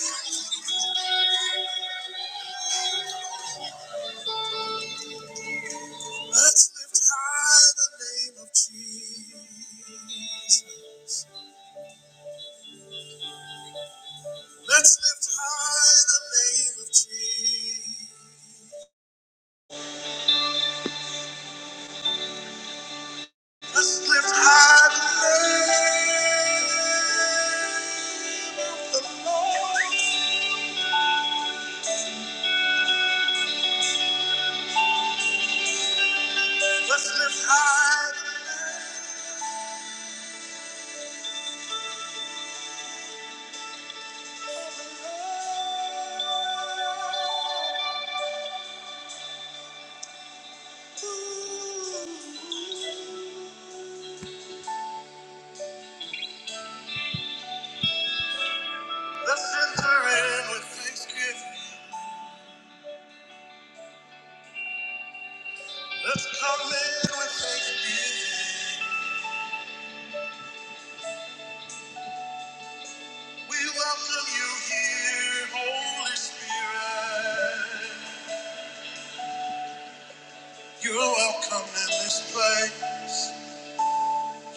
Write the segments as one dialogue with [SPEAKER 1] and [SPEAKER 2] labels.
[SPEAKER 1] Let's lift high the name of Jesus. Let's lift high the name of Jesus. Let's lift high the name of the Lord. Let's lift high the name. of the Lord. Let's enter in with thanksgiving. Let's come in with thanksgiving. We welcome you here, Holy Spirit. You're welcome in this place.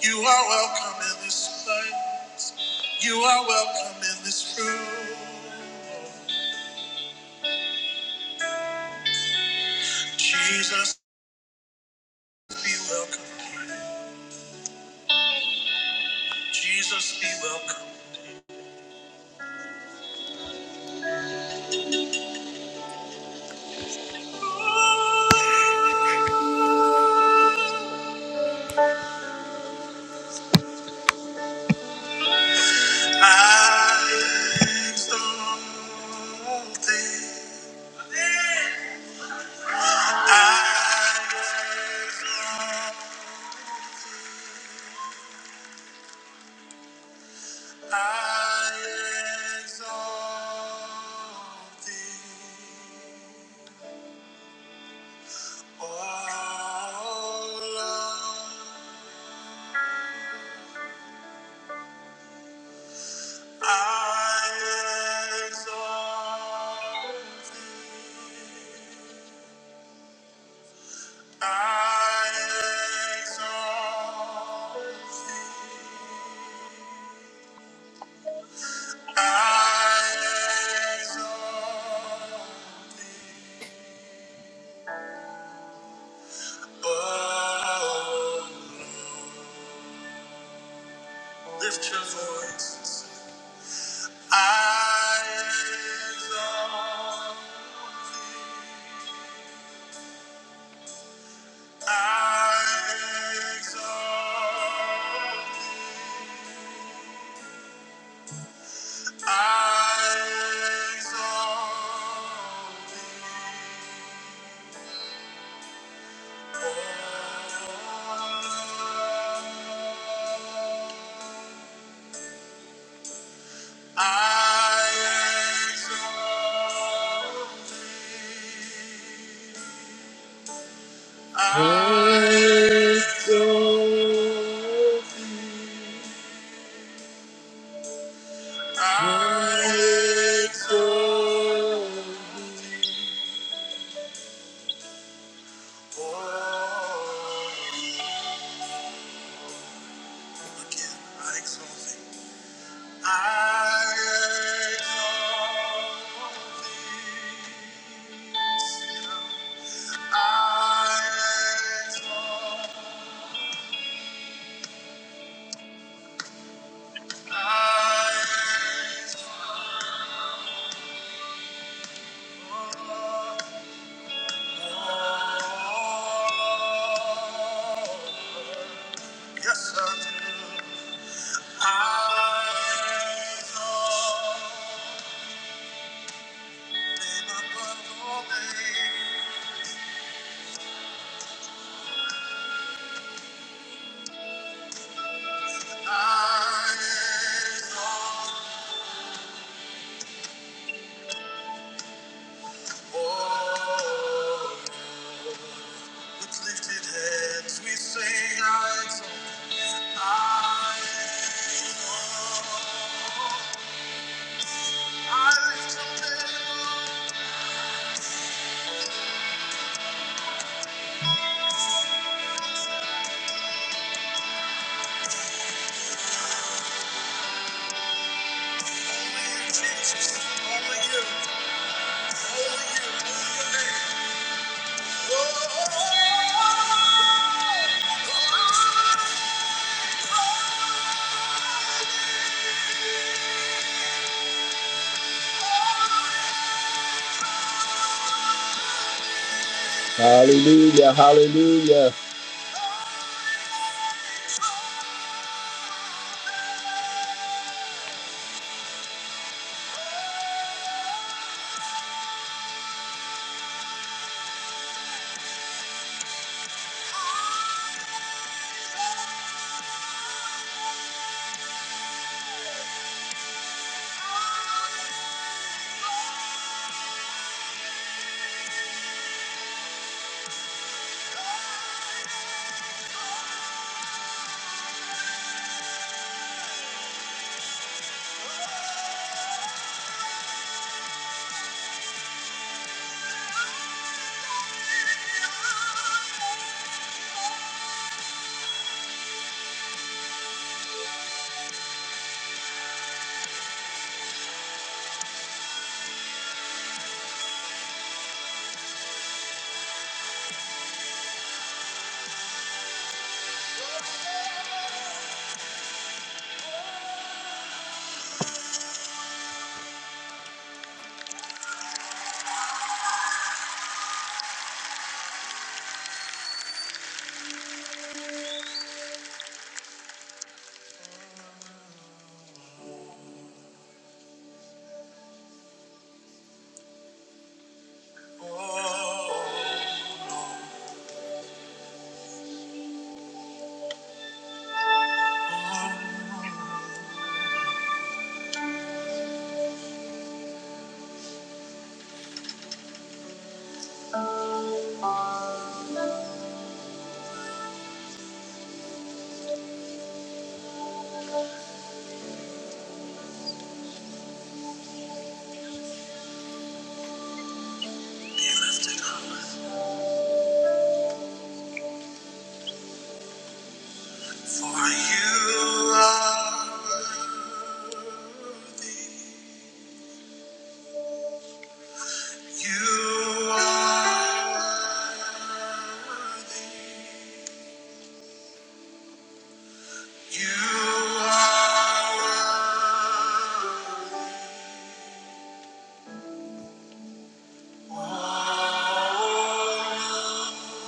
[SPEAKER 1] You are welcome in this place. You are welcome in this room. Jesus, be welcome. Jesus, be welcome. I exalt thee. I exalt thee. I exalt thee, O Lord. I exalt thee. I exalt thee. I exalt thee, O Lord. Lift your voice. I exalt, I exalt, I exalt thee. I exalt thee. I exalt I exalt thee. Again, I exalt thee. I exalt thee. Sing it out. I exalt, I exalt. Yes, I do. Thank you. Hallelujah. Hallelujah.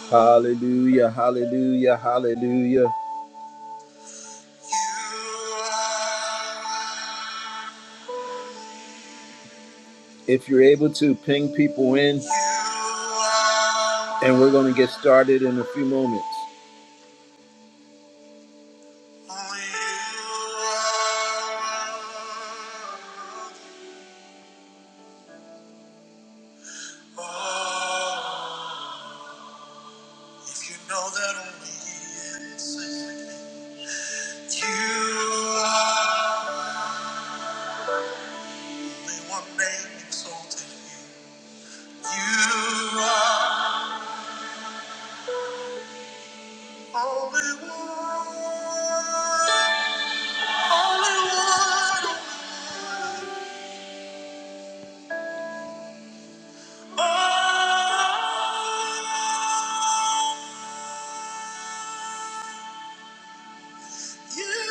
[SPEAKER 1] Hallelujah, hallelujah, hallelujah. if you're able to ping people in and we're going to get started in a few moments If you know that only He is safe, you are only one name exalted. You are only one, only one. You are,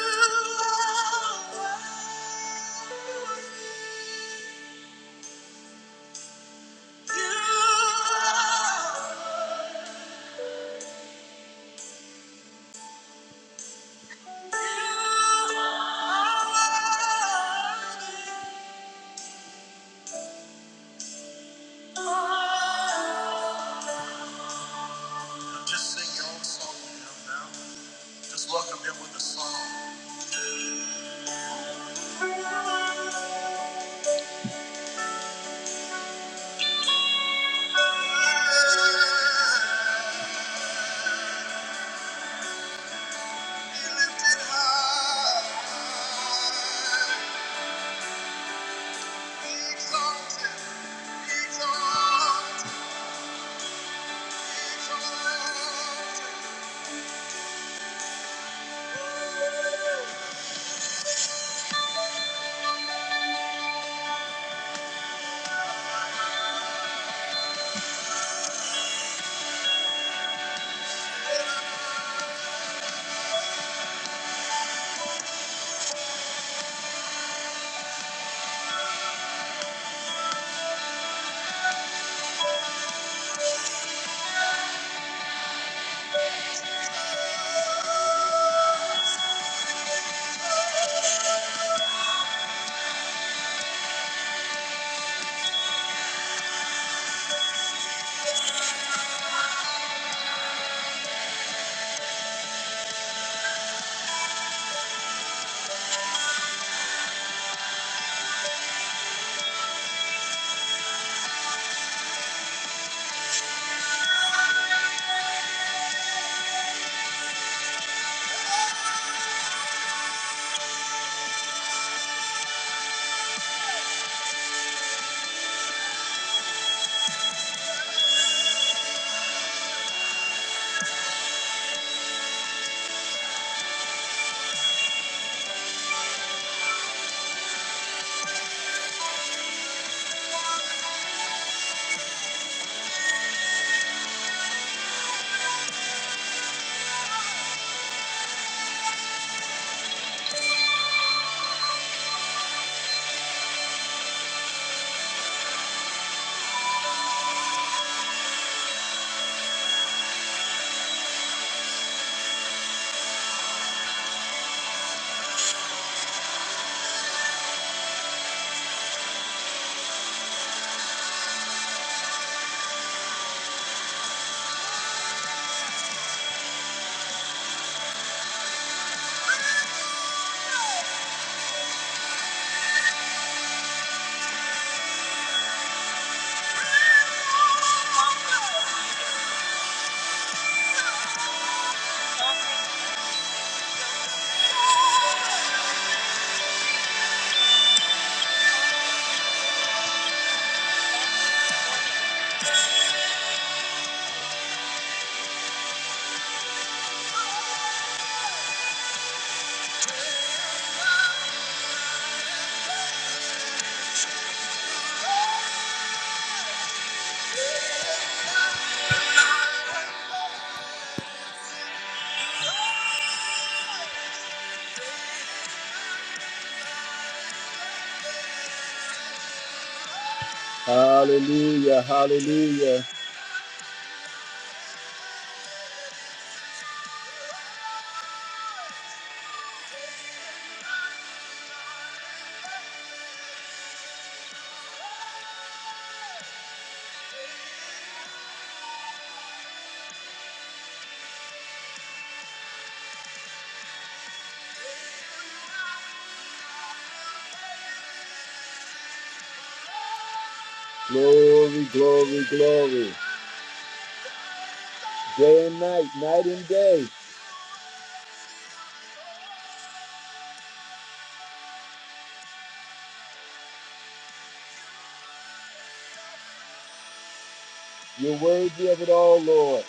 [SPEAKER 1] you are. Just sing your own song to him now. Just welcome him with a song. Be lifted high. Be exalted. Be exalted. Be exalted. Hallelujah, hallelujah. Glory, glory, glory. Day and night, night and day. You're worthy of it all, Lord.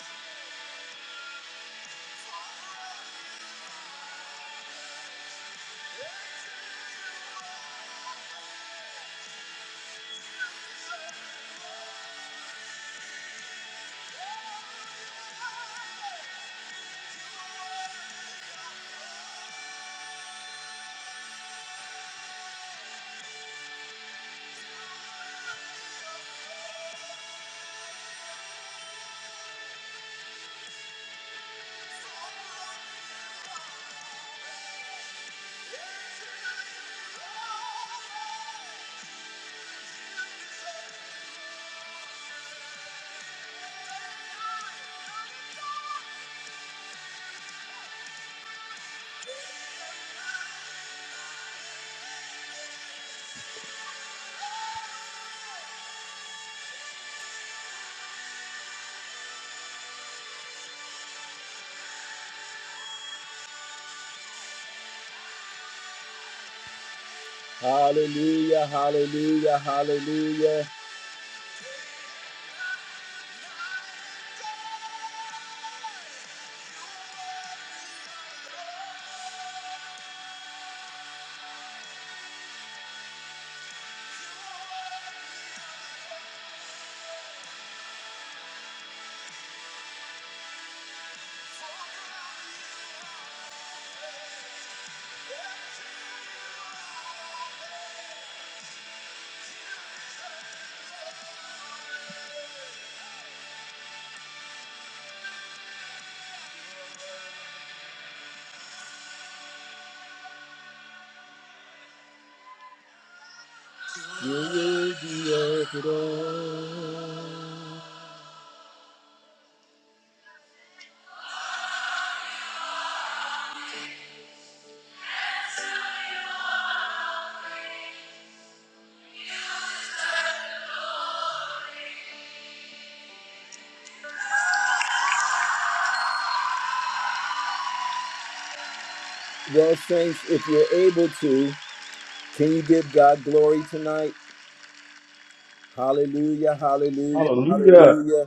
[SPEAKER 1] Hallelujah, hallelujah, hallelujah. You're worthy of it all. Well, saints, if you're able to, can you give God glory tonight? Hallelujah, hallelujah,
[SPEAKER 2] Hallelujah.
[SPEAKER 1] hallelujah.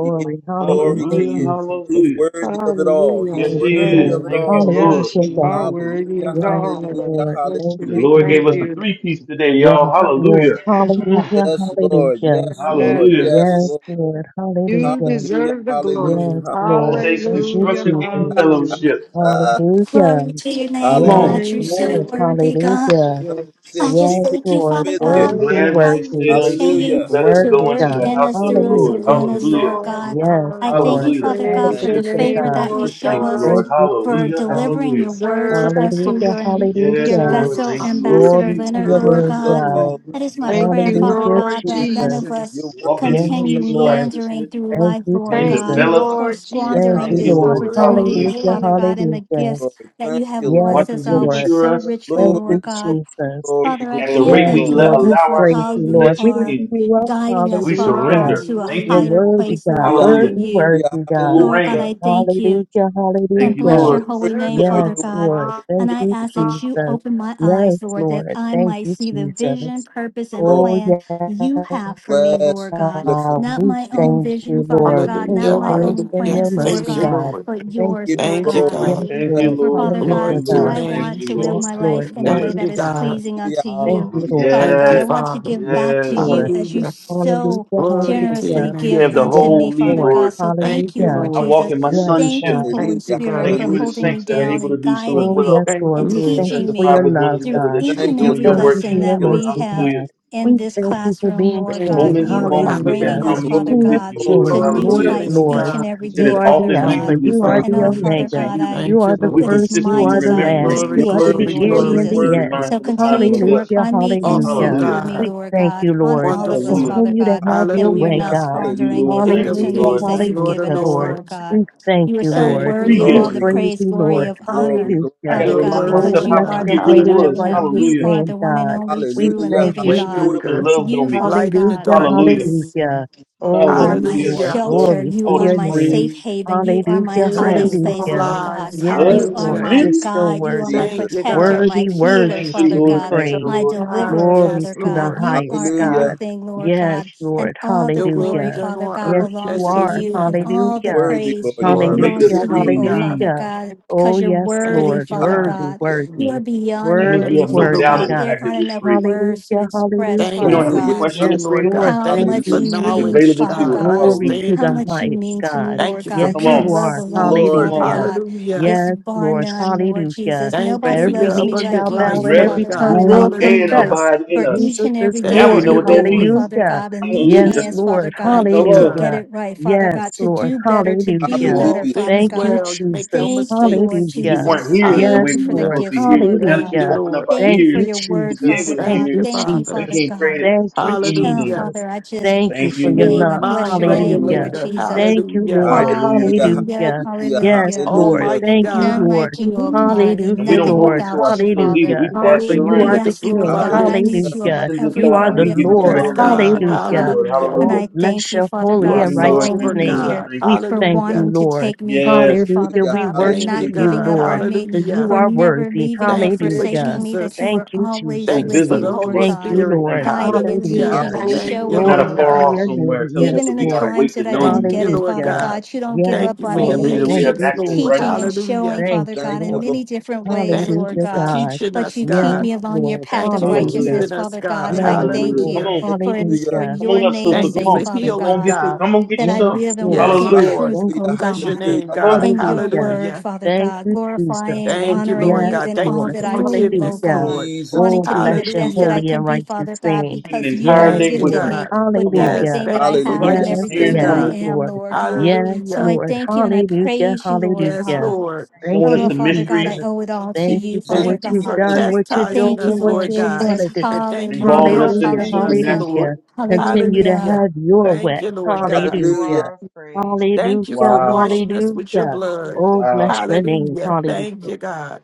[SPEAKER 1] You give him glory.
[SPEAKER 3] hallelujah,
[SPEAKER 1] Can
[SPEAKER 2] Hallelujah.
[SPEAKER 1] you?
[SPEAKER 3] Jesus.
[SPEAKER 1] He's
[SPEAKER 2] Hallelujah.
[SPEAKER 1] worthy of it all. He's
[SPEAKER 4] Hallelujah.
[SPEAKER 2] Yes,
[SPEAKER 3] Thank you,
[SPEAKER 2] he
[SPEAKER 1] worthy
[SPEAKER 2] is.
[SPEAKER 3] Lord.
[SPEAKER 1] of it
[SPEAKER 4] Yes,
[SPEAKER 2] Thank you,
[SPEAKER 1] all.
[SPEAKER 2] Lord.
[SPEAKER 4] yes,
[SPEAKER 3] Hallelujah,
[SPEAKER 4] you are
[SPEAKER 3] God.
[SPEAKER 4] worthy
[SPEAKER 1] Hallelujah,
[SPEAKER 4] of it
[SPEAKER 3] Yes,
[SPEAKER 4] all. Lord.
[SPEAKER 1] hallelujah,
[SPEAKER 3] Lord.
[SPEAKER 4] Bless
[SPEAKER 3] Thank
[SPEAKER 4] you.
[SPEAKER 2] The
[SPEAKER 3] you,
[SPEAKER 1] hallelujah.
[SPEAKER 4] We
[SPEAKER 2] Lord gave
[SPEAKER 4] thank
[SPEAKER 2] us a
[SPEAKER 3] Jesus.
[SPEAKER 4] you.
[SPEAKER 2] three piece today, y'all.
[SPEAKER 3] Yes, Lord.
[SPEAKER 2] Hallelujah. Come on.
[SPEAKER 3] Hallelujah,
[SPEAKER 1] Yes, Lord.
[SPEAKER 3] hallelujah.
[SPEAKER 1] Yes, Lord.
[SPEAKER 2] Hallelujah.
[SPEAKER 4] Amen.
[SPEAKER 1] Yes,
[SPEAKER 3] Yes,
[SPEAKER 1] Lord.
[SPEAKER 3] Lord.
[SPEAKER 4] You
[SPEAKER 3] Hallelujah.
[SPEAKER 1] Hallelujah,
[SPEAKER 4] deserve the
[SPEAKER 1] hallelujah.
[SPEAKER 3] Yes,
[SPEAKER 4] glory.
[SPEAKER 2] All
[SPEAKER 3] Lord.
[SPEAKER 2] day
[SPEAKER 3] Thank you,
[SPEAKER 4] Hallelujah.
[SPEAKER 2] instruction
[SPEAKER 3] Jesus.
[SPEAKER 2] and
[SPEAKER 4] Hallelujah.
[SPEAKER 2] fellowship.
[SPEAKER 1] Ah,
[SPEAKER 5] Glory
[SPEAKER 3] Hallelujah.
[SPEAKER 5] to your name,
[SPEAKER 2] Come
[SPEAKER 1] hallelujah.
[SPEAKER 3] Yes,
[SPEAKER 2] on.
[SPEAKER 5] God. You're
[SPEAKER 4] Thank
[SPEAKER 5] so
[SPEAKER 3] Lord.
[SPEAKER 4] you.
[SPEAKER 5] worthy, God.
[SPEAKER 3] Hallelujah.
[SPEAKER 1] Somebody said
[SPEAKER 5] I
[SPEAKER 4] Yes.
[SPEAKER 1] three
[SPEAKER 5] just
[SPEAKER 3] Yes,
[SPEAKER 1] pieces
[SPEAKER 5] thank you,
[SPEAKER 1] of
[SPEAKER 3] Lord.
[SPEAKER 5] Father
[SPEAKER 4] You
[SPEAKER 2] I was
[SPEAKER 1] biscuit.
[SPEAKER 5] God,
[SPEAKER 3] Worthy,
[SPEAKER 4] deserve
[SPEAKER 5] for
[SPEAKER 4] it
[SPEAKER 2] glad
[SPEAKER 4] all.
[SPEAKER 2] when
[SPEAKER 5] how
[SPEAKER 2] they
[SPEAKER 5] you
[SPEAKER 2] said
[SPEAKER 3] worthy.
[SPEAKER 2] unto
[SPEAKER 5] continue
[SPEAKER 2] me,
[SPEAKER 1] Hallelujah.
[SPEAKER 2] let us
[SPEAKER 5] to
[SPEAKER 2] go
[SPEAKER 3] Worthy,
[SPEAKER 2] into
[SPEAKER 5] work
[SPEAKER 3] God.
[SPEAKER 2] the
[SPEAKER 5] in
[SPEAKER 2] house of
[SPEAKER 5] us,
[SPEAKER 2] the
[SPEAKER 5] through us, and
[SPEAKER 2] Lord.
[SPEAKER 4] Thank
[SPEAKER 3] Hallelujah.
[SPEAKER 5] on
[SPEAKER 4] you,
[SPEAKER 5] us,
[SPEAKER 2] Hallelujah.
[SPEAKER 5] Lord
[SPEAKER 4] Lord.
[SPEAKER 5] God.
[SPEAKER 3] Yes,
[SPEAKER 4] I
[SPEAKER 5] I thank you,
[SPEAKER 3] Lord.
[SPEAKER 2] Hallelujah. The
[SPEAKER 5] Father God,
[SPEAKER 4] praise
[SPEAKER 1] Thank
[SPEAKER 5] for
[SPEAKER 4] your
[SPEAKER 3] Hallelujah,
[SPEAKER 5] the
[SPEAKER 2] fellowship
[SPEAKER 1] you, Lord.
[SPEAKER 5] favor
[SPEAKER 4] name,
[SPEAKER 3] God.
[SPEAKER 5] that
[SPEAKER 2] with
[SPEAKER 5] you
[SPEAKER 2] the
[SPEAKER 4] Lord
[SPEAKER 5] show
[SPEAKER 2] saints,
[SPEAKER 4] God.
[SPEAKER 5] us,
[SPEAKER 2] Lord.
[SPEAKER 3] Thank you,
[SPEAKER 5] for
[SPEAKER 2] Hallelujah.
[SPEAKER 3] Jesus.
[SPEAKER 5] delivering
[SPEAKER 4] You
[SPEAKER 5] your
[SPEAKER 2] Hallelujah.
[SPEAKER 5] word
[SPEAKER 4] deserve
[SPEAKER 5] to us
[SPEAKER 4] the glory.
[SPEAKER 5] through
[SPEAKER 3] Hallelujah,
[SPEAKER 5] your,
[SPEAKER 1] Hallelujah.
[SPEAKER 4] You
[SPEAKER 2] Yes,
[SPEAKER 5] your
[SPEAKER 3] hallelujah.
[SPEAKER 4] deserve
[SPEAKER 2] Lord.
[SPEAKER 4] it
[SPEAKER 5] vessel,
[SPEAKER 2] Thank
[SPEAKER 4] all.
[SPEAKER 2] you, Lord
[SPEAKER 5] Ambassador
[SPEAKER 3] Glory
[SPEAKER 2] Jesus.
[SPEAKER 3] to
[SPEAKER 5] Leonard,
[SPEAKER 1] You're
[SPEAKER 3] your
[SPEAKER 5] Lord
[SPEAKER 3] name,
[SPEAKER 1] worthy of it
[SPEAKER 5] God.
[SPEAKER 3] God.
[SPEAKER 4] Hallelujah.
[SPEAKER 1] all.
[SPEAKER 5] It is
[SPEAKER 1] You're
[SPEAKER 5] my
[SPEAKER 4] Thank
[SPEAKER 5] prayer,
[SPEAKER 1] worthy
[SPEAKER 4] you,
[SPEAKER 1] of it
[SPEAKER 5] Father
[SPEAKER 3] Hallelujah,
[SPEAKER 1] all.
[SPEAKER 5] God,
[SPEAKER 4] Lord
[SPEAKER 5] that none
[SPEAKER 3] Jesus.
[SPEAKER 5] of us
[SPEAKER 1] You're
[SPEAKER 4] Jesus.
[SPEAKER 2] Walking
[SPEAKER 1] worthy
[SPEAKER 2] in
[SPEAKER 3] Yes,
[SPEAKER 1] of
[SPEAKER 5] continue
[SPEAKER 2] peace,
[SPEAKER 1] it all.
[SPEAKER 3] Lord.
[SPEAKER 5] meandering
[SPEAKER 2] righteousness,
[SPEAKER 5] through
[SPEAKER 3] Thank
[SPEAKER 5] life,
[SPEAKER 3] you,
[SPEAKER 5] Lord
[SPEAKER 2] being
[SPEAKER 4] Thank
[SPEAKER 5] God,
[SPEAKER 1] Hallelujah.
[SPEAKER 4] you,
[SPEAKER 3] Jesus.
[SPEAKER 2] developed.
[SPEAKER 5] or
[SPEAKER 4] Lord
[SPEAKER 1] Hallelujah.
[SPEAKER 3] Thank
[SPEAKER 5] squandering
[SPEAKER 2] Thank
[SPEAKER 3] you,
[SPEAKER 1] Hallelujah.
[SPEAKER 5] the
[SPEAKER 2] you,
[SPEAKER 4] Jesus.
[SPEAKER 3] Lord.
[SPEAKER 2] Lord.
[SPEAKER 4] Praise your
[SPEAKER 2] Hallelujah.
[SPEAKER 5] opportunities,
[SPEAKER 3] Hallelujah,
[SPEAKER 5] Father
[SPEAKER 4] name.
[SPEAKER 5] God, and the
[SPEAKER 1] you,
[SPEAKER 3] hallelujah.
[SPEAKER 1] Lord.
[SPEAKER 5] gifts that
[SPEAKER 1] Thank
[SPEAKER 5] you
[SPEAKER 1] you,
[SPEAKER 5] have
[SPEAKER 1] Lord.
[SPEAKER 3] Yes,
[SPEAKER 5] blessed us
[SPEAKER 2] Watching you
[SPEAKER 5] all with
[SPEAKER 3] Lord.
[SPEAKER 5] so
[SPEAKER 2] mature us
[SPEAKER 5] richly,
[SPEAKER 3] Thank
[SPEAKER 1] Glory,
[SPEAKER 5] Lord
[SPEAKER 3] you,
[SPEAKER 5] God.
[SPEAKER 1] glory,
[SPEAKER 3] Jesus.
[SPEAKER 1] glory,
[SPEAKER 5] Father, I
[SPEAKER 2] at the
[SPEAKER 1] glory,
[SPEAKER 5] can't
[SPEAKER 2] rate
[SPEAKER 3] Yes,
[SPEAKER 2] we
[SPEAKER 5] thank you
[SPEAKER 1] glory.
[SPEAKER 2] let
[SPEAKER 3] Lord. We
[SPEAKER 5] enough
[SPEAKER 2] allow
[SPEAKER 5] for
[SPEAKER 3] praise
[SPEAKER 5] how
[SPEAKER 2] ourselves
[SPEAKER 3] you,
[SPEAKER 2] to
[SPEAKER 5] you
[SPEAKER 3] Lord.
[SPEAKER 2] let you
[SPEAKER 3] We lift
[SPEAKER 5] are
[SPEAKER 2] in.
[SPEAKER 3] you up.
[SPEAKER 5] guiding
[SPEAKER 2] So
[SPEAKER 5] us,
[SPEAKER 2] we
[SPEAKER 5] Father God,
[SPEAKER 3] Hallelujah.
[SPEAKER 2] surrender.
[SPEAKER 5] to a
[SPEAKER 2] Thank
[SPEAKER 3] You're
[SPEAKER 2] you.
[SPEAKER 4] Hallelujah.
[SPEAKER 5] higher
[SPEAKER 3] worthy,
[SPEAKER 5] place,
[SPEAKER 3] God.
[SPEAKER 5] Lord God,
[SPEAKER 2] Hallelujah.
[SPEAKER 5] in
[SPEAKER 3] Worthy,
[SPEAKER 5] you.
[SPEAKER 1] Hallelujah,
[SPEAKER 3] worthy, God.
[SPEAKER 2] Full
[SPEAKER 1] hallelujah,
[SPEAKER 5] Lord God,
[SPEAKER 2] reign.
[SPEAKER 1] hallelujah.
[SPEAKER 5] I thank you
[SPEAKER 3] Hallelujah,
[SPEAKER 2] Thank
[SPEAKER 5] and
[SPEAKER 2] you,
[SPEAKER 5] bless
[SPEAKER 4] You
[SPEAKER 3] hallelujah.
[SPEAKER 5] your
[SPEAKER 2] Lord.
[SPEAKER 1] Worthy,
[SPEAKER 5] holy
[SPEAKER 4] deserve
[SPEAKER 5] name,
[SPEAKER 4] it
[SPEAKER 1] Lord,
[SPEAKER 5] Father
[SPEAKER 3] Yes,
[SPEAKER 1] you're
[SPEAKER 4] all.
[SPEAKER 5] God.
[SPEAKER 3] Lord.
[SPEAKER 1] worthy, you're
[SPEAKER 5] And
[SPEAKER 3] Thank
[SPEAKER 5] I
[SPEAKER 3] you,
[SPEAKER 1] worthy,
[SPEAKER 5] ask that you
[SPEAKER 3] Jesus.
[SPEAKER 5] open my
[SPEAKER 3] Yes,
[SPEAKER 5] eyes, Lord, that
[SPEAKER 3] Lord.
[SPEAKER 5] I
[SPEAKER 3] Thank
[SPEAKER 5] might
[SPEAKER 3] you,
[SPEAKER 5] see the vision,
[SPEAKER 3] Jesus.
[SPEAKER 5] purpose, and
[SPEAKER 4] Hallelujah.
[SPEAKER 1] Lord.
[SPEAKER 3] Oh,
[SPEAKER 5] plan
[SPEAKER 3] yeah.
[SPEAKER 5] you have for me,
[SPEAKER 1] Bless
[SPEAKER 5] Lord
[SPEAKER 1] the
[SPEAKER 5] God.
[SPEAKER 1] wonderful
[SPEAKER 5] Not
[SPEAKER 3] We
[SPEAKER 5] my
[SPEAKER 1] name of Jesus.
[SPEAKER 5] own
[SPEAKER 3] thank
[SPEAKER 5] vision,
[SPEAKER 3] you,
[SPEAKER 1] Bless
[SPEAKER 5] Father
[SPEAKER 3] Lord,
[SPEAKER 5] God,
[SPEAKER 3] for
[SPEAKER 5] not
[SPEAKER 3] your
[SPEAKER 6] Hallelujah,
[SPEAKER 5] my
[SPEAKER 3] grace
[SPEAKER 5] own
[SPEAKER 3] and
[SPEAKER 6] hallelujah.
[SPEAKER 3] your
[SPEAKER 5] plans,
[SPEAKER 1] Jesus.
[SPEAKER 5] Lord
[SPEAKER 6] Thank
[SPEAKER 3] mercy,
[SPEAKER 4] Thank
[SPEAKER 6] you,
[SPEAKER 4] you
[SPEAKER 5] God,
[SPEAKER 3] God.
[SPEAKER 6] Lord.
[SPEAKER 5] but
[SPEAKER 1] We
[SPEAKER 3] Thank
[SPEAKER 5] yours,
[SPEAKER 1] give
[SPEAKER 3] you.
[SPEAKER 5] oh
[SPEAKER 1] you
[SPEAKER 4] for
[SPEAKER 6] Thank you,
[SPEAKER 5] God.
[SPEAKER 1] glory.
[SPEAKER 3] Yes,
[SPEAKER 6] God.
[SPEAKER 1] We
[SPEAKER 4] being
[SPEAKER 2] Thank
[SPEAKER 1] bless
[SPEAKER 2] you,
[SPEAKER 3] Lord.
[SPEAKER 5] For
[SPEAKER 1] you.
[SPEAKER 2] Lord.
[SPEAKER 5] Father
[SPEAKER 2] Thank
[SPEAKER 5] God,
[SPEAKER 6] Glory
[SPEAKER 3] Hallelujah,
[SPEAKER 2] you,
[SPEAKER 6] to your
[SPEAKER 2] Lord.
[SPEAKER 3] God.
[SPEAKER 5] I
[SPEAKER 2] Thank
[SPEAKER 5] want
[SPEAKER 6] name.
[SPEAKER 2] you,
[SPEAKER 5] to live
[SPEAKER 2] Lord.
[SPEAKER 3] Yes,
[SPEAKER 5] my
[SPEAKER 3] Lord.
[SPEAKER 5] life in a
[SPEAKER 3] Thank
[SPEAKER 5] way
[SPEAKER 2] Hallelujah.
[SPEAKER 3] you,
[SPEAKER 6] Thank
[SPEAKER 5] that
[SPEAKER 6] you,
[SPEAKER 1] Hallelujah,
[SPEAKER 5] is
[SPEAKER 3] Jesus.
[SPEAKER 6] God.
[SPEAKER 5] pleasing
[SPEAKER 1] hallelujah,
[SPEAKER 5] unto
[SPEAKER 3] Thank
[SPEAKER 5] you.
[SPEAKER 3] you,
[SPEAKER 2] Hallelujah.
[SPEAKER 1] hallelujah.
[SPEAKER 3] Lord.
[SPEAKER 5] Father
[SPEAKER 6] Thank
[SPEAKER 5] God,
[SPEAKER 6] you,
[SPEAKER 5] I
[SPEAKER 2] Yes.
[SPEAKER 5] want to
[SPEAKER 6] Father.
[SPEAKER 5] give
[SPEAKER 3] Yes,
[SPEAKER 5] back to
[SPEAKER 2] Yes.
[SPEAKER 5] you
[SPEAKER 3] Lord.
[SPEAKER 5] as you
[SPEAKER 6] Hallelujah.
[SPEAKER 1] Jesus,
[SPEAKER 3] Hallelujah,
[SPEAKER 5] so
[SPEAKER 6] Glory to your
[SPEAKER 5] generously
[SPEAKER 3] hallelujah.
[SPEAKER 2] You
[SPEAKER 5] give
[SPEAKER 2] have
[SPEAKER 6] name.
[SPEAKER 2] the
[SPEAKER 5] unto
[SPEAKER 3] Yes,
[SPEAKER 5] me,
[SPEAKER 2] whole me,
[SPEAKER 5] Father
[SPEAKER 3] Lord.
[SPEAKER 5] God.
[SPEAKER 2] Lord.
[SPEAKER 5] So thank
[SPEAKER 6] Thank
[SPEAKER 5] you,
[SPEAKER 6] you,
[SPEAKER 3] Hallelujah.
[SPEAKER 5] Lord
[SPEAKER 2] I
[SPEAKER 6] Lord.
[SPEAKER 2] walk
[SPEAKER 5] Jesus.
[SPEAKER 2] in my
[SPEAKER 1] hallelujah,
[SPEAKER 3] Yes,
[SPEAKER 5] Thank
[SPEAKER 3] God.
[SPEAKER 2] sonship.
[SPEAKER 5] you, Holy
[SPEAKER 6] Thank you,
[SPEAKER 1] hallelujah,
[SPEAKER 5] Spirit,
[SPEAKER 2] Thank
[SPEAKER 3] Thank
[SPEAKER 6] God.
[SPEAKER 2] you
[SPEAKER 5] for
[SPEAKER 2] for
[SPEAKER 3] you,
[SPEAKER 2] the
[SPEAKER 1] hallelujah.
[SPEAKER 5] holding me
[SPEAKER 2] saints that are
[SPEAKER 5] down
[SPEAKER 3] Jesus.
[SPEAKER 2] able to
[SPEAKER 5] and
[SPEAKER 2] do so as
[SPEAKER 5] guiding
[SPEAKER 3] Oh,
[SPEAKER 5] me
[SPEAKER 2] well.
[SPEAKER 3] yes,
[SPEAKER 6] Thank
[SPEAKER 3] Lord.
[SPEAKER 6] you,
[SPEAKER 5] and
[SPEAKER 3] We
[SPEAKER 2] We
[SPEAKER 6] Lord.
[SPEAKER 3] thank you
[SPEAKER 5] teaching
[SPEAKER 3] for
[SPEAKER 2] testify
[SPEAKER 5] me
[SPEAKER 3] your
[SPEAKER 2] with one
[SPEAKER 3] love,
[SPEAKER 5] through
[SPEAKER 2] another
[SPEAKER 3] God.
[SPEAKER 2] that
[SPEAKER 5] each
[SPEAKER 2] you are
[SPEAKER 6] Thank
[SPEAKER 5] and
[SPEAKER 1] Thank
[SPEAKER 3] We
[SPEAKER 6] you,
[SPEAKER 1] you,
[SPEAKER 2] doing
[SPEAKER 5] every
[SPEAKER 2] your
[SPEAKER 1] Lord.
[SPEAKER 3] thank
[SPEAKER 6] God.
[SPEAKER 3] you
[SPEAKER 2] work
[SPEAKER 1] Thank
[SPEAKER 5] lesson
[SPEAKER 3] for
[SPEAKER 2] in us,
[SPEAKER 3] your
[SPEAKER 5] that
[SPEAKER 1] you,
[SPEAKER 2] Lord.
[SPEAKER 1] Lord.
[SPEAKER 5] we
[SPEAKER 3] mercy,
[SPEAKER 5] have
[SPEAKER 2] Hallelujah.
[SPEAKER 3] God.
[SPEAKER 5] in
[SPEAKER 3] We
[SPEAKER 5] this
[SPEAKER 3] thank you for
[SPEAKER 5] classroom,
[SPEAKER 3] being
[SPEAKER 5] Lord
[SPEAKER 6] Thank you,
[SPEAKER 5] God.
[SPEAKER 3] King.
[SPEAKER 2] Moment to
[SPEAKER 5] You
[SPEAKER 6] Lord.
[SPEAKER 5] are
[SPEAKER 2] moment, we have
[SPEAKER 5] bringing
[SPEAKER 3] Hallelujah.
[SPEAKER 1] Thank you. Glory,
[SPEAKER 5] us,
[SPEAKER 6] Hallelujah.
[SPEAKER 1] glory,
[SPEAKER 5] Father
[SPEAKER 2] communion
[SPEAKER 3] King
[SPEAKER 2] with
[SPEAKER 3] of
[SPEAKER 5] God,
[SPEAKER 2] you,
[SPEAKER 1] glory,
[SPEAKER 2] Lord.
[SPEAKER 5] to
[SPEAKER 3] kings,
[SPEAKER 6] Glory
[SPEAKER 5] new
[SPEAKER 1] glory,
[SPEAKER 6] to
[SPEAKER 3] Lord
[SPEAKER 6] your
[SPEAKER 3] of
[SPEAKER 2] Hallelujah.
[SPEAKER 1] glory.
[SPEAKER 5] heights
[SPEAKER 6] name,
[SPEAKER 5] each
[SPEAKER 3] lords.
[SPEAKER 5] and
[SPEAKER 6] God.
[SPEAKER 2] You
[SPEAKER 5] every
[SPEAKER 2] said,
[SPEAKER 3] You
[SPEAKER 5] day,
[SPEAKER 2] as
[SPEAKER 3] are the
[SPEAKER 5] Father
[SPEAKER 2] often as we
[SPEAKER 5] God.
[SPEAKER 3] Alpha.
[SPEAKER 2] do
[SPEAKER 6] Thank you,
[SPEAKER 2] this,
[SPEAKER 3] You
[SPEAKER 2] do
[SPEAKER 3] are
[SPEAKER 1] Thank
[SPEAKER 2] this
[SPEAKER 5] And
[SPEAKER 2] in
[SPEAKER 3] the
[SPEAKER 5] oh,
[SPEAKER 6] Father.
[SPEAKER 1] you,
[SPEAKER 5] Father
[SPEAKER 2] remembrance
[SPEAKER 1] Jesus.
[SPEAKER 2] of
[SPEAKER 3] Omega.
[SPEAKER 5] God,
[SPEAKER 2] you.
[SPEAKER 5] I
[SPEAKER 3] You
[SPEAKER 6] Thank you,
[SPEAKER 3] are
[SPEAKER 2] So
[SPEAKER 3] the
[SPEAKER 2] we
[SPEAKER 5] it
[SPEAKER 6] Lord.
[SPEAKER 5] is
[SPEAKER 3] first. You
[SPEAKER 5] my
[SPEAKER 2] consistently
[SPEAKER 3] are the
[SPEAKER 5] desire
[SPEAKER 2] remember
[SPEAKER 5] to
[SPEAKER 3] last.
[SPEAKER 6] Glory,
[SPEAKER 2] you
[SPEAKER 3] You
[SPEAKER 1] You're
[SPEAKER 3] are
[SPEAKER 5] please
[SPEAKER 3] the
[SPEAKER 1] worthy,
[SPEAKER 5] you,
[SPEAKER 6] glory,
[SPEAKER 2] because you
[SPEAKER 5] Lord
[SPEAKER 1] Lord.
[SPEAKER 3] beginning
[SPEAKER 6] glory.
[SPEAKER 3] and
[SPEAKER 1] You're
[SPEAKER 5] Jesus.
[SPEAKER 2] consistently
[SPEAKER 3] the end.
[SPEAKER 1] worthy.
[SPEAKER 2] remind
[SPEAKER 5] So continue
[SPEAKER 2] mindful
[SPEAKER 5] to
[SPEAKER 2] of
[SPEAKER 5] work
[SPEAKER 2] us.
[SPEAKER 3] Hallelujah.
[SPEAKER 5] on me, in me,
[SPEAKER 6] Awesome
[SPEAKER 5] and
[SPEAKER 3] Hallelujah.
[SPEAKER 2] Hallelujah.
[SPEAKER 5] through me,
[SPEAKER 6] God.
[SPEAKER 3] We
[SPEAKER 5] Lord
[SPEAKER 3] thank
[SPEAKER 5] God,
[SPEAKER 3] you,
[SPEAKER 5] on
[SPEAKER 3] Lord.
[SPEAKER 5] all of us,
[SPEAKER 6] Wonderful.
[SPEAKER 2] Hallelujah.
[SPEAKER 5] Father
[SPEAKER 3] Continue to
[SPEAKER 5] God,
[SPEAKER 3] have
[SPEAKER 5] that
[SPEAKER 3] your
[SPEAKER 5] we are
[SPEAKER 3] way,
[SPEAKER 5] not
[SPEAKER 6] Hallelujah.
[SPEAKER 3] God.
[SPEAKER 2] Thank you,
[SPEAKER 1] Hallelujah.
[SPEAKER 5] squandering the
[SPEAKER 2] Lord.
[SPEAKER 6] King
[SPEAKER 2] Thank
[SPEAKER 6] of
[SPEAKER 1] Hallelujah.
[SPEAKER 2] you,
[SPEAKER 3] Hallelujah.
[SPEAKER 5] opportunities
[SPEAKER 2] Lord.
[SPEAKER 5] that
[SPEAKER 6] kings,
[SPEAKER 2] Thank
[SPEAKER 5] you've
[SPEAKER 2] you.
[SPEAKER 6] Lord of
[SPEAKER 5] given
[SPEAKER 3] Hallelujah,
[SPEAKER 5] us,
[SPEAKER 3] Lord.
[SPEAKER 5] Lord
[SPEAKER 6] lords.
[SPEAKER 5] God.
[SPEAKER 3] We thank
[SPEAKER 5] You are
[SPEAKER 3] you,
[SPEAKER 5] so
[SPEAKER 3] Lord.
[SPEAKER 6] Thank you,
[SPEAKER 2] Free
[SPEAKER 5] worthy of
[SPEAKER 3] We
[SPEAKER 5] all
[SPEAKER 6] Lord.
[SPEAKER 2] gift.
[SPEAKER 5] the
[SPEAKER 1] Glory, glory,
[SPEAKER 3] praise
[SPEAKER 5] praise,
[SPEAKER 3] you,
[SPEAKER 5] glory,
[SPEAKER 3] Lord.
[SPEAKER 5] of
[SPEAKER 1] glory, glory,
[SPEAKER 5] honor,
[SPEAKER 2] I
[SPEAKER 1] glory.
[SPEAKER 2] got
[SPEAKER 3] Hallelujah.
[SPEAKER 2] to
[SPEAKER 5] Father
[SPEAKER 6] You're
[SPEAKER 5] God,
[SPEAKER 2] remind
[SPEAKER 3] Oh,
[SPEAKER 5] because
[SPEAKER 2] myself
[SPEAKER 6] worthy,
[SPEAKER 4] so
[SPEAKER 5] you
[SPEAKER 2] how
[SPEAKER 3] bless
[SPEAKER 5] are
[SPEAKER 6] God.
[SPEAKER 3] your
[SPEAKER 2] free
[SPEAKER 5] the
[SPEAKER 2] it really
[SPEAKER 5] great
[SPEAKER 3] holy
[SPEAKER 5] I
[SPEAKER 3] and
[SPEAKER 2] was.
[SPEAKER 6] Hallelujah.
[SPEAKER 5] am.
[SPEAKER 3] righteous
[SPEAKER 5] You
[SPEAKER 2] Hallelujah.
[SPEAKER 5] are
[SPEAKER 3] name,
[SPEAKER 5] the one and
[SPEAKER 3] God.
[SPEAKER 5] only
[SPEAKER 3] We
[SPEAKER 5] true and
[SPEAKER 1] Hallelujah.
[SPEAKER 3] thank
[SPEAKER 2] You
[SPEAKER 5] living
[SPEAKER 3] you,
[SPEAKER 2] just
[SPEAKER 5] God.
[SPEAKER 2] showed
[SPEAKER 1] Hallelujah.
[SPEAKER 2] up and
[SPEAKER 6] Waymaker,
[SPEAKER 3] Jesus.
[SPEAKER 2] loved
[SPEAKER 5] You,
[SPEAKER 2] on me.
[SPEAKER 5] Father
[SPEAKER 6] light in the
[SPEAKER 5] God
[SPEAKER 3] Hallelujah.
[SPEAKER 2] Hallelujah.
[SPEAKER 6] darkness.
[SPEAKER 3] Hallelujah.
[SPEAKER 4] Hallelujah.
[SPEAKER 3] Oh,
[SPEAKER 5] are
[SPEAKER 3] yes,
[SPEAKER 5] my
[SPEAKER 2] Hallelujah.
[SPEAKER 3] Lord.
[SPEAKER 6] Hallelujah.
[SPEAKER 1] Lord.
[SPEAKER 5] shelter.
[SPEAKER 3] Glory
[SPEAKER 5] You
[SPEAKER 3] to
[SPEAKER 2] Called
[SPEAKER 5] are
[SPEAKER 2] us
[SPEAKER 3] your
[SPEAKER 5] my
[SPEAKER 3] name.
[SPEAKER 5] safe
[SPEAKER 2] friends.
[SPEAKER 5] haven. You are
[SPEAKER 4] You
[SPEAKER 5] my
[SPEAKER 6] You
[SPEAKER 3] Hallelujah.
[SPEAKER 2] Come
[SPEAKER 4] deserve
[SPEAKER 5] hiding
[SPEAKER 2] on.
[SPEAKER 4] it
[SPEAKER 6] transform
[SPEAKER 5] place,
[SPEAKER 4] all.
[SPEAKER 3] Hallelujah.
[SPEAKER 5] Lord God.
[SPEAKER 6] lives.
[SPEAKER 1] Thank
[SPEAKER 3] Yes,
[SPEAKER 5] You
[SPEAKER 2] What?
[SPEAKER 5] are
[SPEAKER 6] Hallelujah.
[SPEAKER 3] Lord.
[SPEAKER 1] you,
[SPEAKER 5] my
[SPEAKER 3] Just
[SPEAKER 2] Friends?
[SPEAKER 3] so
[SPEAKER 5] God. You are my
[SPEAKER 3] worthy.
[SPEAKER 1] Jesus.
[SPEAKER 6] Thank you,
[SPEAKER 5] protector,
[SPEAKER 6] God.
[SPEAKER 5] my
[SPEAKER 3] Worthy,
[SPEAKER 5] healer,
[SPEAKER 3] worthy
[SPEAKER 2] Thank you,
[SPEAKER 3] to
[SPEAKER 5] Father
[SPEAKER 3] be
[SPEAKER 2] Lord.
[SPEAKER 5] God,
[SPEAKER 2] Thank
[SPEAKER 4] Praise
[SPEAKER 2] you,
[SPEAKER 4] of
[SPEAKER 5] my
[SPEAKER 3] praised.
[SPEAKER 2] Lord. Thank you.
[SPEAKER 4] God.
[SPEAKER 5] deliverer,
[SPEAKER 3] Glory
[SPEAKER 6] Yes,
[SPEAKER 5] Father
[SPEAKER 3] to the
[SPEAKER 5] God.
[SPEAKER 6] Lord.
[SPEAKER 5] You
[SPEAKER 3] highest
[SPEAKER 5] are
[SPEAKER 3] God.
[SPEAKER 1] Hallelujah.
[SPEAKER 5] everything, Lord
[SPEAKER 3] Yes,
[SPEAKER 5] God. And
[SPEAKER 3] Lord.
[SPEAKER 5] all the
[SPEAKER 6] Your will be
[SPEAKER 5] glory,
[SPEAKER 3] Hallelujah.
[SPEAKER 6] done
[SPEAKER 5] Father
[SPEAKER 6] on
[SPEAKER 5] God,
[SPEAKER 3] Yes,
[SPEAKER 6] earth as
[SPEAKER 3] you
[SPEAKER 5] belongs
[SPEAKER 6] it
[SPEAKER 5] to
[SPEAKER 6] is
[SPEAKER 3] are.
[SPEAKER 6] in
[SPEAKER 5] you, and
[SPEAKER 6] heaven.
[SPEAKER 5] all
[SPEAKER 1] You're
[SPEAKER 5] the
[SPEAKER 3] Hallelujah.
[SPEAKER 1] worthy,
[SPEAKER 2] You
[SPEAKER 5] praise.
[SPEAKER 1] Lord. You're
[SPEAKER 2] said you
[SPEAKER 6] Glory
[SPEAKER 2] make
[SPEAKER 6] to
[SPEAKER 5] Belongs
[SPEAKER 2] us
[SPEAKER 1] worthy
[SPEAKER 3] Hallelujah,
[SPEAKER 5] to
[SPEAKER 6] your
[SPEAKER 1] of it
[SPEAKER 5] you,
[SPEAKER 2] free
[SPEAKER 1] all.
[SPEAKER 6] name,
[SPEAKER 5] oh
[SPEAKER 6] God.
[SPEAKER 2] indeed.
[SPEAKER 5] Father
[SPEAKER 3] hallelujah.
[SPEAKER 5] God, because
[SPEAKER 3] Oh,
[SPEAKER 5] you're
[SPEAKER 3] yes,
[SPEAKER 5] worthy,
[SPEAKER 3] Lord,
[SPEAKER 6] Thank you,
[SPEAKER 5] Father
[SPEAKER 6] God.
[SPEAKER 3] worthy,
[SPEAKER 5] God.
[SPEAKER 1] Hallelujah.
[SPEAKER 5] You
[SPEAKER 3] worthy,
[SPEAKER 5] are beyond
[SPEAKER 2] That means we
[SPEAKER 3] worthy,
[SPEAKER 5] worthy,
[SPEAKER 2] have
[SPEAKER 6] Thank you,
[SPEAKER 2] no
[SPEAKER 5] Father
[SPEAKER 2] doubt
[SPEAKER 3] worthy,
[SPEAKER 6] Lord.
[SPEAKER 2] in
[SPEAKER 5] God.
[SPEAKER 2] the
[SPEAKER 5] There
[SPEAKER 3] God.
[SPEAKER 2] fact that
[SPEAKER 5] aren't
[SPEAKER 2] we're
[SPEAKER 5] enough
[SPEAKER 2] free.
[SPEAKER 5] words to
[SPEAKER 3] Hallelujah,
[SPEAKER 5] express,
[SPEAKER 2] We
[SPEAKER 6] Thank you
[SPEAKER 5] Father
[SPEAKER 2] don't
[SPEAKER 3] hallelujah.
[SPEAKER 2] have
[SPEAKER 6] for
[SPEAKER 2] to
[SPEAKER 1] Hallelujah.
[SPEAKER 5] God
[SPEAKER 2] question the
[SPEAKER 6] wisdom,
[SPEAKER 3] Yes,
[SPEAKER 6] Lord
[SPEAKER 2] freedom.
[SPEAKER 1] Hallelujah.
[SPEAKER 6] God.
[SPEAKER 3] Lord,
[SPEAKER 5] how
[SPEAKER 6] Thank
[SPEAKER 3] thank
[SPEAKER 6] you
[SPEAKER 5] much
[SPEAKER 3] you,
[SPEAKER 6] for
[SPEAKER 1] Hallelujah.
[SPEAKER 5] you
[SPEAKER 2] It's
[SPEAKER 5] mean,
[SPEAKER 3] Jesus.
[SPEAKER 6] knowledge,
[SPEAKER 2] available
[SPEAKER 5] Father
[SPEAKER 2] to
[SPEAKER 6] God,
[SPEAKER 2] us.
[SPEAKER 5] God,
[SPEAKER 3] Glory
[SPEAKER 2] Hallelujah.
[SPEAKER 3] to
[SPEAKER 5] how
[SPEAKER 3] the
[SPEAKER 6] understanding.
[SPEAKER 5] much you
[SPEAKER 3] highest
[SPEAKER 5] mean to me,
[SPEAKER 3] God.
[SPEAKER 6] Thank
[SPEAKER 5] Lord
[SPEAKER 6] you for
[SPEAKER 3] Yes,
[SPEAKER 5] God.
[SPEAKER 2] Come
[SPEAKER 5] Your
[SPEAKER 3] you
[SPEAKER 2] on.
[SPEAKER 5] love
[SPEAKER 3] are.
[SPEAKER 6] peace.
[SPEAKER 5] alone,
[SPEAKER 2] Come
[SPEAKER 1] Lord.
[SPEAKER 5] Father
[SPEAKER 2] on.
[SPEAKER 3] Hallelujah.
[SPEAKER 5] God,
[SPEAKER 6] Hallelujah.
[SPEAKER 5] is
[SPEAKER 3] Yes,
[SPEAKER 5] bar
[SPEAKER 3] Lord,
[SPEAKER 5] none, Lord
[SPEAKER 3] hallelujah.
[SPEAKER 5] Jesus.
[SPEAKER 6] Thank
[SPEAKER 3] For
[SPEAKER 6] you
[SPEAKER 5] Nobody
[SPEAKER 6] for
[SPEAKER 3] every
[SPEAKER 6] your
[SPEAKER 5] loves
[SPEAKER 3] knee
[SPEAKER 5] me
[SPEAKER 6] abundant
[SPEAKER 5] like
[SPEAKER 3] shall
[SPEAKER 5] you
[SPEAKER 3] bow
[SPEAKER 2] You
[SPEAKER 6] life,
[SPEAKER 5] do,
[SPEAKER 3] and
[SPEAKER 2] rest,
[SPEAKER 6] Lord
[SPEAKER 3] every
[SPEAKER 5] Father God.
[SPEAKER 6] God.
[SPEAKER 3] tongue
[SPEAKER 5] And I
[SPEAKER 3] will
[SPEAKER 2] rule, and
[SPEAKER 5] thank you
[SPEAKER 6] Hallelujah.
[SPEAKER 3] confess.
[SPEAKER 2] abide in
[SPEAKER 5] for
[SPEAKER 2] us.
[SPEAKER 5] each
[SPEAKER 3] Jesus
[SPEAKER 5] and
[SPEAKER 3] is
[SPEAKER 5] every day
[SPEAKER 2] Now we
[SPEAKER 5] that
[SPEAKER 6] Thank
[SPEAKER 3] Lord.
[SPEAKER 2] know
[SPEAKER 5] you
[SPEAKER 6] you,
[SPEAKER 2] what that
[SPEAKER 5] give me,
[SPEAKER 6] Lord.
[SPEAKER 2] means.
[SPEAKER 5] Father
[SPEAKER 3] Hallelujah.
[SPEAKER 5] God, a new
[SPEAKER 2] Hallelujah.
[SPEAKER 3] Yes,
[SPEAKER 5] chance, Father
[SPEAKER 3] Lord.
[SPEAKER 5] God,
[SPEAKER 6] Thank you,
[SPEAKER 2] Come
[SPEAKER 5] to
[SPEAKER 2] on.
[SPEAKER 6] God.
[SPEAKER 5] get
[SPEAKER 3] Hallelujah.
[SPEAKER 5] it right, Father
[SPEAKER 3] Yes,
[SPEAKER 5] God, to
[SPEAKER 3] Lord.
[SPEAKER 5] do better, to
[SPEAKER 6] You
[SPEAKER 5] be
[SPEAKER 6] do
[SPEAKER 3] Hallelujah.
[SPEAKER 5] better,
[SPEAKER 6] all
[SPEAKER 1] Hallelujah.
[SPEAKER 5] Father
[SPEAKER 6] things
[SPEAKER 3] Thank you,
[SPEAKER 5] God.
[SPEAKER 6] well. You make no
[SPEAKER 3] Jesus.
[SPEAKER 5] Thank you, Lord
[SPEAKER 6] mistakes.
[SPEAKER 2] We just
[SPEAKER 3] Hallelujah.
[SPEAKER 2] weren't
[SPEAKER 5] Jesus.
[SPEAKER 2] hearing it the
[SPEAKER 5] Thank
[SPEAKER 2] way
[SPEAKER 3] Yes,
[SPEAKER 5] you
[SPEAKER 2] we
[SPEAKER 5] for
[SPEAKER 2] were
[SPEAKER 5] the
[SPEAKER 6] Hallelujah.
[SPEAKER 3] Lord.
[SPEAKER 2] supposed to
[SPEAKER 5] gifts,
[SPEAKER 2] hear it.
[SPEAKER 5] Lord
[SPEAKER 2] But now that
[SPEAKER 6] Thank
[SPEAKER 5] God.
[SPEAKER 2] you've
[SPEAKER 6] you,
[SPEAKER 3] Hallelujah.
[SPEAKER 2] opened up
[SPEAKER 6] Lord.
[SPEAKER 2] our
[SPEAKER 5] Thank
[SPEAKER 3] Thank
[SPEAKER 5] you for
[SPEAKER 2] ears
[SPEAKER 3] you,
[SPEAKER 5] your
[SPEAKER 2] to
[SPEAKER 5] word,
[SPEAKER 2] be
[SPEAKER 3] Jesus.
[SPEAKER 2] able
[SPEAKER 5] Father
[SPEAKER 2] to
[SPEAKER 3] Thank
[SPEAKER 5] God.
[SPEAKER 2] hear
[SPEAKER 6] Thank you,
[SPEAKER 3] you,
[SPEAKER 2] it,
[SPEAKER 5] Thank you,
[SPEAKER 6] Father.
[SPEAKER 2] we
[SPEAKER 5] Father
[SPEAKER 3] Jesus.
[SPEAKER 2] can't trade
[SPEAKER 5] God.
[SPEAKER 3] Thank
[SPEAKER 2] it for
[SPEAKER 3] you,
[SPEAKER 5] Oh,
[SPEAKER 6] Hallelujah.
[SPEAKER 2] anything.
[SPEAKER 3] Jesus.
[SPEAKER 5] Father, I just
[SPEAKER 3] Thank you
[SPEAKER 2] Thank
[SPEAKER 5] bless
[SPEAKER 2] you,
[SPEAKER 3] for
[SPEAKER 5] your
[SPEAKER 3] your
[SPEAKER 5] name.
[SPEAKER 2] Lord
[SPEAKER 5] I
[SPEAKER 3] love.
[SPEAKER 2] Jesus.
[SPEAKER 5] bless
[SPEAKER 6] Mind
[SPEAKER 5] your name,
[SPEAKER 2] Hallelujah.
[SPEAKER 5] Lord
[SPEAKER 3] Hallelujah.
[SPEAKER 6] regulator.
[SPEAKER 5] Jesus.
[SPEAKER 3] Thank you,
[SPEAKER 6] Hallelujah.
[SPEAKER 3] Lord.
[SPEAKER 2] Hallelujah.
[SPEAKER 1] Hallelujah. Hallelujah.
[SPEAKER 5] Hallelujah.
[SPEAKER 3] Hallelujah. Yes,
[SPEAKER 5] Hallelujah.
[SPEAKER 3] Lord.
[SPEAKER 6] Almighty
[SPEAKER 3] Thank you,
[SPEAKER 5] None
[SPEAKER 6] God,
[SPEAKER 5] like
[SPEAKER 3] Lord.
[SPEAKER 5] you, oh God,
[SPEAKER 4] Hallelujah.
[SPEAKER 5] and
[SPEAKER 2] And we
[SPEAKER 3] Hallelujah,
[SPEAKER 2] don't
[SPEAKER 5] nothing
[SPEAKER 2] hold
[SPEAKER 3] Lord.
[SPEAKER 2] it to
[SPEAKER 5] without you,
[SPEAKER 2] ourselves
[SPEAKER 5] Father.
[SPEAKER 2] either. We
[SPEAKER 3] Hallelujah.
[SPEAKER 6] we
[SPEAKER 2] pass
[SPEAKER 3] For
[SPEAKER 2] it
[SPEAKER 6] worship
[SPEAKER 3] you
[SPEAKER 6] you
[SPEAKER 2] around.
[SPEAKER 4] Hallelujah.
[SPEAKER 3] are
[SPEAKER 6] with the
[SPEAKER 3] the
[SPEAKER 5] Yes,
[SPEAKER 6] fruit
[SPEAKER 1] Hallelujah.
[SPEAKER 6] of
[SPEAKER 5] Lord
[SPEAKER 3] King.
[SPEAKER 6] our
[SPEAKER 5] God,
[SPEAKER 1] Hallelujah.
[SPEAKER 5] I need you
[SPEAKER 6] lips.
[SPEAKER 2] You
[SPEAKER 5] over
[SPEAKER 3] Hallelujah.
[SPEAKER 2] send us
[SPEAKER 5] every
[SPEAKER 3] You
[SPEAKER 2] out
[SPEAKER 3] are
[SPEAKER 2] and
[SPEAKER 3] the
[SPEAKER 2] we
[SPEAKER 5] area
[SPEAKER 2] give it
[SPEAKER 5] of
[SPEAKER 2] to
[SPEAKER 3] Lord.
[SPEAKER 6] Yes,
[SPEAKER 5] my
[SPEAKER 2] those who
[SPEAKER 5] life,
[SPEAKER 2] you
[SPEAKER 6] God.
[SPEAKER 2] send us
[SPEAKER 5] Lord
[SPEAKER 2] to,
[SPEAKER 3] Hallelujah.
[SPEAKER 5] God.
[SPEAKER 2] Lord.
[SPEAKER 6] Hallelujah.
[SPEAKER 5] And
[SPEAKER 2] Hallelujah.
[SPEAKER 3] Oh,
[SPEAKER 5] I thank
[SPEAKER 3] bless
[SPEAKER 5] you,
[SPEAKER 3] your
[SPEAKER 5] Father
[SPEAKER 6] You
[SPEAKER 3] holy
[SPEAKER 2] Thank
[SPEAKER 6] are
[SPEAKER 5] God,
[SPEAKER 3] and
[SPEAKER 2] you,
[SPEAKER 5] for
[SPEAKER 2] Lord.
[SPEAKER 3] righteous
[SPEAKER 2] Thank
[SPEAKER 5] bringing
[SPEAKER 6] sovereign,
[SPEAKER 5] me
[SPEAKER 2] you,
[SPEAKER 3] name.
[SPEAKER 2] Lord.
[SPEAKER 5] here,
[SPEAKER 6] God.
[SPEAKER 2] Thank
[SPEAKER 3] We
[SPEAKER 2] you.
[SPEAKER 5] for
[SPEAKER 3] thank you,
[SPEAKER 6] Hallelujah.
[SPEAKER 5] wanting to
[SPEAKER 3] Lord.
[SPEAKER 5] take me higher,
[SPEAKER 2] Yes.
[SPEAKER 5] Father
[SPEAKER 3] Hallelujah.
[SPEAKER 1] Hallelujah.
[SPEAKER 3] We
[SPEAKER 5] God, for
[SPEAKER 6] Thank
[SPEAKER 3] worship
[SPEAKER 6] you,
[SPEAKER 5] not
[SPEAKER 1] Hallelujah.
[SPEAKER 3] you,
[SPEAKER 5] giving
[SPEAKER 6] God.
[SPEAKER 5] up
[SPEAKER 3] Lord,
[SPEAKER 5] on me,
[SPEAKER 3] because
[SPEAKER 6] Hallelujah.
[SPEAKER 3] you
[SPEAKER 5] for
[SPEAKER 3] are
[SPEAKER 5] never
[SPEAKER 3] worthy.
[SPEAKER 5] leaving nor
[SPEAKER 6] Thank you for
[SPEAKER 3] Hallelujah.
[SPEAKER 5] forsaking me, that
[SPEAKER 6] Jesus.
[SPEAKER 5] you
[SPEAKER 3] Thank
[SPEAKER 5] are
[SPEAKER 3] you,
[SPEAKER 2] You're
[SPEAKER 5] always
[SPEAKER 2] so
[SPEAKER 6] Thank you
[SPEAKER 3] Jesus.
[SPEAKER 5] with
[SPEAKER 6] for
[SPEAKER 5] me,
[SPEAKER 1] Mm,
[SPEAKER 6] the
[SPEAKER 2] visible to
[SPEAKER 6] Holy
[SPEAKER 5] Lord
[SPEAKER 2] us,
[SPEAKER 3] Thank
[SPEAKER 5] God,
[SPEAKER 3] you,
[SPEAKER 2] Lord.
[SPEAKER 6] Spirit.
[SPEAKER 2] Thank
[SPEAKER 3] Lord.
[SPEAKER 2] you for
[SPEAKER 5] guiding
[SPEAKER 2] that.
[SPEAKER 5] and
[SPEAKER 4] you.
[SPEAKER 6] Hallelujah.
[SPEAKER 5] teaching
[SPEAKER 3] Hallelujah.
[SPEAKER 5] and
[SPEAKER 1] Hallelujah.
[SPEAKER 6] Thank you,
[SPEAKER 2] You're
[SPEAKER 5] showing,
[SPEAKER 3] Glory
[SPEAKER 2] not
[SPEAKER 6] Lord
[SPEAKER 5] Lord
[SPEAKER 2] afar
[SPEAKER 3] to
[SPEAKER 6] God.
[SPEAKER 2] off
[SPEAKER 5] God.
[SPEAKER 3] your
[SPEAKER 2] somewhere
[SPEAKER 3] name.
[SPEAKER 2] telling us
[SPEAKER 5] Even
[SPEAKER 3] Yes,
[SPEAKER 2] that
[SPEAKER 5] in the
[SPEAKER 2] we got to
[SPEAKER 3] Lord.
[SPEAKER 5] times
[SPEAKER 2] wait to
[SPEAKER 5] that I
[SPEAKER 2] know
[SPEAKER 5] don't
[SPEAKER 6] Thank
[SPEAKER 2] you.
[SPEAKER 6] you,
[SPEAKER 5] get it,
[SPEAKER 6] Lord
[SPEAKER 5] Father
[SPEAKER 3] Hallelujah.
[SPEAKER 6] God.
[SPEAKER 5] God, you don't give
[SPEAKER 3] Yes,
[SPEAKER 6] Thank
[SPEAKER 5] up
[SPEAKER 6] you
[SPEAKER 5] on
[SPEAKER 6] for
[SPEAKER 5] me.
[SPEAKER 3] Lord.
[SPEAKER 6] your
[SPEAKER 5] You
[SPEAKER 2] Hallelujah. We
[SPEAKER 3] Thank
[SPEAKER 2] have
[SPEAKER 5] keep
[SPEAKER 6] patience,
[SPEAKER 3] you,
[SPEAKER 2] access
[SPEAKER 6] Lord.
[SPEAKER 2] right
[SPEAKER 5] teaching
[SPEAKER 3] Jesus.
[SPEAKER 5] and
[SPEAKER 2] now.
[SPEAKER 5] showing,
[SPEAKER 6] Hallelujah.
[SPEAKER 3] Thank
[SPEAKER 5] Father
[SPEAKER 3] you,
[SPEAKER 5] God,
[SPEAKER 1] Thank you,
[SPEAKER 5] in
[SPEAKER 3] Lord.
[SPEAKER 1] Lord.
[SPEAKER 5] many different
[SPEAKER 1] Thank
[SPEAKER 5] ways,
[SPEAKER 1] you,
[SPEAKER 6] Thank
[SPEAKER 1] Lord.
[SPEAKER 6] you
[SPEAKER 5] Lord
[SPEAKER 3] Hallelujah,
[SPEAKER 6] for
[SPEAKER 5] God
[SPEAKER 3] God.
[SPEAKER 6] teaching
[SPEAKER 5] but
[SPEAKER 6] us,
[SPEAKER 5] you keep
[SPEAKER 3] Yes,
[SPEAKER 6] God.
[SPEAKER 5] me along your
[SPEAKER 3] Lord.
[SPEAKER 5] path
[SPEAKER 6] Thank
[SPEAKER 5] of
[SPEAKER 6] you for
[SPEAKER 3] Hallelujah.
[SPEAKER 2] Hallelujah.
[SPEAKER 5] righteousness,
[SPEAKER 6] keeping us,
[SPEAKER 5] Father God.
[SPEAKER 6] God.
[SPEAKER 5] And I
[SPEAKER 3] Yes,
[SPEAKER 5] thank
[SPEAKER 2] Hallelujah.
[SPEAKER 3] Lord.
[SPEAKER 2] Come
[SPEAKER 5] you
[SPEAKER 6] Hallelujah.
[SPEAKER 2] on.
[SPEAKER 5] for it is
[SPEAKER 1] Hallelujah.
[SPEAKER 5] for
[SPEAKER 3] Hallelujah.
[SPEAKER 2] Come on
[SPEAKER 5] your
[SPEAKER 2] up, sister.
[SPEAKER 5] name's
[SPEAKER 3] Thank
[SPEAKER 6] Thank you
[SPEAKER 2] Come
[SPEAKER 6] for
[SPEAKER 5] sake,
[SPEAKER 3] you,
[SPEAKER 2] on.
[SPEAKER 5] Father
[SPEAKER 2] Come on,
[SPEAKER 6] healing,
[SPEAKER 5] God,
[SPEAKER 3] Jesus.
[SPEAKER 2] get you.
[SPEAKER 6] God.
[SPEAKER 2] Come on, get
[SPEAKER 5] that
[SPEAKER 2] you
[SPEAKER 5] I
[SPEAKER 2] some.
[SPEAKER 3] Yes,
[SPEAKER 5] live and
[SPEAKER 3] Lord.
[SPEAKER 5] walk
[SPEAKER 6] Yes,
[SPEAKER 5] in
[SPEAKER 2] Hallelujah.
[SPEAKER 6] Lord.
[SPEAKER 5] truth,
[SPEAKER 3] Thank
[SPEAKER 5] O
[SPEAKER 3] you,
[SPEAKER 1] Hallelujah,
[SPEAKER 6] Bless your
[SPEAKER 5] God.
[SPEAKER 3] Jesus.
[SPEAKER 6] name,
[SPEAKER 1] hallelujah,
[SPEAKER 2] Come
[SPEAKER 6] God.
[SPEAKER 2] on.
[SPEAKER 5] In
[SPEAKER 1] hallelujah.
[SPEAKER 5] your
[SPEAKER 3] Hallelujah.
[SPEAKER 5] word,
[SPEAKER 6] Hallelujah.
[SPEAKER 5] Father
[SPEAKER 3] Thank
[SPEAKER 5] God,
[SPEAKER 3] you,
[SPEAKER 5] glorifying
[SPEAKER 3] Jesus.
[SPEAKER 5] and
[SPEAKER 2] Come
[SPEAKER 6] Thank you,
[SPEAKER 2] on.
[SPEAKER 5] honoring
[SPEAKER 6] Lord
[SPEAKER 5] you
[SPEAKER 3] Yes,
[SPEAKER 6] God.
[SPEAKER 5] in
[SPEAKER 6] Thank
[SPEAKER 5] all
[SPEAKER 6] you
[SPEAKER 3] Lord.
[SPEAKER 5] that
[SPEAKER 6] for
[SPEAKER 5] I do, O
[SPEAKER 6] forgiveness,
[SPEAKER 3] Hallelujah.
[SPEAKER 5] God,
[SPEAKER 6] Lord.
[SPEAKER 1] Jesus,
[SPEAKER 5] wanting
[SPEAKER 3] Oh,
[SPEAKER 5] to be
[SPEAKER 3] bless
[SPEAKER 5] the
[SPEAKER 3] your
[SPEAKER 1] Jesus,
[SPEAKER 5] best that I
[SPEAKER 6] Hallelujah.
[SPEAKER 3] holy
[SPEAKER 5] can
[SPEAKER 3] and
[SPEAKER 5] be, Father
[SPEAKER 3] righteous
[SPEAKER 5] God,
[SPEAKER 2] We
[SPEAKER 3] name.
[SPEAKER 2] spent an
[SPEAKER 5] because you
[SPEAKER 2] entire
[SPEAKER 5] have
[SPEAKER 3] Yes,
[SPEAKER 2] day
[SPEAKER 6] Thank you,
[SPEAKER 2] with
[SPEAKER 5] gifted
[SPEAKER 3] Lord.
[SPEAKER 2] him.
[SPEAKER 5] me
[SPEAKER 6] God.
[SPEAKER 5] with
[SPEAKER 2] Come on.
[SPEAKER 6] Yes,
[SPEAKER 3] Hallelujah.
[SPEAKER 5] everything that
[SPEAKER 6] thank you
[SPEAKER 5] I
[SPEAKER 6] for
[SPEAKER 5] have
[SPEAKER 1] hallelujah,
[SPEAKER 5] and
[SPEAKER 3] Yes,
[SPEAKER 6] righteousness,
[SPEAKER 5] everything
[SPEAKER 2] Hearing
[SPEAKER 5] that
[SPEAKER 3] yes,
[SPEAKER 5] I
[SPEAKER 2] from
[SPEAKER 1] hallelujah.
[SPEAKER 2] him
[SPEAKER 6] God.
[SPEAKER 5] am,
[SPEAKER 3] Lord.
[SPEAKER 5] Lord God.
[SPEAKER 3] Yes,
[SPEAKER 6] Hallelujah.
[SPEAKER 5] So I
[SPEAKER 3] Lord.
[SPEAKER 5] thank you and I
[SPEAKER 3] Hallelujah.
[SPEAKER 5] praise you, Lord
[SPEAKER 6] Yes,
[SPEAKER 3] Hallelujah.
[SPEAKER 5] God.
[SPEAKER 6] Lord.
[SPEAKER 3] Thank
[SPEAKER 2] showing us
[SPEAKER 5] Oh,
[SPEAKER 3] you,
[SPEAKER 2] the
[SPEAKER 5] Father God, I
[SPEAKER 2] mysteries,
[SPEAKER 3] Jesus.
[SPEAKER 5] owe it all to
[SPEAKER 3] Thank you
[SPEAKER 5] you,
[SPEAKER 3] for
[SPEAKER 1] Jesus,
[SPEAKER 5] Father
[SPEAKER 3] what
[SPEAKER 6] Thank you
[SPEAKER 3] you've
[SPEAKER 5] God.
[SPEAKER 6] for
[SPEAKER 1] Jesus,
[SPEAKER 3] done,
[SPEAKER 7] Thank
[SPEAKER 3] what
[SPEAKER 7] you,
[SPEAKER 3] you're
[SPEAKER 1] Jesus.
[SPEAKER 3] doing,
[SPEAKER 6] chastising
[SPEAKER 5] Thank you,
[SPEAKER 3] and
[SPEAKER 7] Jesus.
[SPEAKER 6] us,
[SPEAKER 3] what
[SPEAKER 5] Lord
[SPEAKER 6] Lord
[SPEAKER 3] you're
[SPEAKER 6] God.
[SPEAKER 3] going
[SPEAKER 5] Jesus.
[SPEAKER 3] to do.
[SPEAKER 6] And thank you for
[SPEAKER 2] involving
[SPEAKER 5] Hallelujah.
[SPEAKER 2] us in the
[SPEAKER 3] Hallelujah.
[SPEAKER 7] Thank
[SPEAKER 6] comforting
[SPEAKER 7] you,
[SPEAKER 6] us,
[SPEAKER 5] Hallelujah.
[SPEAKER 2] supernatural.
[SPEAKER 6] Lord.
[SPEAKER 3] Hallelujah.
[SPEAKER 7] Jesus.
[SPEAKER 3] Continue to
[SPEAKER 5] Hallelujah.
[SPEAKER 6] Hallelujah.
[SPEAKER 3] have your
[SPEAKER 6] Thank
[SPEAKER 3] way.
[SPEAKER 6] you, Lord
[SPEAKER 7] Worthy
[SPEAKER 6] God.
[SPEAKER 7] you
[SPEAKER 3] Hallelujah.
[SPEAKER 1] Hallelujah,
[SPEAKER 7] are of praise.
[SPEAKER 6] Thank you
[SPEAKER 3] Hallelujah,
[SPEAKER 6] for
[SPEAKER 2] Wow,
[SPEAKER 6] washing us with your
[SPEAKER 3] hallelujah.
[SPEAKER 6] blood.
[SPEAKER 7] Worthy
[SPEAKER 3] Oh,
[SPEAKER 7] you
[SPEAKER 3] bless
[SPEAKER 7] are of
[SPEAKER 2] wow,
[SPEAKER 3] your
[SPEAKER 7] praise.
[SPEAKER 3] name.
[SPEAKER 6] Hallelujah. Thank
[SPEAKER 3] Hallelujah.
[SPEAKER 6] you, God.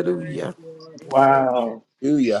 [SPEAKER 7] Worthy you are of worship.
[SPEAKER 2] wow.
[SPEAKER 1] hallelujah,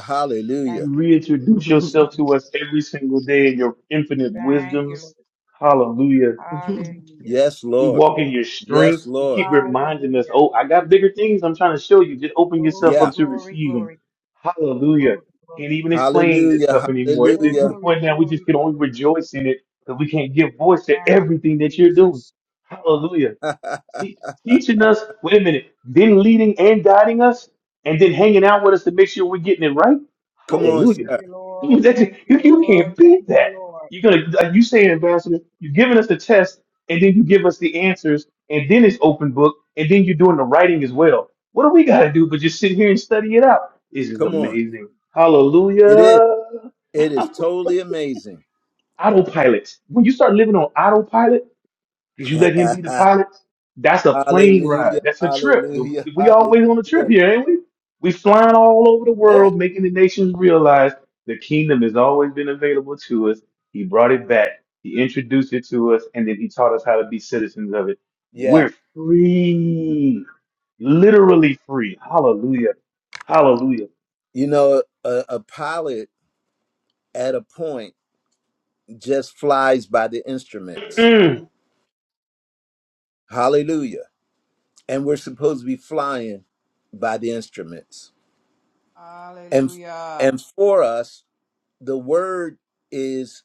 [SPEAKER 7] Thank
[SPEAKER 1] hallelujah.
[SPEAKER 2] You
[SPEAKER 7] you, Jesus.
[SPEAKER 2] reintroduce yourself to us every single day in your infinite
[SPEAKER 7] Thank you, Lord.
[SPEAKER 2] wisdoms. Hallelujah.
[SPEAKER 7] Hallelujah.
[SPEAKER 1] Yes,
[SPEAKER 2] We
[SPEAKER 1] Lord.
[SPEAKER 2] walk in your strength.
[SPEAKER 1] Yes,
[SPEAKER 2] You
[SPEAKER 1] Lord.
[SPEAKER 2] keep reminding us,
[SPEAKER 7] Hallelujah.
[SPEAKER 2] oh, I got bigger things I'm trying to show you. Just open yourself
[SPEAKER 7] Glory,
[SPEAKER 2] up
[SPEAKER 1] Yeah.
[SPEAKER 2] to
[SPEAKER 7] glory,
[SPEAKER 2] receive them.
[SPEAKER 7] glory.
[SPEAKER 2] Hallelujah.
[SPEAKER 7] Glory, glory,
[SPEAKER 2] Can't even explain this
[SPEAKER 1] Hallelujah,
[SPEAKER 2] stuff anymore. It's to the
[SPEAKER 1] hallelujah.
[SPEAKER 7] glory,
[SPEAKER 2] point now we
[SPEAKER 7] glory,
[SPEAKER 2] just can only
[SPEAKER 7] glory.
[SPEAKER 2] rejoice in it because we can't give voice to
[SPEAKER 7] Thank you,
[SPEAKER 2] everything that you're doing.
[SPEAKER 7] Jesus.
[SPEAKER 2] Hallelujah. Te- teaching us, wait a minute, then leading and guiding us, and then hanging out with us to make sure we're getting it right.
[SPEAKER 1] Come
[SPEAKER 7] Thank
[SPEAKER 1] on,
[SPEAKER 2] Hallelujah.
[SPEAKER 1] sir.
[SPEAKER 7] you, Lord.
[SPEAKER 2] Dude, that ju-
[SPEAKER 7] Thank you,
[SPEAKER 2] you, you
[SPEAKER 7] Lord.
[SPEAKER 2] can't beat
[SPEAKER 7] Thank
[SPEAKER 2] that.
[SPEAKER 7] you, Lord.
[SPEAKER 2] You're gonna like you say, Ambassador, you're giving us the test, and then you give us the answers, and then it's open book, and then you're doing the writing as well. What do we gotta do but just sit here and study it out? This is
[SPEAKER 1] Come on.
[SPEAKER 2] amazing.
[SPEAKER 1] It is.
[SPEAKER 2] Hallelujah.
[SPEAKER 1] It is totally amazing.
[SPEAKER 2] Autopilot. When you start living on autopilot, because you let him be the
[SPEAKER 1] hallelujah,
[SPEAKER 2] pilot, that's a plane ride. That's a trip. We
[SPEAKER 1] hallelujah,
[SPEAKER 2] we always on a trip
[SPEAKER 1] hallelujah.
[SPEAKER 2] here, ain't we? We flying all over the
[SPEAKER 1] Yeah,
[SPEAKER 2] world, making the nations realize the kingdom has always been available to us. He brought it back. He introduced it to us, and then he taught us how to be citizens of it.
[SPEAKER 1] yeah.
[SPEAKER 2] We're free, literally free. Hallelujah, hallelujah.
[SPEAKER 1] You know, a, a pilot at a point. just flies by the instruments.
[SPEAKER 2] Mm,
[SPEAKER 1] Hallelujah. And we're supposed to be flying by the instruments. And
[SPEAKER 7] Hallelujah.
[SPEAKER 1] and for us, the word is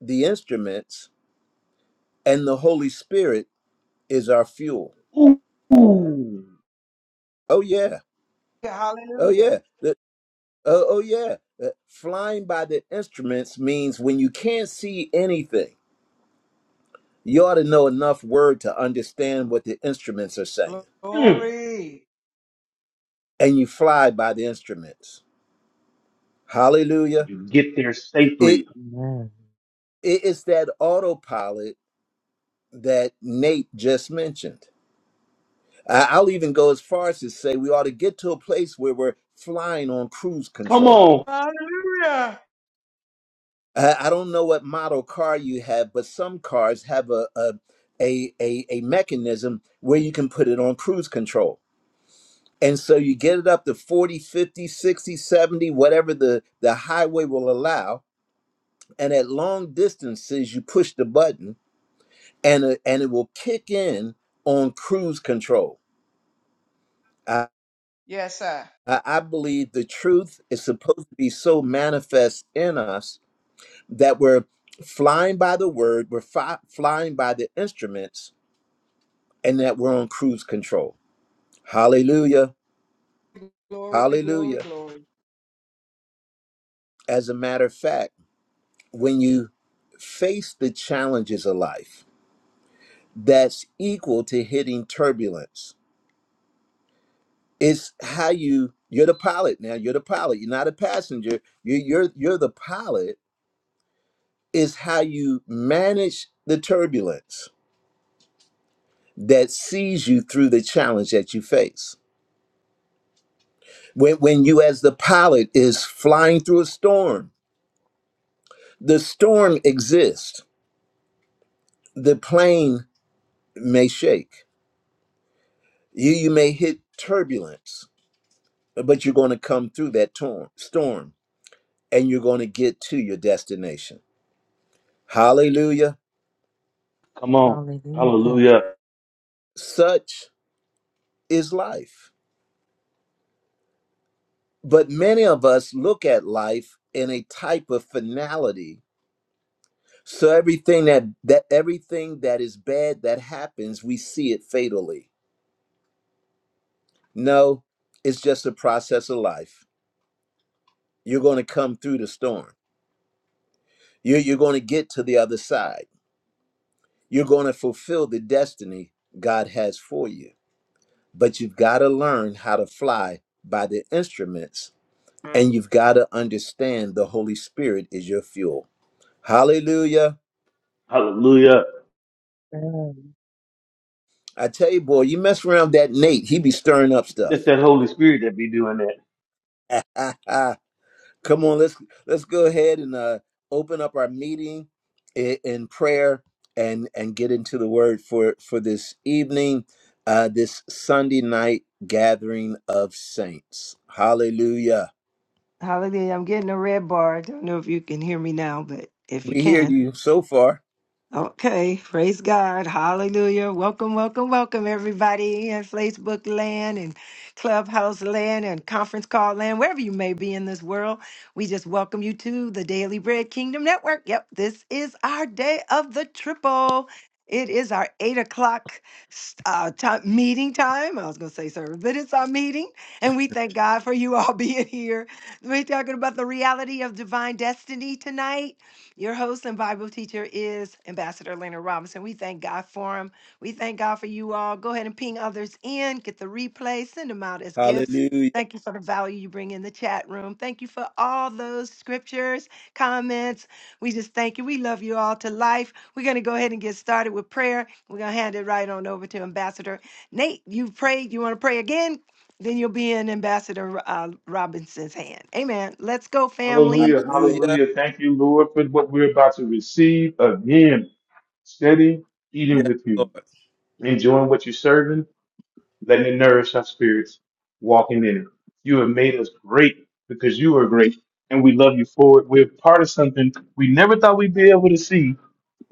[SPEAKER 1] the instruments and the Holy Spirit is our fuel.
[SPEAKER 2] ooh, ooh,
[SPEAKER 1] Oh yeah. Oh
[SPEAKER 7] Hallelujah.
[SPEAKER 1] yeah. The- oh, oh yeah. Uh, Flying by the instruments means when you can't see anything, you ought to know enough word to understand what the instruments are saying.
[SPEAKER 2] mm.
[SPEAKER 7] Glory.
[SPEAKER 1] And you fly by the instruments. Hallelujah
[SPEAKER 2] You get there safely.
[SPEAKER 3] Amen.
[SPEAKER 1] It- It's that autopilot that Nate just mentioned. I- I'll even go as far as to say we ought to get to a place where we're flying on cruise
[SPEAKER 2] Come
[SPEAKER 1] control.
[SPEAKER 2] on,
[SPEAKER 7] Hallelujah.
[SPEAKER 1] I I don't know what model car you have, but some cars have a a a, a, a mechanism where you can put it on cruise control. And so you get it up to 40, 50, 60, 70, whatever the, the highway will allow. And at long distances, you push the button and, it- and it will kick in on cruise control I,
[SPEAKER 7] Yes, sir.
[SPEAKER 1] I believe the truth is supposed to be so manifest in us that we're flying by the word, we're fi- flying by the instruments, and that we're on cruise control. Hallelujah.
[SPEAKER 7] glory, glory,
[SPEAKER 1] Hallelujah.
[SPEAKER 7] glory.
[SPEAKER 1] As a matter of fact, when you face the challenges of life, that's equal to hitting turbulence. It's how you you're the pilot now. You're the pilot. You're not a passenger. You, you're you're the pilot is how you manage the turbulence that sees you through the challenge that you face. When, when you, as the pilot, is flying through a storm, the storm exists. The plane may shake. You, you may hit turbulence, but you're going to come through that tor- storm and you're going to get to your destination. Hallelujah.
[SPEAKER 2] come on.
[SPEAKER 3] Hallelujah.
[SPEAKER 2] Hallelujah.
[SPEAKER 1] Such is life. But many of us look at life in a type of finality So everything that that everything that is bad that happens, we see it fatally. No, it's just a process of life. You're going to come through the storm. You're, you're going to get to the other side. You're going to fulfill the destiny God has for you. But you've got to learn how to fly by the instruments, and you've got to understand the Holy Spirit is your fuel. Hallelujah.
[SPEAKER 2] Hallelujah.
[SPEAKER 3] Amen.
[SPEAKER 1] I tell you, boy, you mess around with that Nate, he be stirring up
[SPEAKER 2] It's
[SPEAKER 1] stuff.
[SPEAKER 2] that Holy Spirit that be doing that.
[SPEAKER 1] Come on, let's let's go ahead and uh, open up our meeting in, in prayer and and get into the word for for this evening, uh, this Sunday night gathering of saints. Hallelujah.
[SPEAKER 4] Hallelujah. I'm getting a red bar. I don't know if you can hear me now, but if you
[SPEAKER 1] We hear
[SPEAKER 4] can.
[SPEAKER 1] you so far.
[SPEAKER 4] Okay, praise God. Hallelujah. Welcome, welcome, welcome, everybody in Facebook land and Clubhouse land and conference call land, wherever you may be in this world. We just welcome you to the Daily Bread Kingdom Network. Yep, this is our day of the triple. It is our eight o'clock uh, ti- meeting time. I was going to say service, but it's our meeting. And we thank God for you all being here. We're talking about the reality of divine destiny tonight your host and Bible teacher is Ambassador Leonard Robinson. We thank God for him. We thank God for you all. Go ahead and ping others in, get the replay, send them out as gifts.
[SPEAKER 1] Hallelujah.
[SPEAKER 4] Thank you for the value you bring in the chat room. Thank you for all those scriptures, comments. We just thank you. We love you all to life. We're going to go ahead and get started with prayer. We're going to hand it right on over to Ambassador Nate. You prayed. You want to pray again? Then you'll be in Ambassador uh, Robinson's hand. Amen. Let's go, family.
[SPEAKER 2] Hallelujah.
[SPEAKER 1] Hallelujah.
[SPEAKER 2] Hallelujah. Thank you, Lord, for what we're about to receive again. Steady eating
[SPEAKER 1] Yes,
[SPEAKER 2] with
[SPEAKER 1] Lord.
[SPEAKER 2] you, enjoying what you're serving, letting it nourish our spirits, walking in it. You have made us great because you are great and we love you for it. We're part of something we never thought we'd be able to see,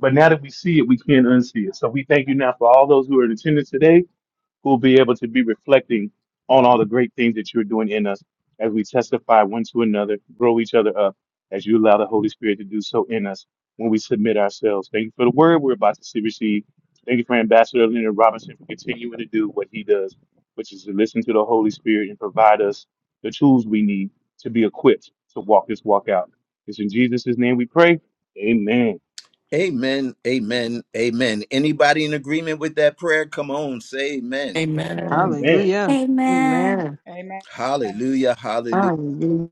[SPEAKER 2] but now that we see it, we can't unsee it. So we thank you now for all those who are in attendance today. who will be able to be reflecting on all the great things that you're doing in us as we testify one to another, grow each other up as you allow the Holy Spirit to do so in us when we submit ourselves. Thank you for the word we're about to see receive. Thank you for Ambassador Leonard Robinson for continuing to do what he does, which is to listen to the Holy Spirit and provide us the tools we need to be equipped to walk this walk out. It's in Jesus' name we pray. Amen.
[SPEAKER 1] Amen. Amen. Amen. Anybody in agreement with that prayer? Come on, say amen.
[SPEAKER 6] Amen.
[SPEAKER 2] Amen.
[SPEAKER 4] Hallelujah.
[SPEAKER 5] Amen.
[SPEAKER 4] Amen.
[SPEAKER 7] Amen.
[SPEAKER 1] Hallelujah. Hallelujah.
[SPEAKER 4] Hallelujah.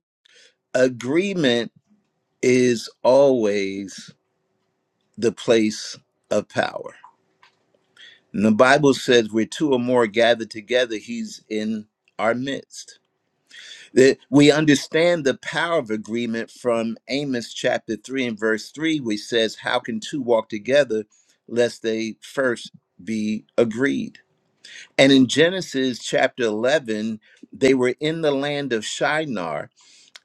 [SPEAKER 1] Agreement is always the place of power. And the Bible says where two or more gather together, he's in our midst. That we understand the power of agreement from Amos chapter 3 and verse 3, which says, How can two walk together lest they first be agreed? And in Genesis chapter 11, they were in the land of Shinar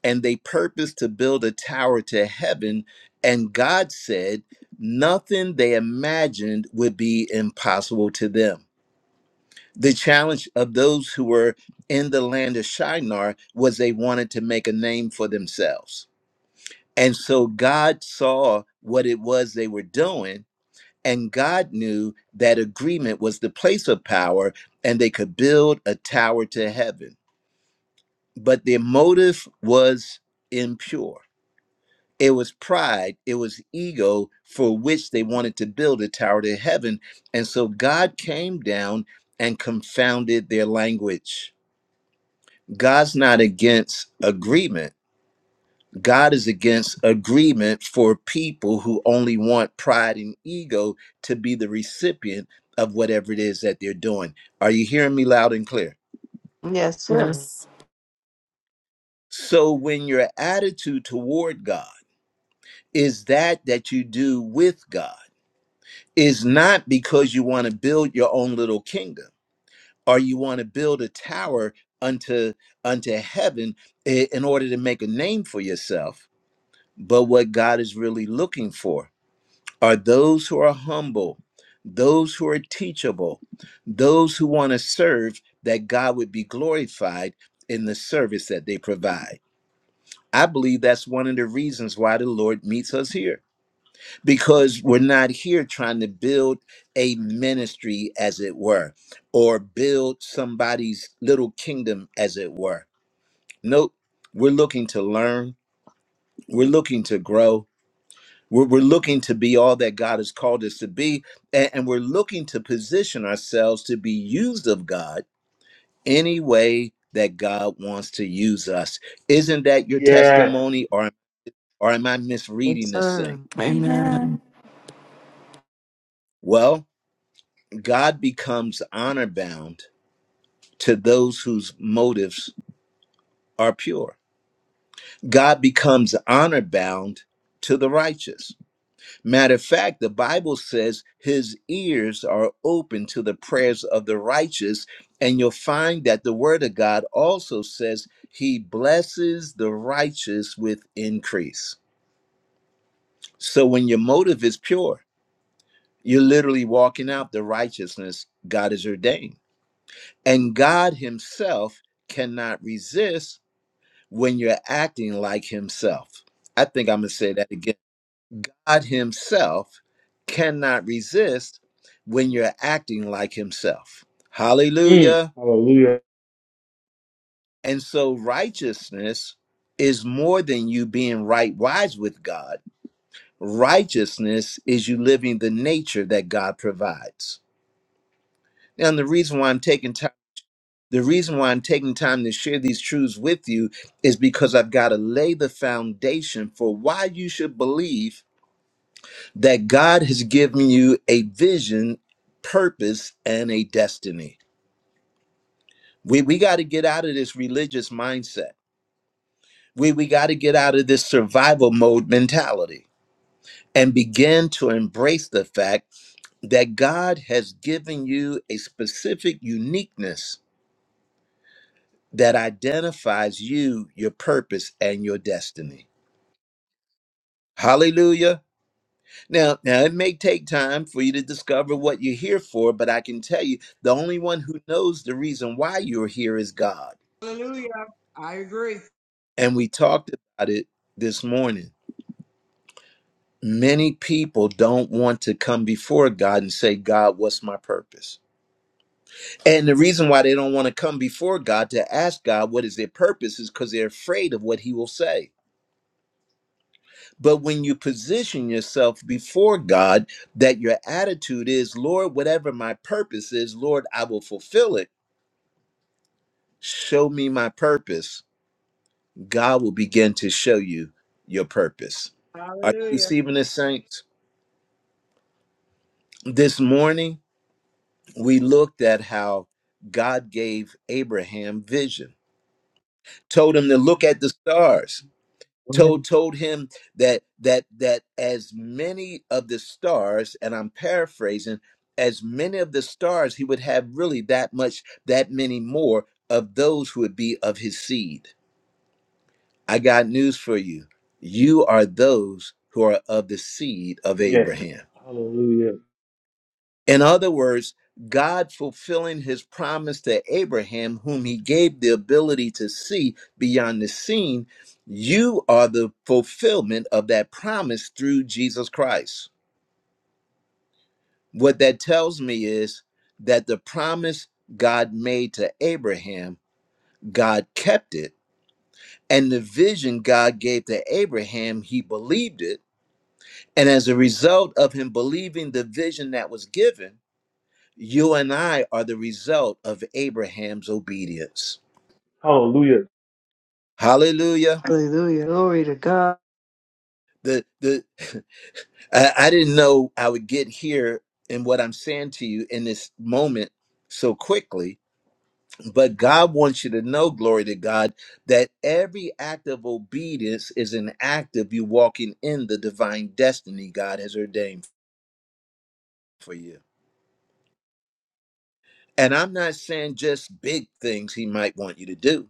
[SPEAKER 1] and they purposed to build a tower to heaven. And God said, nothing they imagined would be impossible to them. The challenge of those who were in the land of Shinar was they wanted to make a name for themselves. And so God saw what it was they were doing, and God knew that agreement was the place of power, and they could build a tower to heaven. But their motive was impure It was pride, it was ego for which they wanted to build a tower to heaven. And so God came down and confounded their language. God's not against agreement. God is against agreement for people who only want pride and ego to be the recipient of whatever it is that they're doing. Are you hearing me loud and clear?
[SPEAKER 4] Yes, sir.
[SPEAKER 6] Yes.
[SPEAKER 1] So when your attitude toward God is that that you do with God, is not because you want to build your own little kingdom or you want to build a tower unto unto heaven i- in order to make a name for yourself but what god is really looking for are those who are humble those who are teachable those who want to serve that god would be glorified in the service that they provide i believe that's one of the reasons why the lord meets us here because we're not here trying to build a ministry, as it were, or build somebody's little kingdom, as it were. Nope. We're looking to learn, we're looking to grow. We're, we're looking to be all that God has called us to be, a- and we're looking to position ourselves to be used of God any way that God wants to use us. Isn't that your
[SPEAKER 2] Yeah.
[SPEAKER 1] testimony, or, or am I
[SPEAKER 4] Yes,
[SPEAKER 1] misreading this
[SPEAKER 4] sir.
[SPEAKER 1] thing?
[SPEAKER 6] Amen.
[SPEAKER 5] Amen.
[SPEAKER 1] Well, God becomes honor bound to those whose motives are pure. God becomes honor bound to the righteous. Matter of fact, the Bible says his ears are open to the prayers of the righteous. And you'll find that the word of God also says he blesses the righteous with increase. So when your motive is pure, you're literally walking out the righteousness God has ordained. And God himself cannot resist when you're acting like himself. I think I'm going to say that again. God himself cannot resist when you're acting like himself.
[SPEAKER 2] Mm.
[SPEAKER 1] Hallelujah.
[SPEAKER 2] Hallelujah.
[SPEAKER 1] And so righteousness is more than you being right wise with God. Righteousness is you living the nature that God provides. And the reason why I'm taking time the reason why I'm taking time to share these truths with you is because I've got to lay the foundation for why you should believe that God has given you a vision, purpose, and a destiny. We we got to get out of this religious mindset. We we got to get out of this survival mode mentality and begin to embrace the fact that God has given you a specific uniqueness that identifies you, your purpose, and your destiny. Hallelujah. Now, now it may take time for you to discover what you're here for, but I can tell you the only one who knows the reason why you're here is God.
[SPEAKER 7] Hallelujah. I agree.
[SPEAKER 1] And we talked about it this morning. Many people don't want to come before God and say, God, what's my purpose? And the reason why they don't want to come before God to ask God what is their purpose is because they're afraid of what he will say. But when you position yourself before God, that your attitude is, Lord, whatever my purpose is, Lord, I will fulfill it show me my purpose, God will begin to show you your purpose. Are you
[SPEAKER 7] Hallelujah.
[SPEAKER 1] receiving this, saints? This morning, we looked at how God gave Abraham vision, told him to look at the stars, told
[SPEAKER 3] Amen.
[SPEAKER 1] told him that that that as many of the stars, and I'm paraphrasing, as many of the stars, he would have really that much, that many more of those who would be of his seed. I got news for you. You are those who are of the seed of
[SPEAKER 2] Yes.
[SPEAKER 1] Abraham.
[SPEAKER 2] Hallelujah.
[SPEAKER 1] In other words, God fulfilling his promise to Abraham, whom he gave the ability to see beyond the seen, you are the fulfillment of that promise through Jesus Christ. What that tells me is that the promise God made to Abraham, God kept it. And the vision God gave to Abraham, he believed it And as a result of him believing the vision that was given, you and I are the result of Abraham's obedience.
[SPEAKER 2] Hallelujah.
[SPEAKER 1] Hallelujah.
[SPEAKER 4] Hallelujah. Glory to God.
[SPEAKER 1] The the I, I didn't know I would get here and what I'm saying to you in this moment so quickly, but God wants you to know, glory to God, that every act of obedience is an act of you walking in the divine destiny God has ordained for you. And I'm not saying just big things he might want you to do.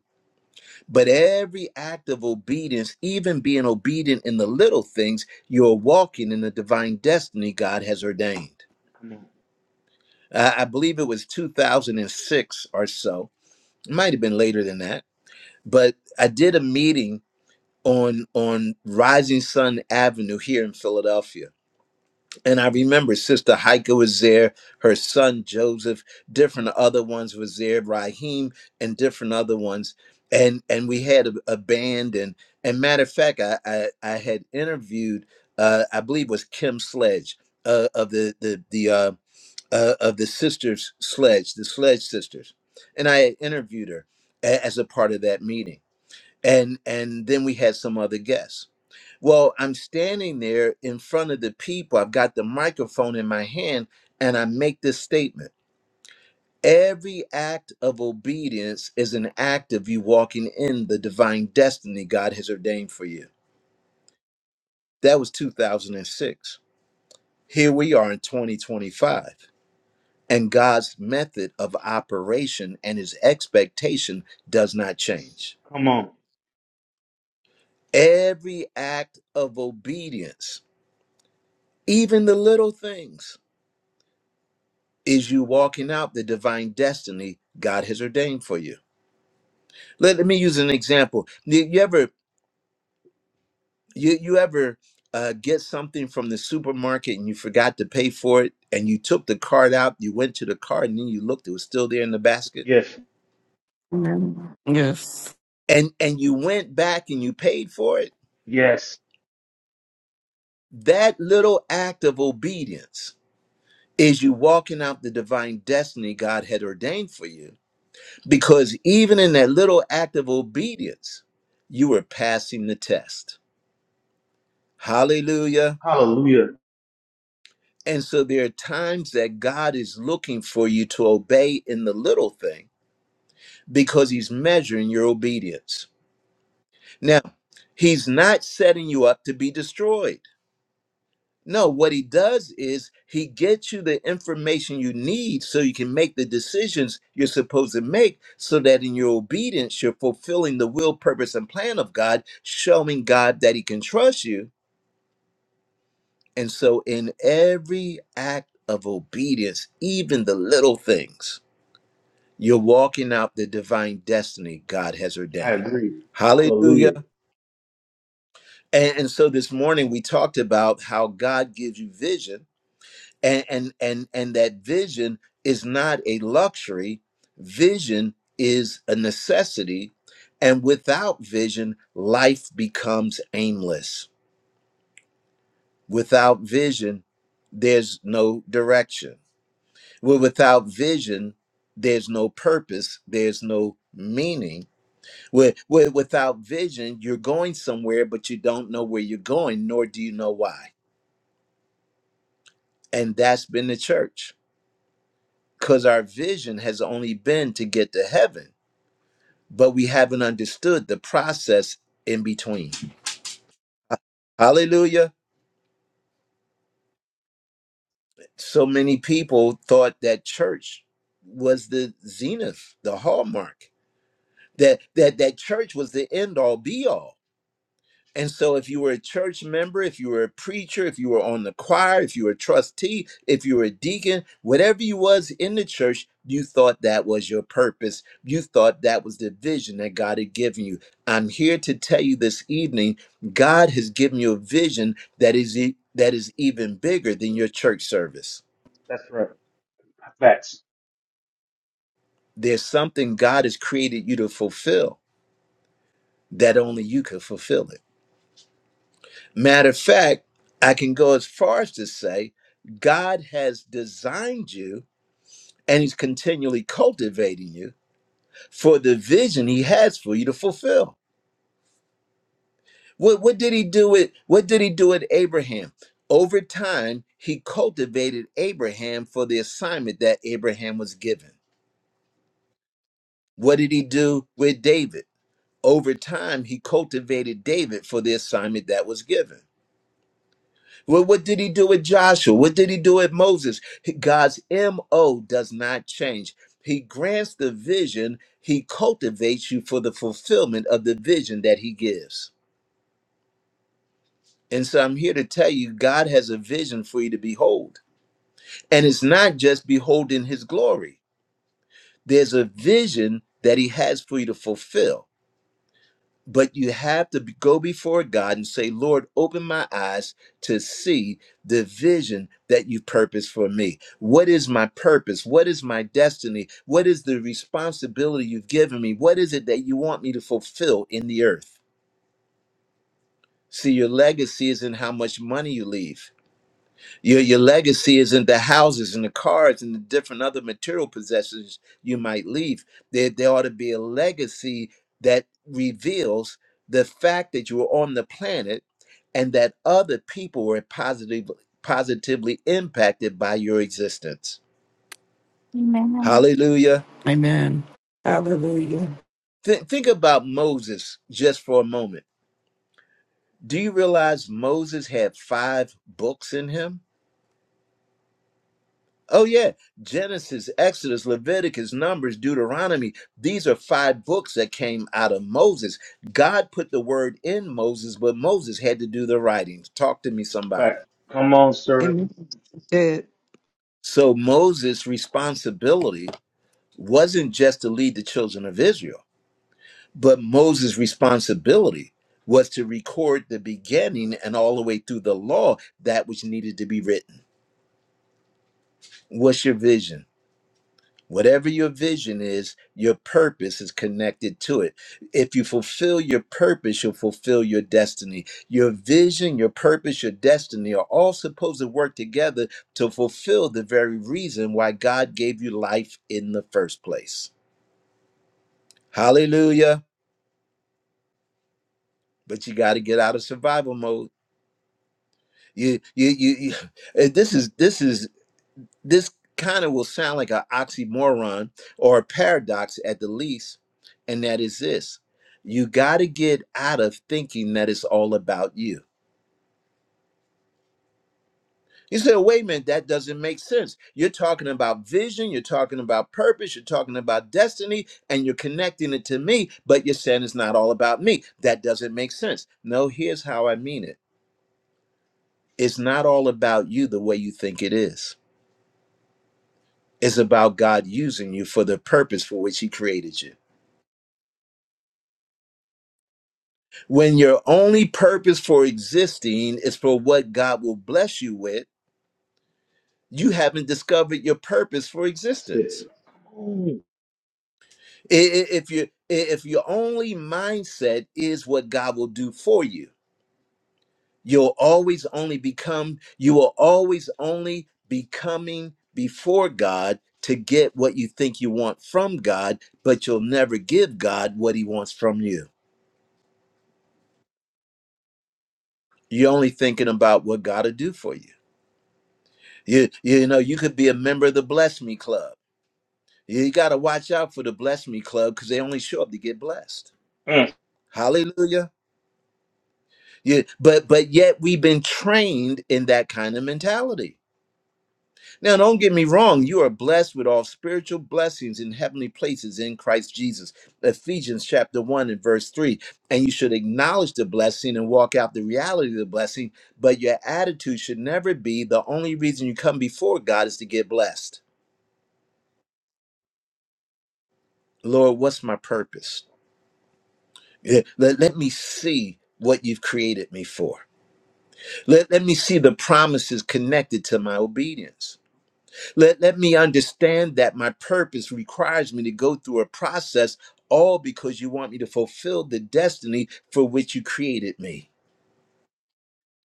[SPEAKER 1] But every act of obedience, even being obedient in the little things, you're walking in the divine destiny God has ordained.
[SPEAKER 2] Come on.
[SPEAKER 1] I I believe it was 2006 or so. It might have been later than that. But I did a meeting on on Rising Sun Avenue here in Philadelphia and I remember Sister Heike was there, her son Joseph, different other ones was there, Raheem and different other ones. And and we had a, a band and and matter of fact, I I, I had interviewed uh, I believe it was Kim Sledge uh, of the the the uh, uh, of the sisters Sledge, the Sledge sisters, and I had interviewed her a- as a part of that meeting and and then we had some other guests well i'm standing there in front of the people i've got the microphone in my hand and i make this statement every act of obedience is an act of you walking in the divine destiny god has ordained for you that was 2006 here we are in 2025 and god's method of operation and his expectation does not
[SPEAKER 2] Yes.
[SPEAKER 1] change
[SPEAKER 2] Come on.
[SPEAKER 1] every act of obedience Even the little things is you walking out the divine destiny God has ordained for you. Let, let me use an example. You, you ever you you ever uh, get something from the supermarket and you forgot to pay for it, and you took the card out, you went to the card, and then you looked, it was still there in the basket,
[SPEAKER 2] Yes.
[SPEAKER 6] Amen. Yes.
[SPEAKER 1] and and you went back and you paid for it.
[SPEAKER 2] Yes.
[SPEAKER 1] That little act of obedience is you walking out the divine destiny God had ordained for you Because even in that little act of obedience, you were passing the test. Hallelujah.
[SPEAKER 2] Hallelujah.
[SPEAKER 1] And so there are times that God is looking for you to obey in the little thing because he's measuring your obedience. Now, he's not setting you up to be destroyed. No, what he does is he gets you the information you need so you can make the decisions you're supposed to make, so that in your obedience, you're fulfilling the will, purpose, and plan of God, showing God that he can trust you. And so, in every act of obedience, even the little things, you're walking out the divine destiny God has
[SPEAKER 2] I
[SPEAKER 1] ordained.
[SPEAKER 2] agree. Hallelujah.
[SPEAKER 1] Hallelujah. And, and so, this morning we talked about how God gives you vision and and and and that vision is not a luxury vision is a necessity and without vision life becomes aimless without vision there's no direction well without vision there's no purpose there's no meaning where, where without vision you're going somewhere but you don't know where you're going nor do you know why and that's been the church because our vision has only been to get to heaven, but we haven't understood the process in between. Hallelujah. So many people thought that church was the zenith, the hallmark, that that that church was the end all be all. And so, if you were a church member, if you were a preacher, if you were on the choir, if you were a trustee, if you were a deacon, whatever you was in the church, you thought that was your purpose. You thought that was the vision that God had given you. I'm here to tell you this evening, God has given you a vision that is e- that is even bigger than your church service.
[SPEAKER 2] That's right. Facts.
[SPEAKER 1] There's something God has created you to fulfill that only you could fulfill it. Matter of fact, I can go as far as to say God has designed you and He's continually cultivating you for the vision He has for you to fulfill. What, what did He do with what did He do with Abraham? Over time, He cultivated Abraham for the assignment that Abraham was given. What did He do with David? Over time, He cultivated David for the assignment that was given. Well, what did he do with Joshua? What did he do with Moses? God's MO does not change. He grants the vision, he cultivates you for the fulfillment of the vision that he gives. And so I'm here to tell you God has a vision for you to behold. And it's not just beholding his glory, there's a vision that he has for you to fulfill. but you have to be- go before God and say, Lord, open my eyes to see the vision that you purpose for me. What is my purpose? What is my destiny? What is the responsibility you've given me? What is it that you want me to fulfill in the earth? See, your legacy is in how much money you leave. Your your legacy is in the houses and the cars and the different other material possessions you might leave. There there ought to be a legacy that reveals the fact that you were on the planet and that other people were positively positively impacted by your existence.
[SPEAKER 5] Amen.
[SPEAKER 1] Hallelujah.
[SPEAKER 6] Amen. Hallelujah.
[SPEAKER 1] Thi- think about Moses just for a moment. Do you realize Moses had five books in him? Oh, yeah. Genesis, Exodus, Leviticus, Numbers, Deuteronomy. These are five books that came out of Moses. God put the word in Moses, but Moses had to do the writing. Talk to me,
[SPEAKER 2] Facts.
[SPEAKER 1] somebody.
[SPEAKER 2] Come on, sir.
[SPEAKER 4] Amen. Dead.
[SPEAKER 1] So Moses' responsibility wasn't just to lead the children of Israel, but Moses' responsibility was to record the beginning and all the way through the law, that which needed to be written. What's your vision? Whatever your vision is, your purpose is connected to it. If you fulfill your purpose, you'll fulfill your destiny. Your vision, your purpose, your destiny are all supposed to work together to fulfill the very reason why God gave you life in the first place. Hallelujah. But you got to get out of survival mode. You, you, you, you- eh, This is this is This kind of will sound like an oxymoron or a paradox at the least, and that is this you got to get out of thinking that it's all about you. You say, "Well, wait a minute, that doesn't make sense. You're talking about vision, you're talking about purpose, you're talking about destiny, and you're connecting it to me, but you're saying it's not all about me. That doesn't make sense. No, here's how I mean it it's not all about you the way you think it is, it's about God using you for the purpose for which He created you. When your only purpose for existing is for what God will bless you with, you haven't discovered your purpose for
[SPEAKER 2] That's
[SPEAKER 1] existence.
[SPEAKER 2] it. Come on.
[SPEAKER 1] I- i- If you if your only mindset is what God will do for you, you'll always only become you will always only be coming before God to get what you think you want from God, but you'll never give God what he wants from you. You're only thinking about what God will do for you. You you know, you could be a member of the Bless Me Club. You got to watch out for the Bless Me Club because they only show up to get blessed.
[SPEAKER 2] Mm.
[SPEAKER 1] Hallelujah. Yeah, but but yet we've been trained in that kind of mentality. Now, don't get me wrong, you are blessed with all spiritual blessings in heavenly places in Christ Jesus. Ephesians chapter 1 and verse 3. And you should acknowledge the blessing and walk out the reality of the blessing, but your attitude should never be the only reason you come before God is to get blessed. Lord, what's my purpose? Yeah, Let, let me see what you've created me for. Let, let me see the promises connected to my obedience. Let, let me understand that my purpose requires me to go through a process, all because you want me to fulfill the destiny for which you created me.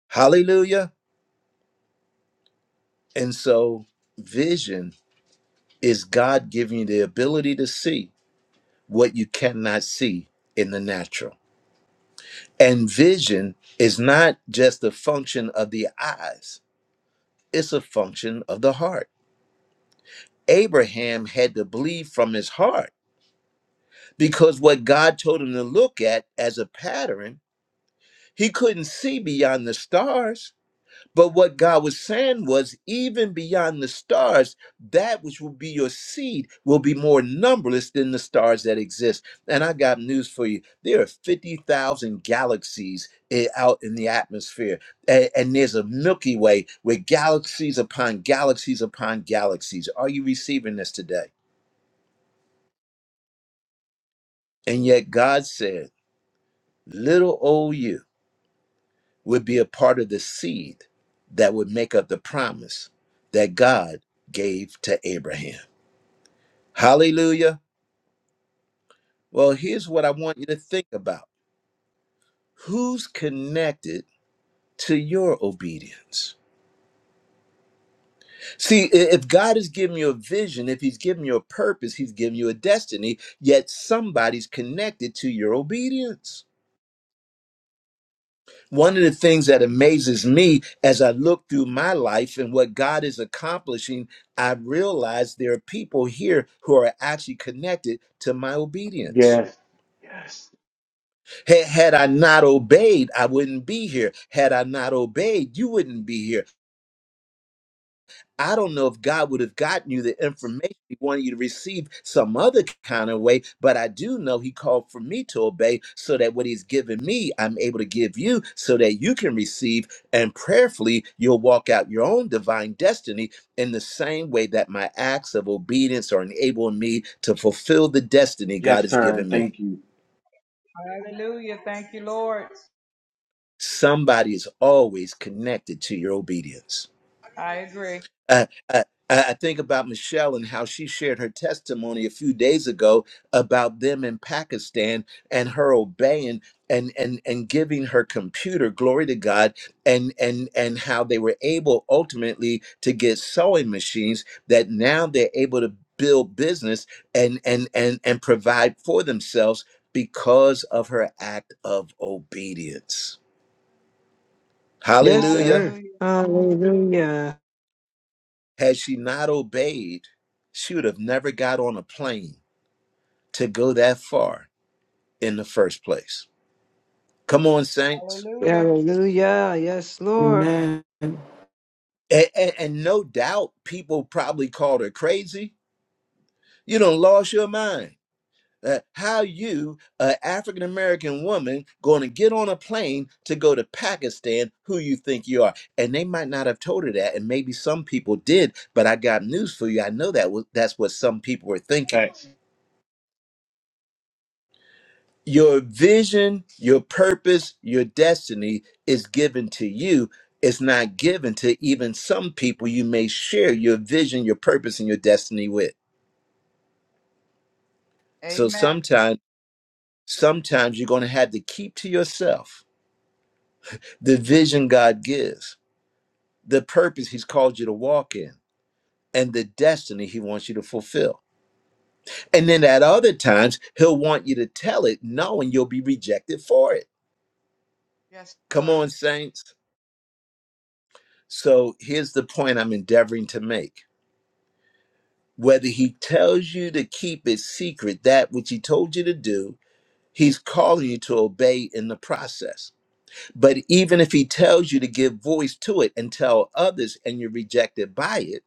[SPEAKER 1] Hallelujah. And so, vision is God giving you the ability to see what you cannot see in the natural. And vision is not just a function of the eyes It's a function of the heart. Abraham had to believe from his heart because what God told him to look at as a pattern, he couldn't see beyond the stars. But what God was saying was, even beyond the stars, that which will be your seed will be more numberless than the stars that exist. And I got news for you. There are 50,000 galaxies i- out in the atmosphere. A- And there's a Milky Way with galaxies upon galaxies upon galaxies. Are you receiving this today? And yet God said, little old you would be a part of the seed that would make up the promise that God gave to Abraham. Hallelujah. Well, here's what I want you to think about who's connected to your obedience? See, i- if God has given you a vision, if He's given you a purpose, He's given you a destiny, yet somebody's connected to your obedience. One of the things that amazes me as I look through my life and what God is accomplishing, I realize there are people here who are actually connected to my obedience.
[SPEAKER 2] Yes. Yes.
[SPEAKER 1] Ha- Had I not obeyed, I wouldn't be here. Had I not obeyed, you wouldn't be here. I don't know if God would have gotten you the information He wanted you to receive some other kind of way, but I do know He called for me to obey so that what He's given me, I'm able to give you so that you can receive and prayerfully you'll walk out your own divine destiny in the same way that my acts of obedience are enabling me to fulfill the destiny God
[SPEAKER 2] Yes,
[SPEAKER 1] has
[SPEAKER 2] sir. And
[SPEAKER 1] given me.
[SPEAKER 2] thank you.
[SPEAKER 7] Hallelujah. Thank you, Lord.
[SPEAKER 1] Somebody is always connected to your obedience.
[SPEAKER 7] I agree.
[SPEAKER 1] Uh, uh, I I think about Michelle and how she shared her testimony a few days ago about them in Pakistan and her obeying and and and giving her computer glory to God and and and how they were able ultimately to get sewing machines that now they're able to build business and and and and provide for themselves because of her act of obedience.
[SPEAKER 4] Yes,
[SPEAKER 1] Hallelujah.
[SPEAKER 4] sir.
[SPEAKER 7] Hallelujah.
[SPEAKER 4] Hallelujah.
[SPEAKER 1] Had she not obeyed, she would have never got on a plane to go that far in the first place. Come on, Saints.
[SPEAKER 7] Hallelujah.
[SPEAKER 4] Hallelujah. Yes, Lord.
[SPEAKER 6] Amen.
[SPEAKER 1] And, and, and no doubt people probably called her crazy. You don't lost your mind. Uh, how you, an African American woman, going to get on a plane to go to Pakistan? Who you think you are? And they might not have told her that, and maybe some people did. But I got news for you. I know that was, that's what some people were thinking.
[SPEAKER 2] Facts.
[SPEAKER 1] Your vision, your purpose, your destiny is given to you. It's not given to even some people you may share your vision, your purpose, and your destiny with. So
[SPEAKER 7] Amen.
[SPEAKER 1] sometimes, sometimes you're going to have to keep to yourself the vision God gives, the purpose He's called you to walk in, and the destiny He wants you to fulfill. And then at other times, He'll want you to tell it knowing you'll be rejected for it.
[SPEAKER 7] Yes,
[SPEAKER 1] Come
[SPEAKER 7] sir.
[SPEAKER 1] on, saints. So here's the point I'm endeavoring to make. Whether he tells you to keep it secret, that which he told you to do, he's calling you to obey in the process. But even if he tells you to give voice to it and tell others and you're rejected by it,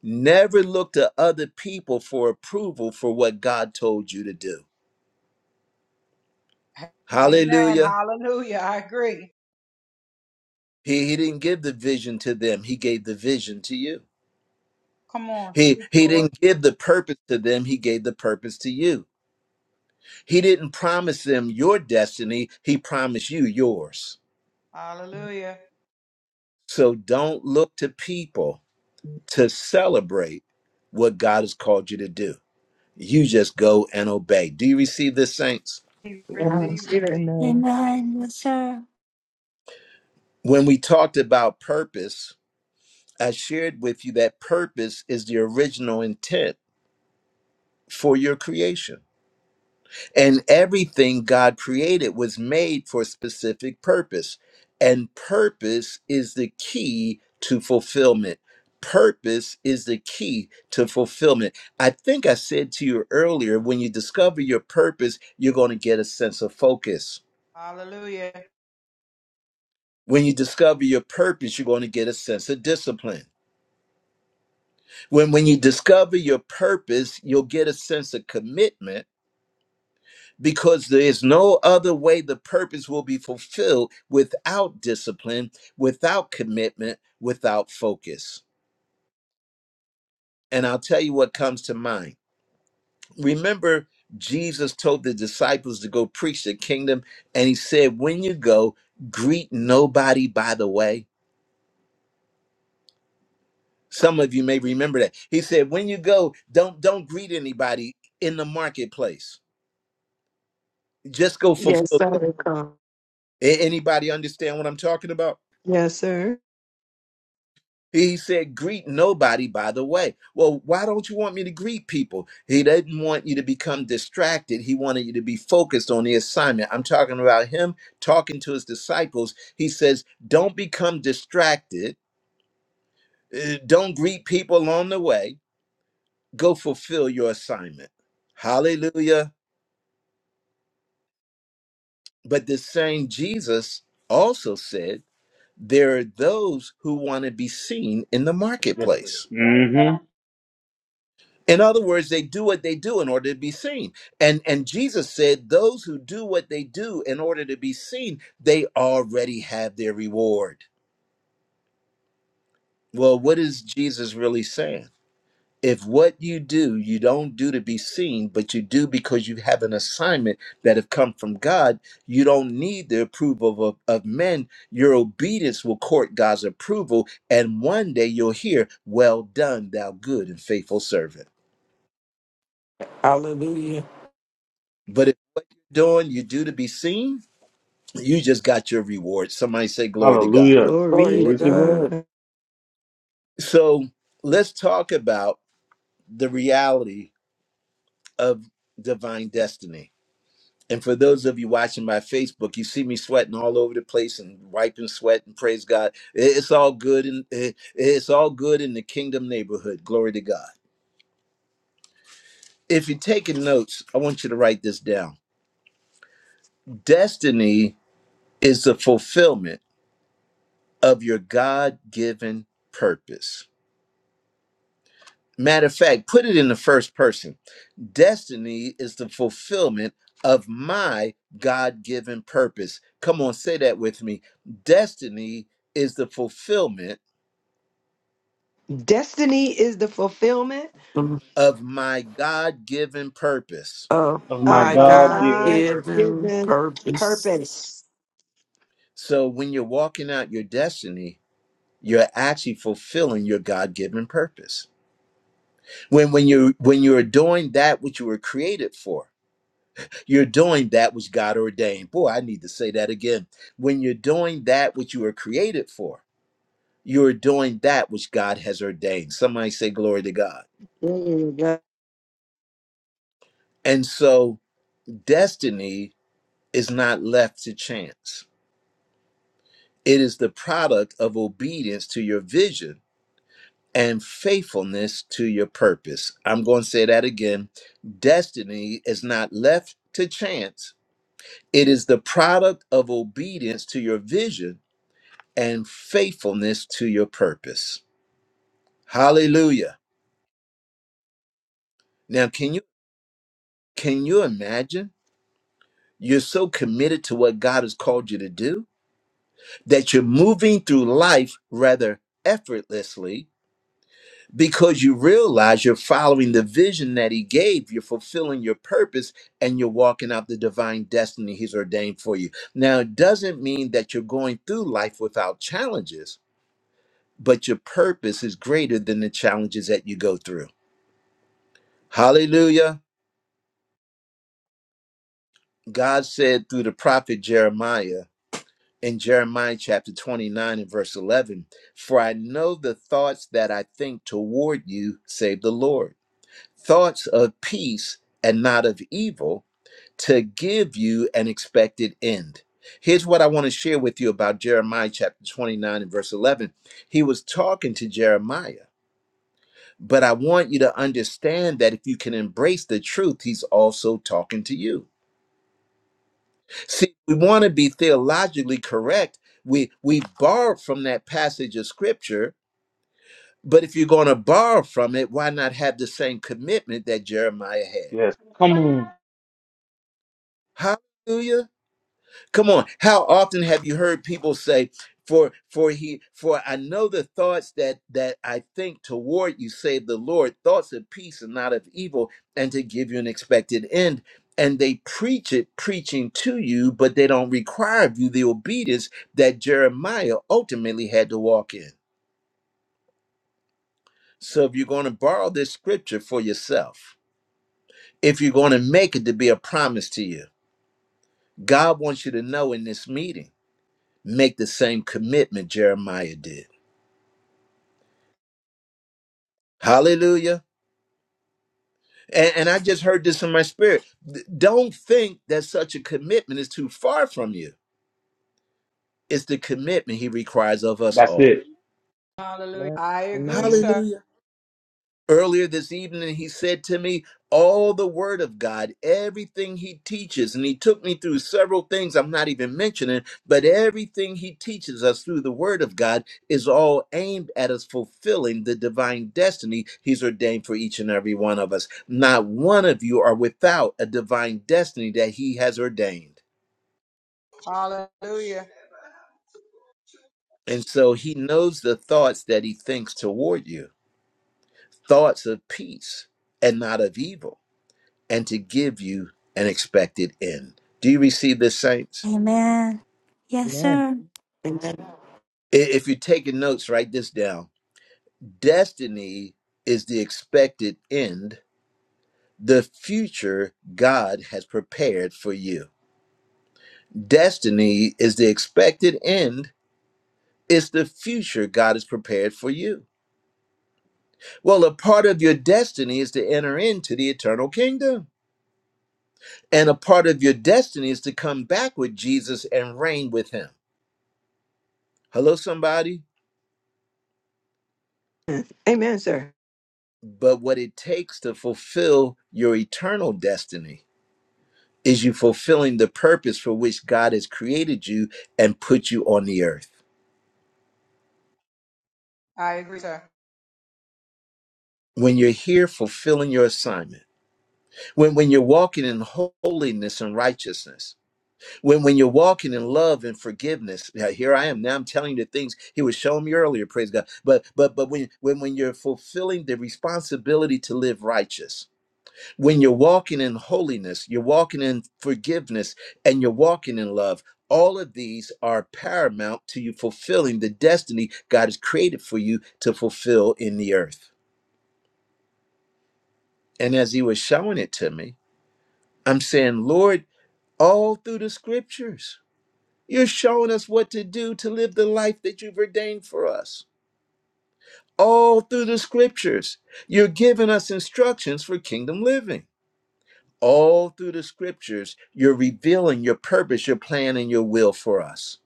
[SPEAKER 1] never look to other people for approval for what God told you to do.
[SPEAKER 7] Amen.
[SPEAKER 1] Hallelujah.
[SPEAKER 7] Hallelujah. I agree.
[SPEAKER 1] He, he didn't give the vision to them, he gave the vision to you.
[SPEAKER 7] Come on,
[SPEAKER 1] He,
[SPEAKER 7] speak,
[SPEAKER 1] he
[SPEAKER 7] Lord.
[SPEAKER 1] didn't give the purpose to them, he gave the purpose to you. He didn't promise them your destiny, he promised you yours.
[SPEAKER 7] Hallelujah.
[SPEAKER 1] So don't look to people to celebrate what God has called you to do. You just go and obey. Do you receive this, saints?
[SPEAKER 7] Receive,
[SPEAKER 4] Yes, sir.
[SPEAKER 7] receive.
[SPEAKER 3] Amen.
[SPEAKER 5] Amen. Yes, sir.
[SPEAKER 1] When we talked about purpose, I shared with you that purpose is the original intent for your creation. And everything God created was made for a specific purpose. And purpose is the key to fulfillment. Purpose is the key to fulfillment. I think I said to you earlier when you discover your purpose, you're going to get a sense of focus.
[SPEAKER 7] Hallelujah.
[SPEAKER 1] When you discover your purpose, you're going to get a sense of discipline. When, when you discover your purpose, you'll get a sense of commitment because there is no other way the purpose will be fulfilled without discipline, without commitment, without focus. And I'll tell you what comes to mind. Remember, Jesus told the disciples to go preach the kingdom, and he said, When you go, greet nobody by the way. Some of you may remember that. He said, When you go, don't don't greet anybody in the marketplace. Just go
[SPEAKER 4] Yes,
[SPEAKER 1] fulfill. A-
[SPEAKER 4] sir. Come.
[SPEAKER 1] Anybody understand what I'm talking about?
[SPEAKER 4] Yes, sir.
[SPEAKER 1] He said, greet nobody by the way. Well, why don't you want me to greet people? He didn't want you to become distracted. He wanted you to be focused on the assignment. I'm talking about him talking to his disciples. He says, don't become distracted. Uh, Don't greet people along the way. Go fulfill your assignment. Hallelujah. But the same Jesus also said, there are those who want to be seen in the
[SPEAKER 2] Yes, sir.
[SPEAKER 1] marketplace.
[SPEAKER 2] hmm
[SPEAKER 1] In other words, they do what they do in order to be seen. And and Jesus said, those who do what they do in order to be seen, they already have their reward. Well, what is Jesus really saying? If what you do, you don't do to be seen, but you do because you have an assignment that have come from God, you don't need the approval of, of men. Your obedience will court God's approval, and one day you'll hear, Well done, thou good and faithful servant.
[SPEAKER 6] Hallelujah.
[SPEAKER 1] But if what you're doing, you do to be seen, you just got your reward. Somebody say glory to God.
[SPEAKER 2] Hallelujah.
[SPEAKER 6] Glory
[SPEAKER 4] Glory.
[SPEAKER 6] to
[SPEAKER 2] Glory to God.
[SPEAKER 6] God.
[SPEAKER 1] So let's talk about the reality of divine destiny. And for those of you watching my Facebook, you see me sweating all over the place and wiping sweat and praise God. It- It's all good and it's all good in the kingdom neighborhood. Glory to God. If you're taking notes, I want you to write this down. Destiny is the fulfillment of your God-given purpose. Matter of fact, put it in the first person. Destiny is the fulfillment of my God given purpose. Come on, say that with me. Destiny is the fulfillment
[SPEAKER 4] Destiny is the fulfillment
[SPEAKER 1] of my God given purpose.
[SPEAKER 6] of
[SPEAKER 2] Of my
[SPEAKER 4] of
[SPEAKER 6] my
[SPEAKER 4] my
[SPEAKER 2] God
[SPEAKER 6] God
[SPEAKER 2] given
[SPEAKER 4] God
[SPEAKER 2] purpose.
[SPEAKER 6] given
[SPEAKER 4] given
[SPEAKER 6] purpose.
[SPEAKER 4] purpose.
[SPEAKER 1] So when you're walking out your destiny, you're actually fulfilling your God-given purpose. When when you when you're doing that which you were created for, you're doing that which God ordained. Boy, I need to say that again. When you're doing that which you were created for, You're doing that which God has ordained. Somebody say, Glory to God.
[SPEAKER 4] Glory to
[SPEAKER 1] And so, destiny is not left to chance, it is the product of obedience to your vision and faithfulness to your purpose. I'm going to say that again. Destiny is not left to chance, it is the product of obedience to your vision and faithfulness to your purpose. Hallelujah. Now, can you can you imagine? You're so committed to what God has called you to do that you're moving through life rather effortlessly because you realize you're following the vision that He gave. You're fulfilling your purpose and you're walking out the divine destiny He's ordained for you. Now, it doesn't mean that you're going through life without challenges, but your purpose is greater than the challenges that you go through. Hallelujah. God said through the prophet Jeremiah, in Jeremiah chapter 29 and verse 11, for I know the thoughts that I think toward you, save the Lord, thoughts of peace and not of evil, to give you an expected end. Here's what I want to share with you about Jeremiah chapter 29 and verse 11. He was talking to Jeremiah, but I want you to understand that if you can embrace the truth, he's also talking to you. See, we want to be theologically correct. We we borrow from that passage of scripture, but if you're going to borrow from it, why not have the same commitment that Jeremiah had?
[SPEAKER 2] Yes. Come on.
[SPEAKER 1] Hallelujah. Come on. How often have you heard people say, for for he for I know the thoughts that that I think toward you, save the Lord, thoughts of peace and not of evil, and to give you an expected end. And they preach it, preaching to you, but they don't require of you the obedience that Jeremiah ultimately had to walk in. So if you're going to borrow this scripture for yourself, if you're going to make it to be a promise to you, God wants you to know in this meeting, make the same commitment Jeremiah did. Hallelujah. And, and I just heard this in my spirit. D- Don't think that such a commitment is too far from you. It's the commitment he requires of us
[SPEAKER 2] That's
[SPEAKER 1] all.
[SPEAKER 2] it.
[SPEAKER 7] Hallelujah.
[SPEAKER 3] Amen.
[SPEAKER 7] I agree,
[SPEAKER 3] Amen.
[SPEAKER 7] sir.
[SPEAKER 1] Hallelujah. Earlier this evening, he said to me, All the word of God, everything he teaches, and he took me through several things I'm not even mentioning, but everything he teaches us through the word of God is all aimed at us fulfilling the divine destiny he's ordained for each and every one of us. Not one of you are without a divine destiny that he has ordained.
[SPEAKER 7] Hallelujah.
[SPEAKER 1] And so he knows the thoughts that he thinks toward you thoughts of peace and not of evil and to give you an expected end. Do you receive this, saints?
[SPEAKER 5] Amen. Yes,
[SPEAKER 3] Amen.
[SPEAKER 5] sir.
[SPEAKER 6] Amen.
[SPEAKER 1] I- If you're taking notes, write this down. Destiny is the expected end, the future God has prepared for you. Destiny is the expected end, it's the future God has prepared for you. Well, a part of your destiny is to enter into the eternal kingdom, and a part of your destiny is to come back with Jesus and reign with him. Hello, somebody?
[SPEAKER 4] God. Amen, sir.
[SPEAKER 1] But what it takes to fulfill your eternal destiny is you fulfilling the purpose for which God has created you and put you on the earth.
[SPEAKER 7] I agree, sir.
[SPEAKER 1] When you're here fulfilling your assignment, when, when you're walking in holiness and righteousness, when, when you're walking in love and forgiveness, now here I am. Now I'm telling you the things he was showing me earlier, praise God. But but but when when, when you're fulfilling the responsibility to live righteous, when you're walking in holiness, you're walking in forgiveness, and you're walking in love, all of these are paramount to you fulfilling the destiny God has created for you to fulfill in the earth. And as He was showing it to me, I'm saying, Lord, all through the scriptures, you're showing us what to do to live the life that you've ordained for us. All through the scriptures, you're giving us instructions for kingdom living. all through the scriptures, you're revealing your purpose, your plan, and your will for us.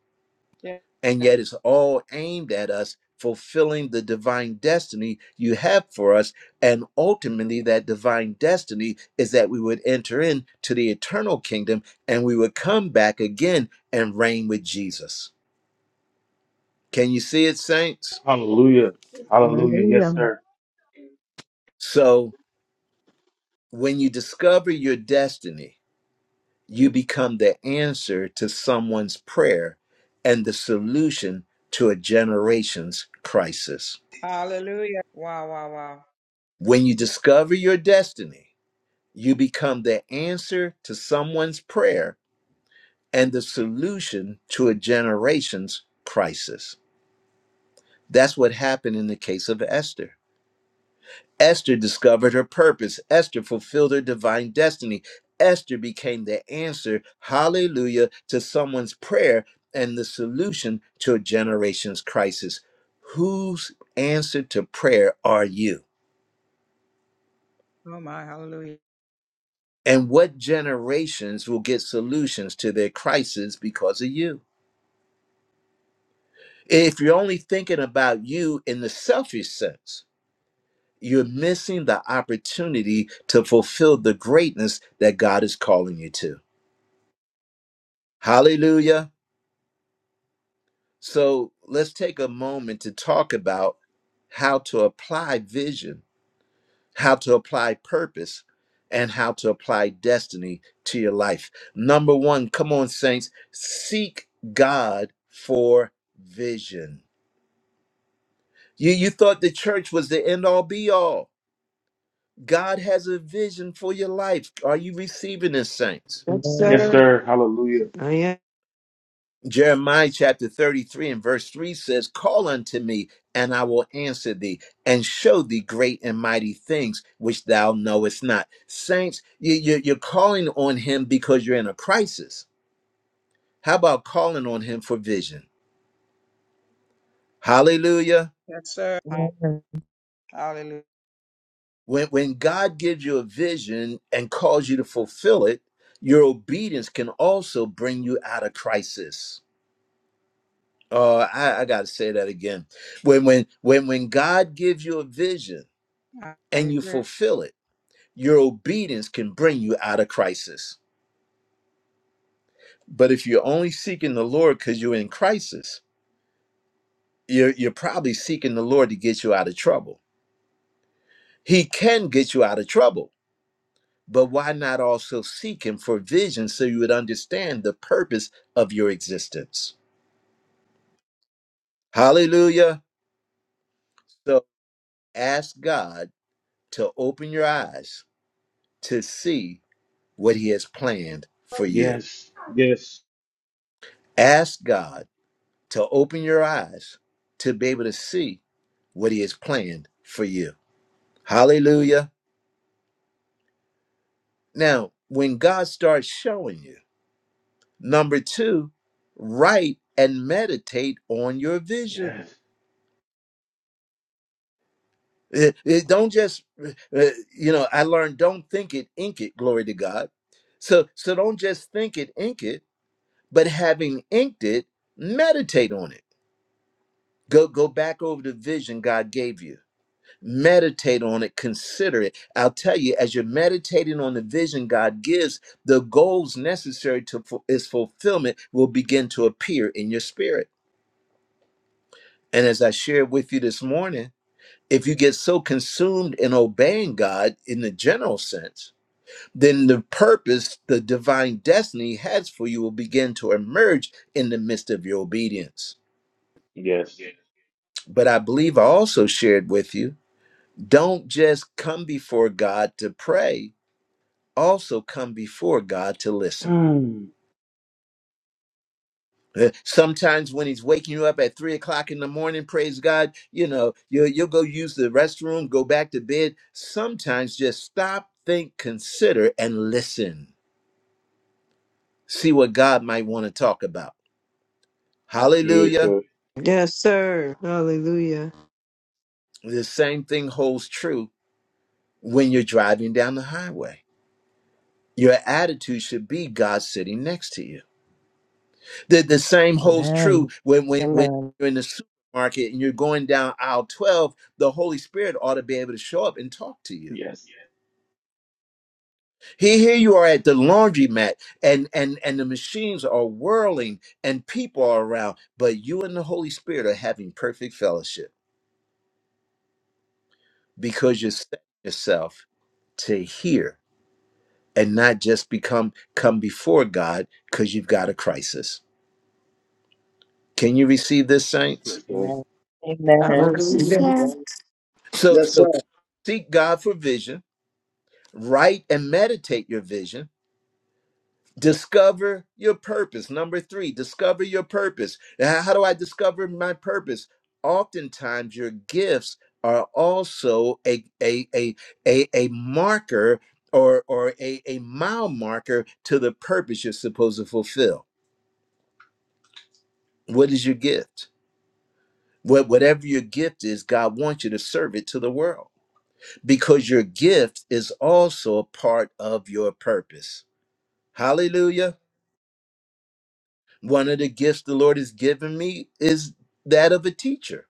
[SPEAKER 1] And
[SPEAKER 7] Yeah.
[SPEAKER 1] yet it's all aimed at us fulfilling the divine destiny you have for us. And ultimately, that divine destiny is that we would enter into the eternal kingdom and we would come back again and reign with Jesus. Can you see it, saints?
[SPEAKER 2] Hallelujah. Hallelujah.
[SPEAKER 3] Hallelujah.
[SPEAKER 2] Yes, sir.
[SPEAKER 1] So when you discover your destiny, you become the answer to someone's prayer and the solution to a generation's crisis.
[SPEAKER 7] Hallelujah. Wow, wow, wow.
[SPEAKER 1] When you discover your destiny, you become the answer to someone's prayer and the solution to a generation's crisis. That's what happened in the case of Esther. Esther discovered her purpose. Esther fulfilled her divine destiny. Esther became the answer, hallelujah, to someone's prayer and the solution to a generation's crisis. Whose answer to prayer are you?
[SPEAKER 7] Oh my, hallelujah.
[SPEAKER 1] And what generations will get solutions to their crisis because of you? If you're only thinking about you in the selfish sense, you're missing the opportunity to fulfill the greatness that God is calling you to. Hallelujah. So let's take a moment to talk about how to apply vision, how to apply purpose, and how to apply destiny to your life. Number one, come on, saints, seek God for vision. You, you thought the church was the end all be all. God has a vision for your life. Are you receiving this, saints?
[SPEAKER 4] Yes,
[SPEAKER 2] Yes,
[SPEAKER 3] Amen.
[SPEAKER 4] sir.
[SPEAKER 2] sir. Hallelujah.
[SPEAKER 4] I am.
[SPEAKER 1] Jeremiah chapter 33 and verse 3 says, Call unto me, and I will answer thee, and show thee great and mighty things which thou knowest not. Saints, you, you- you're calling on him because you're in a crisis. How about calling on him for vision? Hallelujah.
[SPEAKER 7] Yes, sir. Ha-
[SPEAKER 3] Amen.
[SPEAKER 7] Hallelujah.
[SPEAKER 1] When, when God gives you a vision and calls you to fulfill it, your obedience can also bring you out of crisis. Oh, I, I got to say that again. When, when, when, when God gives you a vision,
[SPEAKER 7] I I
[SPEAKER 1] and you
[SPEAKER 7] agree.
[SPEAKER 1] fulfill it, your obedience can bring you out of crisis. But if you're only seeking the Lord because you're in crisis, you're, you're probably seeking the Lord to get you out of trouble. He can get you out of trouble, but why not also seek Him for vision so you would understand the purpose of your existence? Hallelujah. So ask God to open your eyes to see what He has planned for you.
[SPEAKER 2] Yes. Yes.
[SPEAKER 1] Ask God to open your eyes to be able to see what he has planned for you. Hallelujah. Now, when God starts showing you, number two, write and meditate on your vision.
[SPEAKER 2] Yes.
[SPEAKER 1] It- it don't just, uh, you know, I learned don't think it, ink it, glory to God. So, so don't just think it, ink it, but having inked it, meditate on it. Go, go back over the vision God gave you meditate on it consider it i'll tell you as you're meditating on the vision god gives the goals necessary to fu- its fulfillment will begin to appear in your spirit and as i shared with you this morning if you get so consumed in obeying god in the general sense then the purpose the divine destiny He has for you will begin to emerge in the midst of your obedience
[SPEAKER 2] Yes.
[SPEAKER 1] but i believe i also shared with you don't just come before god to pray also come before God to listen.
[SPEAKER 2] Mm,
[SPEAKER 1] Uh, Sometimes when he's waking you up at three o'clock in the morning, praise God, you know, you'll, you'll go use the restroom, go back to bed. Sometimes just stop, think, consider, and listen. See what God might want to talk about.
[SPEAKER 2] that's good,
[SPEAKER 1] Hallelujah.
[SPEAKER 2] sir.
[SPEAKER 4] Yes, sir. Hallelujah.
[SPEAKER 1] The same thing holds true when you're driving down the highway. Your attitude should be God sitting next to you The the same holds true
[SPEAKER 3] Amen.
[SPEAKER 1] when when when
[SPEAKER 3] Amen.
[SPEAKER 1] you're in the supermarket and you're going down aisle 12, the Holy Spirit ought to be able to show up and talk to you.
[SPEAKER 2] Yes.
[SPEAKER 1] Here, here you are at the laundromat and and and the machines are whirling and people are around, but you and the Holy Spirit are having perfect fellowship because you're setting yourself to hear and not just become come before God because you've got a crisis. Can you receive this, saints?
[SPEAKER 2] Yes, sir.
[SPEAKER 3] Amen. Amen.
[SPEAKER 4] Yes,
[SPEAKER 5] Yes,
[SPEAKER 6] Hallelujah.
[SPEAKER 4] Amen.
[SPEAKER 5] sir.
[SPEAKER 3] Yes.
[SPEAKER 1] So
[SPEAKER 8] Yes, sir.
[SPEAKER 1] so seek God for vision Write and meditate your vision. Discover your purpose. Number three, discover your purpose. Now, How do I discover my purpose? Oftentimes, your gifts are also a, a, a, a, a marker or, or a, a mile marker to the purpose you're supposed to fulfill. What is your gift? What, whatever your gift is, God wants you to serve it to the world because your gift is also a part of your purpose. Hallelujah. One of the gifts the Lord has given me is that of a teacher.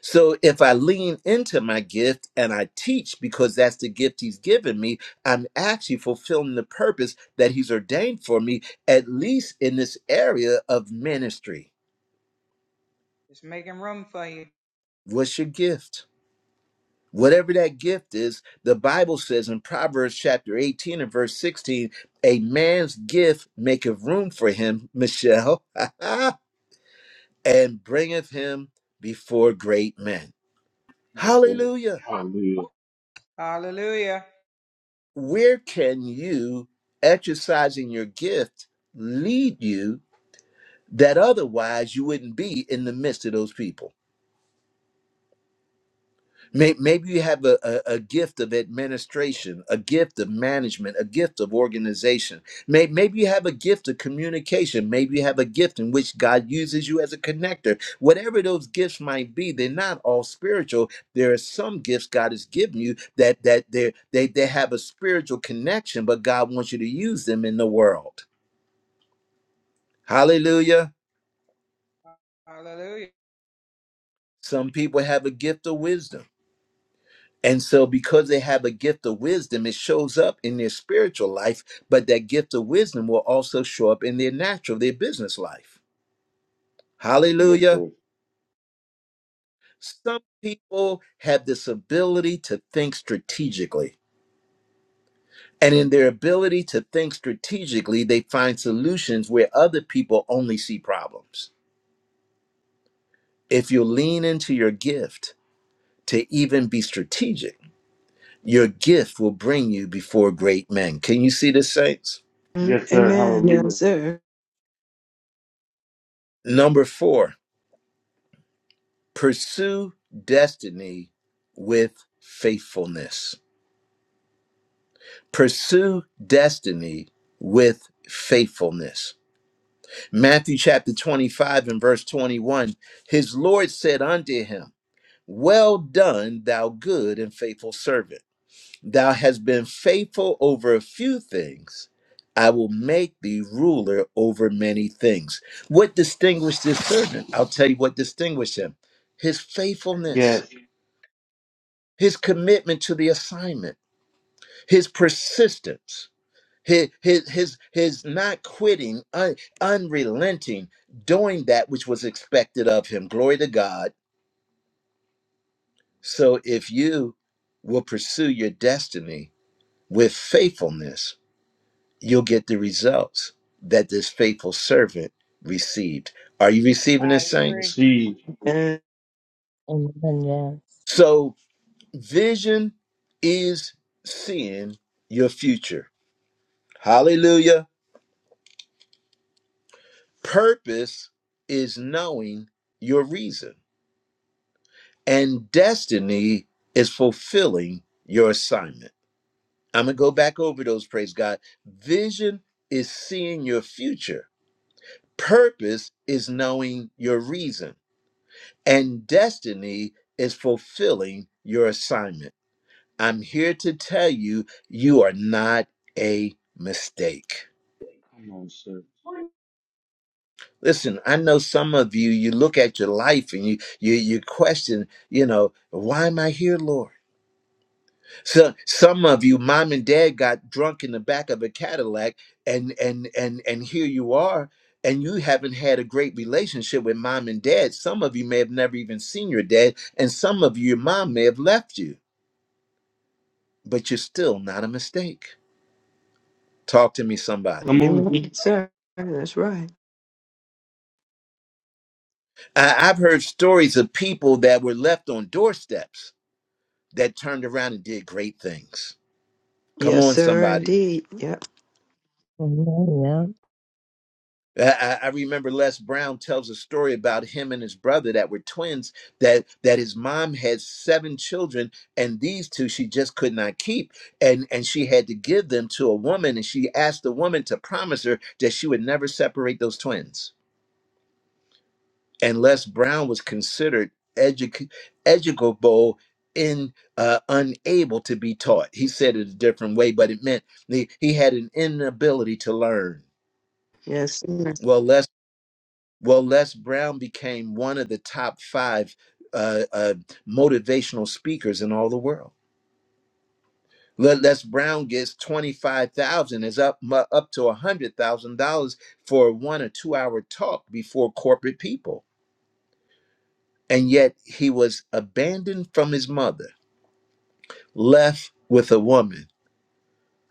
[SPEAKER 1] So if I lean into my gift and I teach because that's the gift He's given me, I'm actually fulfilling the purpose that He's ordained for me, at least in this area of ministry.
[SPEAKER 7] It's making room for you.
[SPEAKER 1] What's your gift? Whatever that gift is, the Bible says in Proverbs chapter 18 and verse 16, a man's gift maketh room for him, Michelle, and bringeth him before great men.
[SPEAKER 2] Yes, sir.
[SPEAKER 1] Hallelujah.
[SPEAKER 2] Hallelujah.
[SPEAKER 7] Hallelujah.
[SPEAKER 1] Where can you, exercising your gift, lead you that otherwise you wouldn't be in the midst of those people? May- Maybe you have a, a, a gift of administration, a gift of management, a gift of organization. May- Maybe you have a gift of communication. Maybe you have a gift in which God uses you as a connector. Whatever those gifts might be, they're not all spiritual. There are some gifts God has given you that that they they they have a spiritual connection, but God wants you to use them in the world. Hallelujah.
[SPEAKER 7] Hallelujah.
[SPEAKER 1] Some people have a gift of wisdom. And so, because they have a gift of wisdom, it shows up in their spiritual life, but that gift of wisdom will also show up in their natural, their business life.
[SPEAKER 2] Yes,
[SPEAKER 1] Hallelujah.
[SPEAKER 2] sir.
[SPEAKER 1] Some people have this ability to think strategically. And in their ability to think strategically, they find solutions where other people only see problems. If you lean into your gift to even be strategic, your gift will bring you before great men. Can you see this, saints?
[SPEAKER 2] Yes, sir.
[SPEAKER 4] Amen.
[SPEAKER 2] Hallelujah.
[SPEAKER 4] Yes, sir.
[SPEAKER 1] Number four. Pursue destiny with faithfulness. Pursue destiny with faithfulness. Matthew chapter 25 and verse 21 His Lord said unto him, Well done, thou good and faithful servant. Thou hast been faithful over a few things. I will make thee ruler over many things. What distinguished this servant? I'll tell you what distinguished him his faithfulness
[SPEAKER 2] Yes.
[SPEAKER 1] his commitment to the assignment, his persistence, his his his, his not quitting, un- unrelenting, doing that which was expected of him. Glory to God. So if you will pursue your destiny with faithfulness, you'll get the results that this faithful servant received. Are you receiving
[SPEAKER 7] I
[SPEAKER 1] this,
[SPEAKER 7] agree.
[SPEAKER 1] saints?
[SPEAKER 2] Receive.
[SPEAKER 4] And
[SPEAKER 3] Amen. Yes.
[SPEAKER 1] So vision is seeing your future. Hallelujah Purpose is knowing your reason, and destiny is fulfilling your assignment. I'm going to go back over those, praise God. Vision is seeing your future, purpose is knowing your reason, and destiny is fulfilling your assignment. I'm here to tell you, you are not a mistake.
[SPEAKER 2] Come on, sir.
[SPEAKER 1] Listen, I know some of you, you look at your life and you you you question, you know, why am I here, Lord? So some of you, mom and dad got drunk in the back of a Cadillac and and and and here you are, and you haven't had a great relationship with mom and dad. Some of you may have never even seen your dad, and some of you, your mom may have left you, but you're still not a mistake. Talk to me, somebody.
[SPEAKER 2] Come on.
[SPEAKER 4] amen, sir. That's right.
[SPEAKER 1] I, I've heard stories of people that were left on doorsteps that turned around and did great things. Come
[SPEAKER 4] Yes,
[SPEAKER 1] on,
[SPEAKER 4] sir.
[SPEAKER 1] somebody.
[SPEAKER 4] Indeed. Yep.
[SPEAKER 3] Amen. Yeah.
[SPEAKER 1] I, I remember Les Brown tells a story about him and his brother that were twins. That that his mom had seven children, and these two she just could not keep, and and she had to give them to a woman, and she asked the woman to promise her that she would never separate those twins. and Les Brown was considered educ- educable in uh, unable to be taught. He said it a different way, but it meant he, he had an inability to learn.
[SPEAKER 4] Yes, sir.
[SPEAKER 1] Well, Les well Les Brown became one of the top five uh, uh, motivational speakers in all the world. Le- Les Brown gets twenty five thousand, is up mu- up to a hundred thousand dollars for a one or two hour talk before corporate people, and yet he was abandoned from his mother left with a woman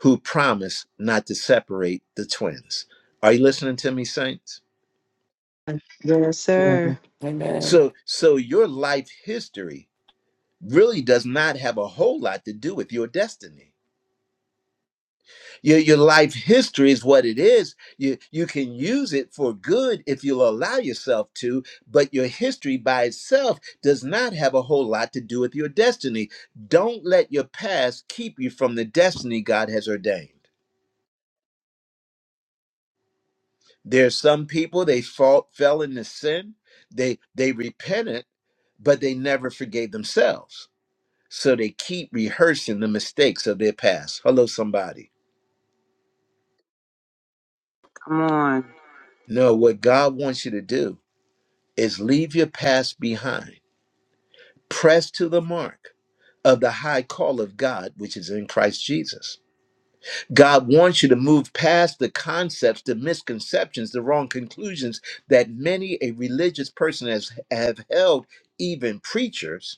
[SPEAKER 1] who promised not to separate the twins. Are you listening to me, saints?
[SPEAKER 4] Yes, sir.
[SPEAKER 3] Amen.
[SPEAKER 6] Amen.
[SPEAKER 1] So, so your life history really does not have a whole lot to do with your destiny. Your, your life history is what it is. You, you can use it for good if you'll allow yourself to, but your history by itself does not have a whole lot to do with your destiny. Don't let your past keep you from the destiny God has ordained. There's some people they fall, fell into sin, they they repented, but they never forgave themselves. So they keep rehearsing the mistakes of their past. Hello, somebody.
[SPEAKER 9] Come on.
[SPEAKER 1] No, what God wants you to do is leave your past behind. Press to the mark of the high call of God, which is in Christ Jesus. God wants you to move past the concepts, the misconceptions, the wrong conclusions that many a religious person has have held, even preachers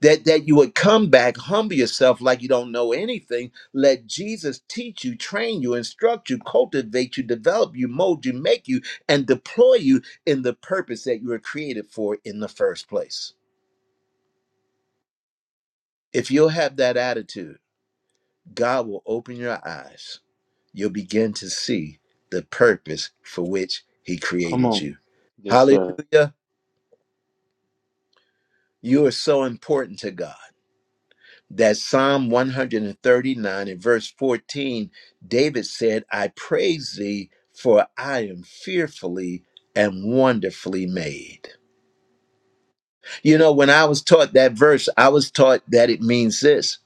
[SPEAKER 1] that that you would come back humble yourself like you don't know anything let jesus teach you train you instruct you cultivate you develop you mold you make you and deploy you in the purpose that you were created for in the first place if you'll have that attitude god will open your eyes you'll begin to see the purpose for which he
[SPEAKER 2] Come
[SPEAKER 1] created
[SPEAKER 2] on.
[SPEAKER 1] you
[SPEAKER 2] Yes, sir.
[SPEAKER 1] hallelujah you are so important to god that Psalm 139 and verse 14, David said, I praise thee, for I am fearfully and wonderfully made. You know, when I was taught that verse, I was taught that it means this.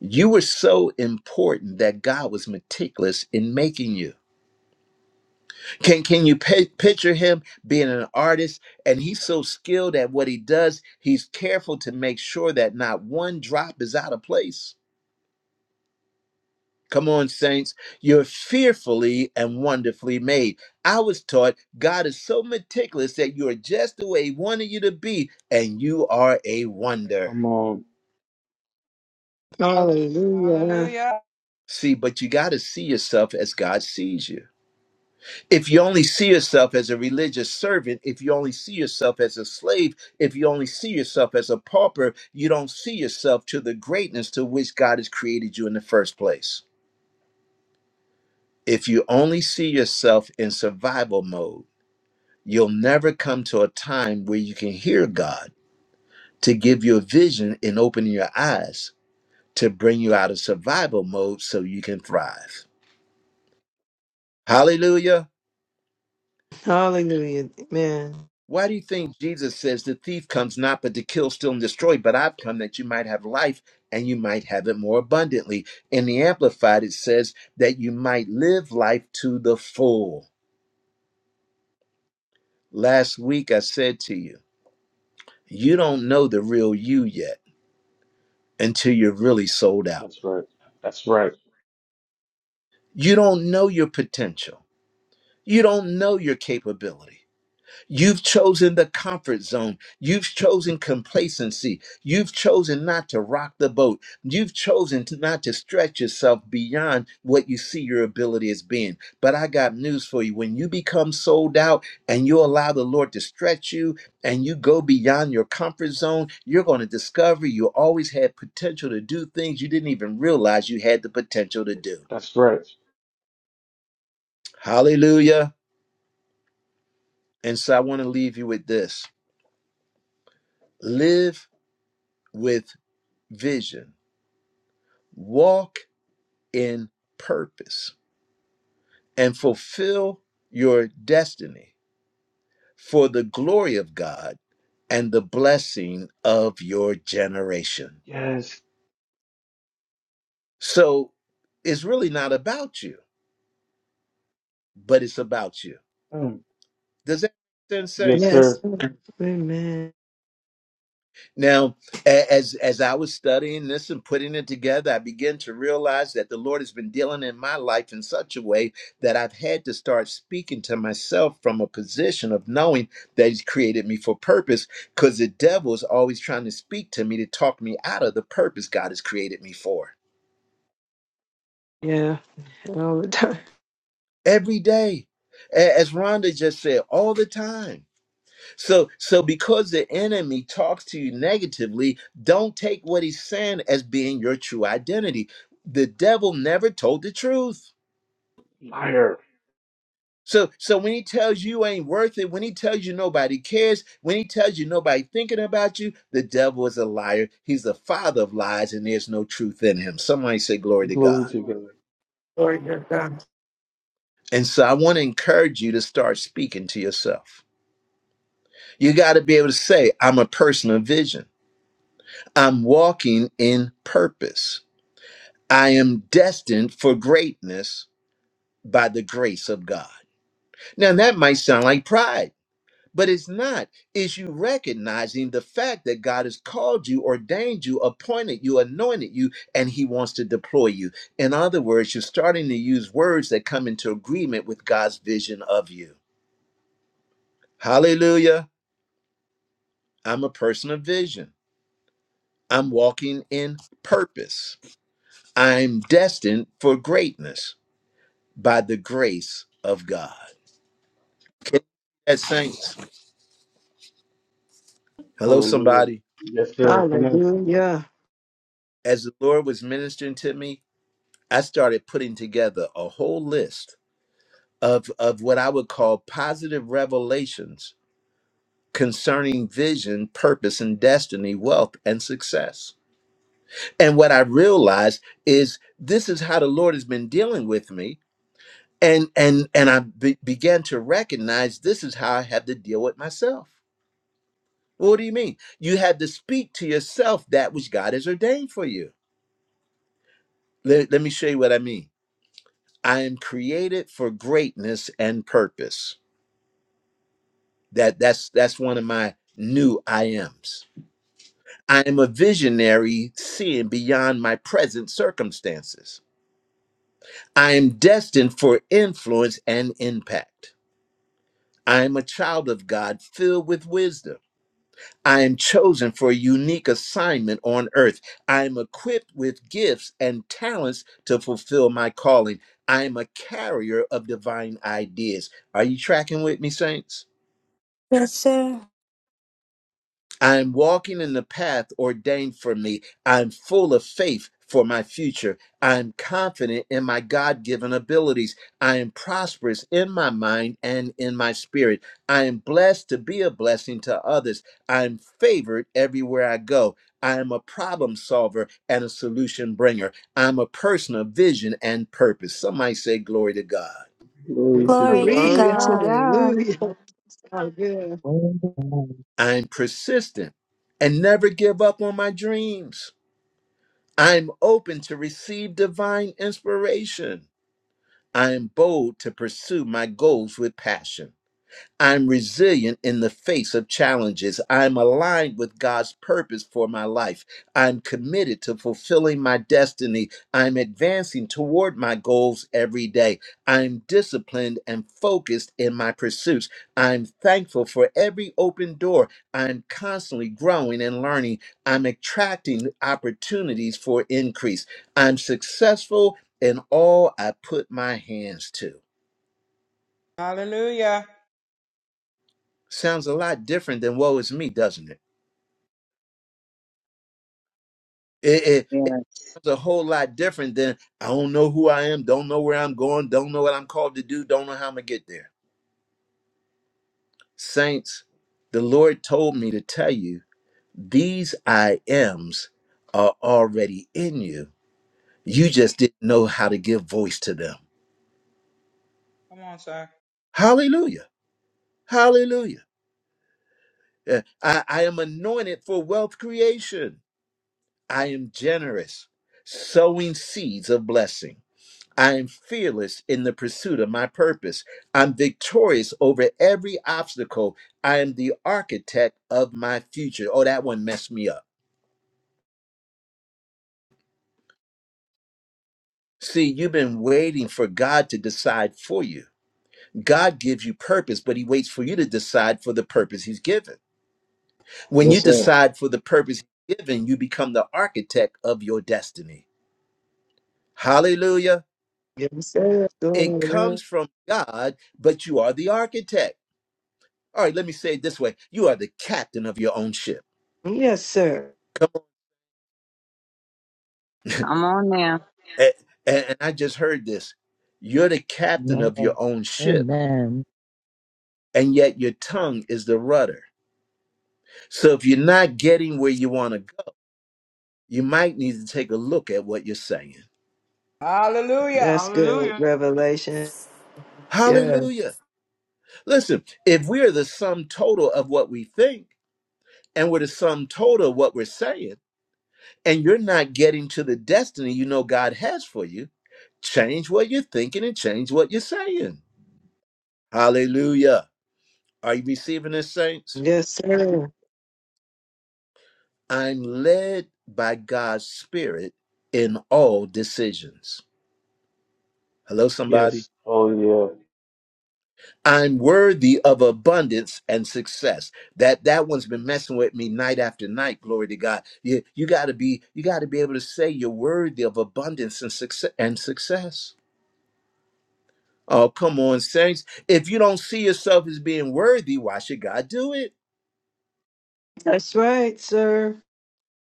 [SPEAKER 1] You were so important that God was meticulous in making you. Can can you pi- picture him being an artist and he's so skilled at what he does, he's careful to make sure that not one drop is out of place. Come on, saints. You're fearfully and wonderfully made. I was taught God is so meticulous that you are just the way He wanted you to be, and you are a wonder.
[SPEAKER 2] Come on.
[SPEAKER 4] Hallelujah.
[SPEAKER 7] Hallelujah.
[SPEAKER 1] See, but you got to see yourself as God sees you. If you only see yourself as a religious servant, if you only see yourself as a slave, if you only see yourself as a pauper, you don't see yourself to the greatness to which God has created you in the first place. If you only see yourself in survival mode, You'll never come to a time where you can hear God to give you a vision and open your eyes to bring you out of survival mode so you can thrive. Hallelujah.
[SPEAKER 4] Hallelujah. Amen.
[SPEAKER 1] Why do you think Jesus says the thief comes not but to kill, steal, and destroy? But I've come that you might have life and you might have it more abundantly. In the Amplified, it says that you might live life to the full. Last week, I said to you, you don't know the real you yet until you're really sold out.
[SPEAKER 2] That's right. That's right.
[SPEAKER 1] You don't know your potential. You don't know your capability. You've chosen the comfort zone. You've chosen complacency. You've chosen not to rock the boat. You've chosen to not to stretch yourself beyond what you see your ability as being. But I got news for you. When you become sold out and you allow the Lord to stretch you and you go beyond your comfort zone, you're going to discover you always had potential to do things you didn't even realize you had the potential to do.
[SPEAKER 2] That's right.
[SPEAKER 1] Hallelujah. And so I want to leave you with this live with vision, walk in purpose, and fulfill your destiny for the glory of God and the blessing of your generation.
[SPEAKER 2] Yes.
[SPEAKER 1] So it's really not about you, but it's about you.
[SPEAKER 2] Mm.
[SPEAKER 1] Does that make sense,
[SPEAKER 2] Yes,
[SPEAKER 1] Saints?
[SPEAKER 2] sir.
[SPEAKER 4] Yes. Sir. Amen.
[SPEAKER 1] Now, a- as as I was studying this and putting it together, I began to realize that the Lord has been dealing in my life in such a way that I've had to start speaking to myself from a position of knowing that He's created me for purpose, because the devil is always trying to speak to me to talk me out of the purpose God has created me for.
[SPEAKER 4] Yeah. All the time.
[SPEAKER 1] Every day, A- as Rhonda just said, all the time. So so because the enemy talks to you negatively, don't take what he's saying as being your true identity. The devil never told the truth.
[SPEAKER 2] Fire.
[SPEAKER 1] So so when he tells you ain't worth it, when he tells you nobody cares, when he tells you nobody thinking about you, the devil is a liar. He's the father of lies and there's no truth in him. Somebody say glory to
[SPEAKER 2] Glory
[SPEAKER 1] God.
[SPEAKER 2] to God.
[SPEAKER 6] Glory to God.
[SPEAKER 1] And so I want to encourage you to start speaking to yourself. You got to be able to say I'm a person of vision. I'm walking in purpose. I am destined for greatness by the grace of God. Now, that might sound like pride, but it's not. It's you recognizing the fact that God has called you, ordained you, appointed you, anointed you, and He wants to deploy you. In other words, you're starting to use words that come into agreement with God's vision of you. Hallelujah. I'm a person of vision. I'm walking in purpose. I'm destined for greatness by the grace of God. Can you see that saints? Hello,
[SPEAKER 2] Hallelujah.
[SPEAKER 1] somebody.
[SPEAKER 2] Yes, sir. Come on.
[SPEAKER 4] Hallelujah.
[SPEAKER 1] As the Lord was ministering to me, I started putting together a whole list of, of what I would call positive revelations concerning vision, purpose, and destiny, wealth, and success. And what I realized is this is how the Lord has been dealing with me. And and and I be- began to recognize this is how I had to deal with myself. What do you mean? You had to speak to yourself that which God has ordained for you. let, let me show you what i mean i am created for greatness and purpose that that's that's one of my new i ams i am a visionary seeing beyond my present circumstances i am destined for influence and impact i am a child of god filled with wisdom I am chosen for a unique assignment on earth. I am equipped with gifts and talents to fulfill my calling. I am a carrier of divine ideas. Are you tracking with me, saints?
[SPEAKER 5] Yes, sir.
[SPEAKER 1] I am walking in the path ordained for me. I'm full of faith for my future. I'm confident in my God given abilities. I am prosperous in my mind and in my spirit. I am blessed to be a blessing to others. I'm favored everywhere I go. I am a problem solver and a solution bringer. I'm a person of vision and purpose. Somebody say, Glory to God.
[SPEAKER 2] Glory to
[SPEAKER 5] Glory
[SPEAKER 2] God.
[SPEAKER 5] to
[SPEAKER 4] Glory.
[SPEAKER 9] Glory to
[SPEAKER 5] God.
[SPEAKER 9] God.
[SPEAKER 4] Hallelujah. Hallelujah.
[SPEAKER 3] Amen.
[SPEAKER 1] I'm persistent and never give up on my dreams. I'm open to receive divine inspiration. I am bold to pursue my goals with passion. I'm resilient in the face of challenges. I'm aligned with God's purpose for my life. I'm committed to fulfilling my destiny. I'm advancing toward my goals every day. I'm disciplined and focused in my pursuits. I'm thankful for every open door. I'm constantly growing and learning. I'm attracting opportunities for increase. I'm successful in all I put my hands to.
[SPEAKER 7] Hallelujah.
[SPEAKER 1] Sounds a lot different than woe is me, doesn't it? It, it, it
[SPEAKER 9] Yes.
[SPEAKER 1] was a whole lot different than I don't know who I am, don't know where I'm going, don't know what I'm called to do, don't know how I'm gonna get there. Saints, the Lord told me to tell you these I ams are already in you. You just didn't know how to give voice to them.
[SPEAKER 7] Come on, sir.
[SPEAKER 1] Hallelujah. Hallelujah. Yeah, I, I am anointed for wealth creation. I am generous, sowing seeds of blessing. I am fearless in the pursuit of my purpose. I'm victorious over every obstacle. I am the architect of my future. Oh, that one messed me up. See, you've been waiting for God to decide for you. God gives you purpose, but He waits for you to decide for the purpose He's given. When
[SPEAKER 8] Yes,
[SPEAKER 1] you
[SPEAKER 8] sir.
[SPEAKER 1] decide for the purpose He's given, you become the architect of your destiny. Hallelujah.
[SPEAKER 4] Yes, sir.
[SPEAKER 1] It
[SPEAKER 4] Glory.
[SPEAKER 1] comes from God, but you are the architect. All right, let me say it this way you are the captain of your own ship.
[SPEAKER 4] Yes, sir.
[SPEAKER 9] Come on now.
[SPEAKER 1] And, and I just heard this. You're the captain of your
[SPEAKER 3] Amen.
[SPEAKER 1] own ship,
[SPEAKER 3] Amen.
[SPEAKER 1] and yet your tongue is the rudder. So if you're not getting where you want to go, you might need to take a look at what you're saying.
[SPEAKER 7] Hallelujah.
[SPEAKER 4] That's good
[SPEAKER 7] Hallelujah.
[SPEAKER 4] revelation.
[SPEAKER 6] Yeah.
[SPEAKER 1] Hallelujah. Listen, if we are the sum total of what we think, and we're the sum total of what we're saying, and you're not getting to the destiny you know God has for you, change what you're thinking and change what you're saying. Hallelujah. Are you receiving this, saints?
[SPEAKER 4] Yes, sir.
[SPEAKER 1] I'm led by God's Spirit in all decisions. Hello, somebody.
[SPEAKER 2] Yes. Oh, yeah.
[SPEAKER 1] I'm worthy of abundance and success. That that one's been messing with me night after night. Glory to God. You you got to be you got to be able to say you're worthy of abundance and success and success. Oh, come on, saints. If you don't see yourself as being worthy, why should God do it?
[SPEAKER 4] That's right, sir.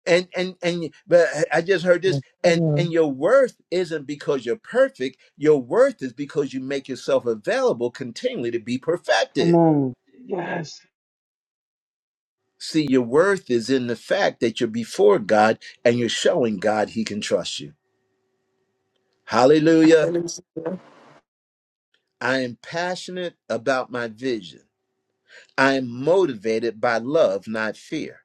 [SPEAKER 1] and and and but i just heard this
[SPEAKER 3] Yes,
[SPEAKER 1] and
[SPEAKER 3] sir.
[SPEAKER 1] and your worth isn't because you're perfect your worth is because you make yourself available continually to be
[SPEAKER 2] Come
[SPEAKER 1] perfected
[SPEAKER 2] on. Yes.
[SPEAKER 1] see your worth is in the fact that you're before god and you're showing god he can trust you hallelujah
[SPEAKER 6] Hallelujah.
[SPEAKER 1] i am passionate about my vision i am motivated by love not fear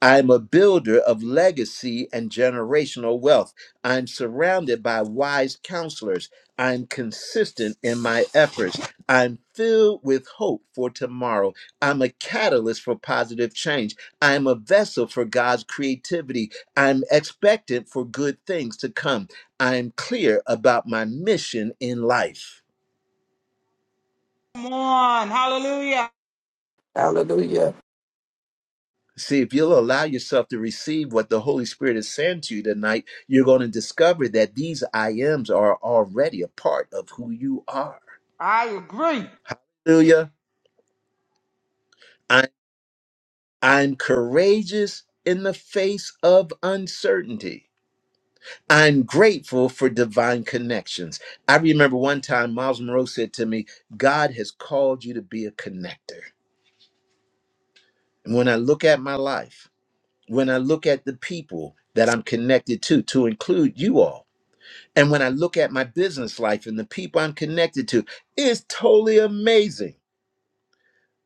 [SPEAKER 1] I'm a builder of legacy and generational wealth. I'm surrounded by wise counselors. I'm consistent in my efforts. I'm filled with hope for tomorrow. I'm a catalyst for positive change. I'm a vessel for God's creativity. I'm expectant for good things to come. I'm clear about my mission in life.
[SPEAKER 7] Come on. Hallelujah.
[SPEAKER 6] Hallelujah.
[SPEAKER 1] See, if you'll allow yourself to receive what the Holy Spirit is saying to you tonight, you're going to discover that these I ams are already a part of who you are.
[SPEAKER 7] I agree.
[SPEAKER 1] Hallelujah. I, I'm courageous in the face of uncertainty. I'm grateful for divine connections. I remember one time Miles Monroe said to me, God has called you to be a connector. And when I look at my life, when I look at the people that I'm connected to, to include you all, And when I look at my business life and the people I'm connected to, it's totally amazing.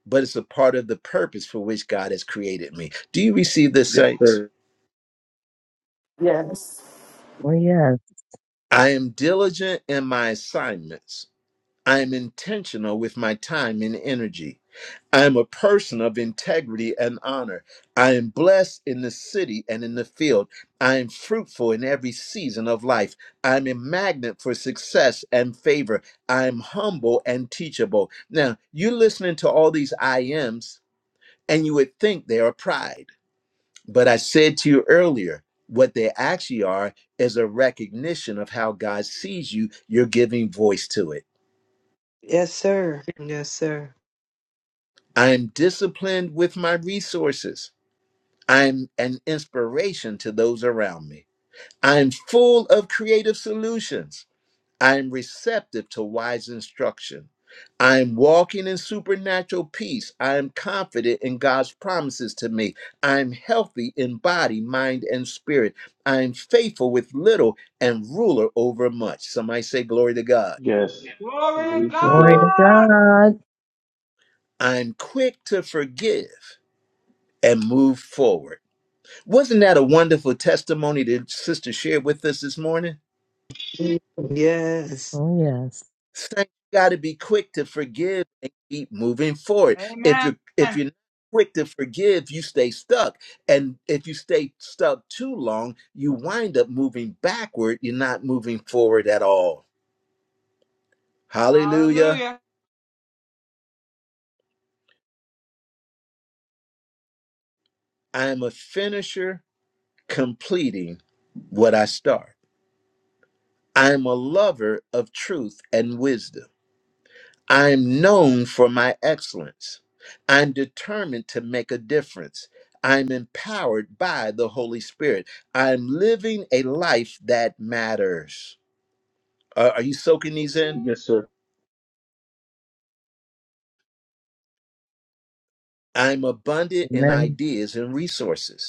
[SPEAKER 1] But it's a part of the purpose for which God has created me. Do you receive this,
[SPEAKER 2] Yes,
[SPEAKER 1] saints?
[SPEAKER 2] sir.
[SPEAKER 6] Yes.
[SPEAKER 3] Oh, yes.
[SPEAKER 1] I am diligent in my assignments. I am intentional with my time and energy. I am a person of integrity and honor. I am blessed in the city and in the field. I am fruitful in every season of life. I am a magnet for success and favor. I am humble and teachable. Now, you're listening to all these I ams, and you would think they are pride. But I said to you earlier, what they actually are is a recognition of how God sees you. You're giving voice to it.
[SPEAKER 4] Yes, sir. Yes, sir.
[SPEAKER 1] I am disciplined with my resources. I'm an inspiration to those around me. I'm full of creative solutions. I'm receptive to wise instruction. I'm walking in supernatural peace. I am confident in God's promises to me. I'm healthy in body, mind, and spirit. I'm faithful with little and ruler over much. Somebody say, Glory to God.
[SPEAKER 2] Yes.
[SPEAKER 7] Glory to
[SPEAKER 2] Glory to
[SPEAKER 3] Glory to
[SPEAKER 2] God.
[SPEAKER 7] God.
[SPEAKER 3] God.
[SPEAKER 1] I'm quick to forgive and move forward. Wasn't that a wonderful testimony that Sister shared with us this morning?
[SPEAKER 4] Yes.
[SPEAKER 3] Oh, yes.
[SPEAKER 1] Saints, you got to be quick to forgive and keep moving forward. If
[SPEAKER 7] Amen.
[SPEAKER 1] you're if you're not quick to forgive, you stay stuck, and if you stay stuck too long, you wind up moving backward. You're not moving forward at all. Hallelujah!
[SPEAKER 7] Hallelujah.
[SPEAKER 1] I am a finisher, completing what I start. I am a lover of truth and wisdom. I am known for my excellence. I'm determined to make a difference. I'm empowered by the Holy Spirit. I'm living a life that matters. Are, are you soaking these in?
[SPEAKER 2] Yes, sir.
[SPEAKER 1] I'm abundant in ideas and resources.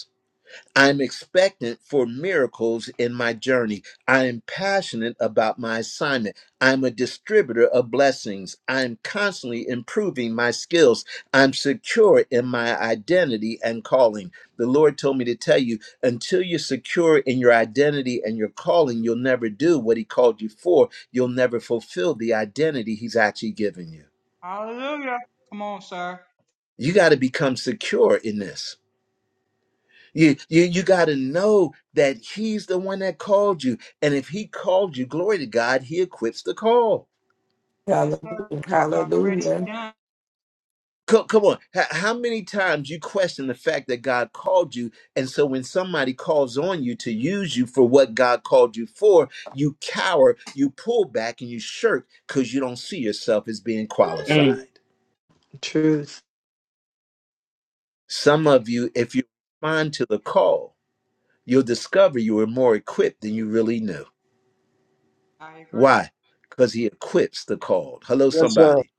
[SPEAKER 1] I'm expectant for miracles in my journey. I am passionate about my assignment. I'm a distributor of blessings. I'm constantly improving my skills. I'm secure in my identity and calling. The Lord told me to tell you until you're secure in your identity and your calling, you'll never do what He called you for. You'll never fulfill the identity He's actually given you.
[SPEAKER 7] Hallelujah. Come on, sir.
[SPEAKER 1] You got to become secure in this. You, you, you got to know that he's the one that called you. And if he called you, glory to God, he equips the call.
[SPEAKER 7] Yes, sir.
[SPEAKER 6] Hallelujah.
[SPEAKER 7] It's already
[SPEAKER 6] Hallelujah.
[SPEAKER 7] done.
[SPEAKER 1] Co- Come on. H- How many times you question the fact that God called you? And so when somebody calls on you to use you for what God called you for, you cower, you pull back, and you shirk because you don't see yourself as being qualified.
[SPEAKER 2] Mm.
[SPEAKER 4] Truth.
[SPEAKER 1] Some of you, if you respond to the call, you'll discover you were more equipped than you really knew.
[SPEAKER 7] I agree.
[SPEAKER 1] Why? Because he equips the called. Hello,
[SPEAKER 8] Yes, sir.
[SPEAKER 1] somebody.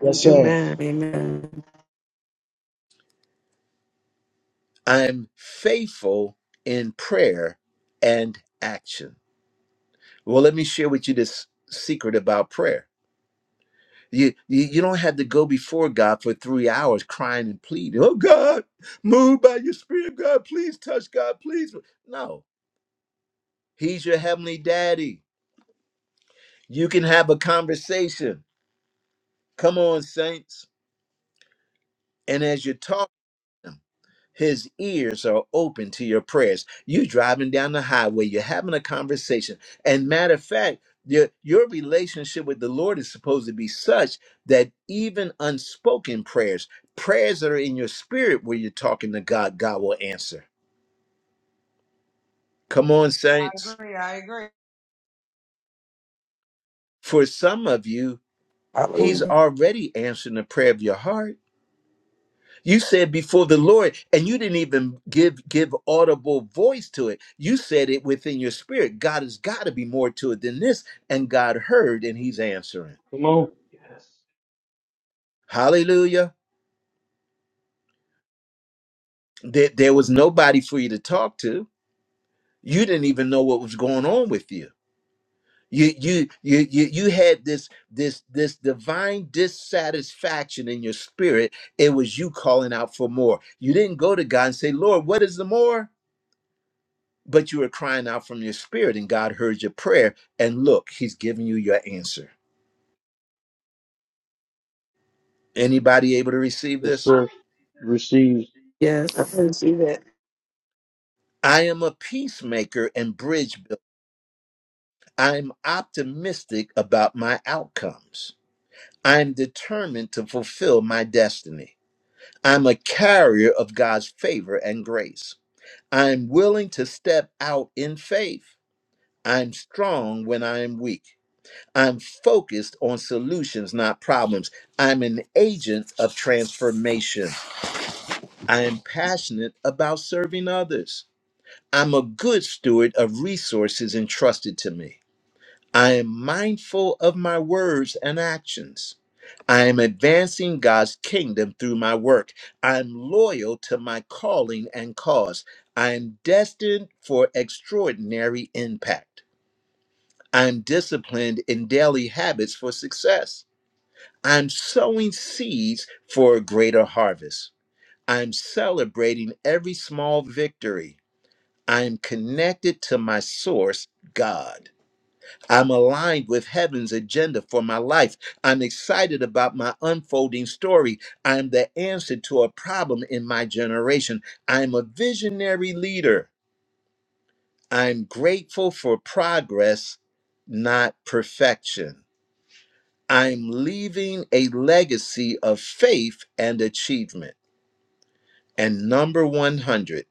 [SPEAKER 8] Yes,
[SPEAKER 6] Amen.
[SPEAKER 8] sir.
[SPEAKER 4] Amen.
[SPEAKER 6] Amen.
[SPEAKER 1] I'm faithful in prayer and action. Well, let me share with you this secret about prayer. You, you, you don't have to go before God for three hours crying and pleading. Oh, God, move by your spirit, God. Please touch God, please. No, he's your heavenly daddy. You can have a conversation. Come on, saints. And as you're talking, His ears are open to your prayers. You driving down the highway, you're having a conversation. And matter of fact, your, your relationship with the Lord is supposed to be such that even unspoken prayers, prayers that are in your spirit where you're talking to God, God will answer. Come on,
[SPEAKER 7] I
[SPEAKER 1] saints.
[SPEAKER 7] agree. I agree.
[SPEAKER 1] For some of you, He's
[SPEAKER 6] Hallelujah.
[SPEAKER 1] already answering the prayer of your heart You said before the Lord, and you didn't even give give audible voice to it. You said it within your spirit. God has got to be more to it than this, and God heard, and He's answering.
[SPEAKER 2] Come on.
[SPEAKER 1] Hallelujah! There, there was nobody for you to talk to. You didn't even know what was going on with you. You you you you you had this this this divine dissatisfaction in your spirit. It was you calling out for more. You didn't go to God and say, "Lord, what is the more?" but you were crying out from your spirit and God heard your prayer and look, he's giving you your answer. Anybody able to receive
[SPEAKER 2] Yes,
[SPEAKER 1] this?
[SPEAKER 2] sir. Receive.
[SPEAKER 4] I
[SPEAKER 6] Yes.
[SPEAKER 4] can see that.
[SPEAKER 1] I am a peacemaker and bridge builder. I'm optimistic about my outcomes. I'm determined to fulfill my destiny. I'm a carrier of God's favor and grace. I'm willing to step out in faith. I'm strong when I am weak. I'm focused on solutions, not problems. I'm an agent of transformation. I am passionate about serving others. I'm a good steward of resources entrusted to me. I am mindful of my words and actions. I am advancing God's kingdom through my work. I'm loyal to my calling and cause. I am destined for extraordinary impact. I'm disciplined in daily habits for success. I'm sowing seeds for a greater harvest. I'm celebrating every small victory. I'm connected to my source, God. I'm aligned with heaven's agenda for my life. I'm excited about my unfolding story. I'm the answer to a problem in my generation. I'm a visionary leader. I'm grateful for progress, not perfection. I'm leaving a legacy of faith and achievement. And number 100,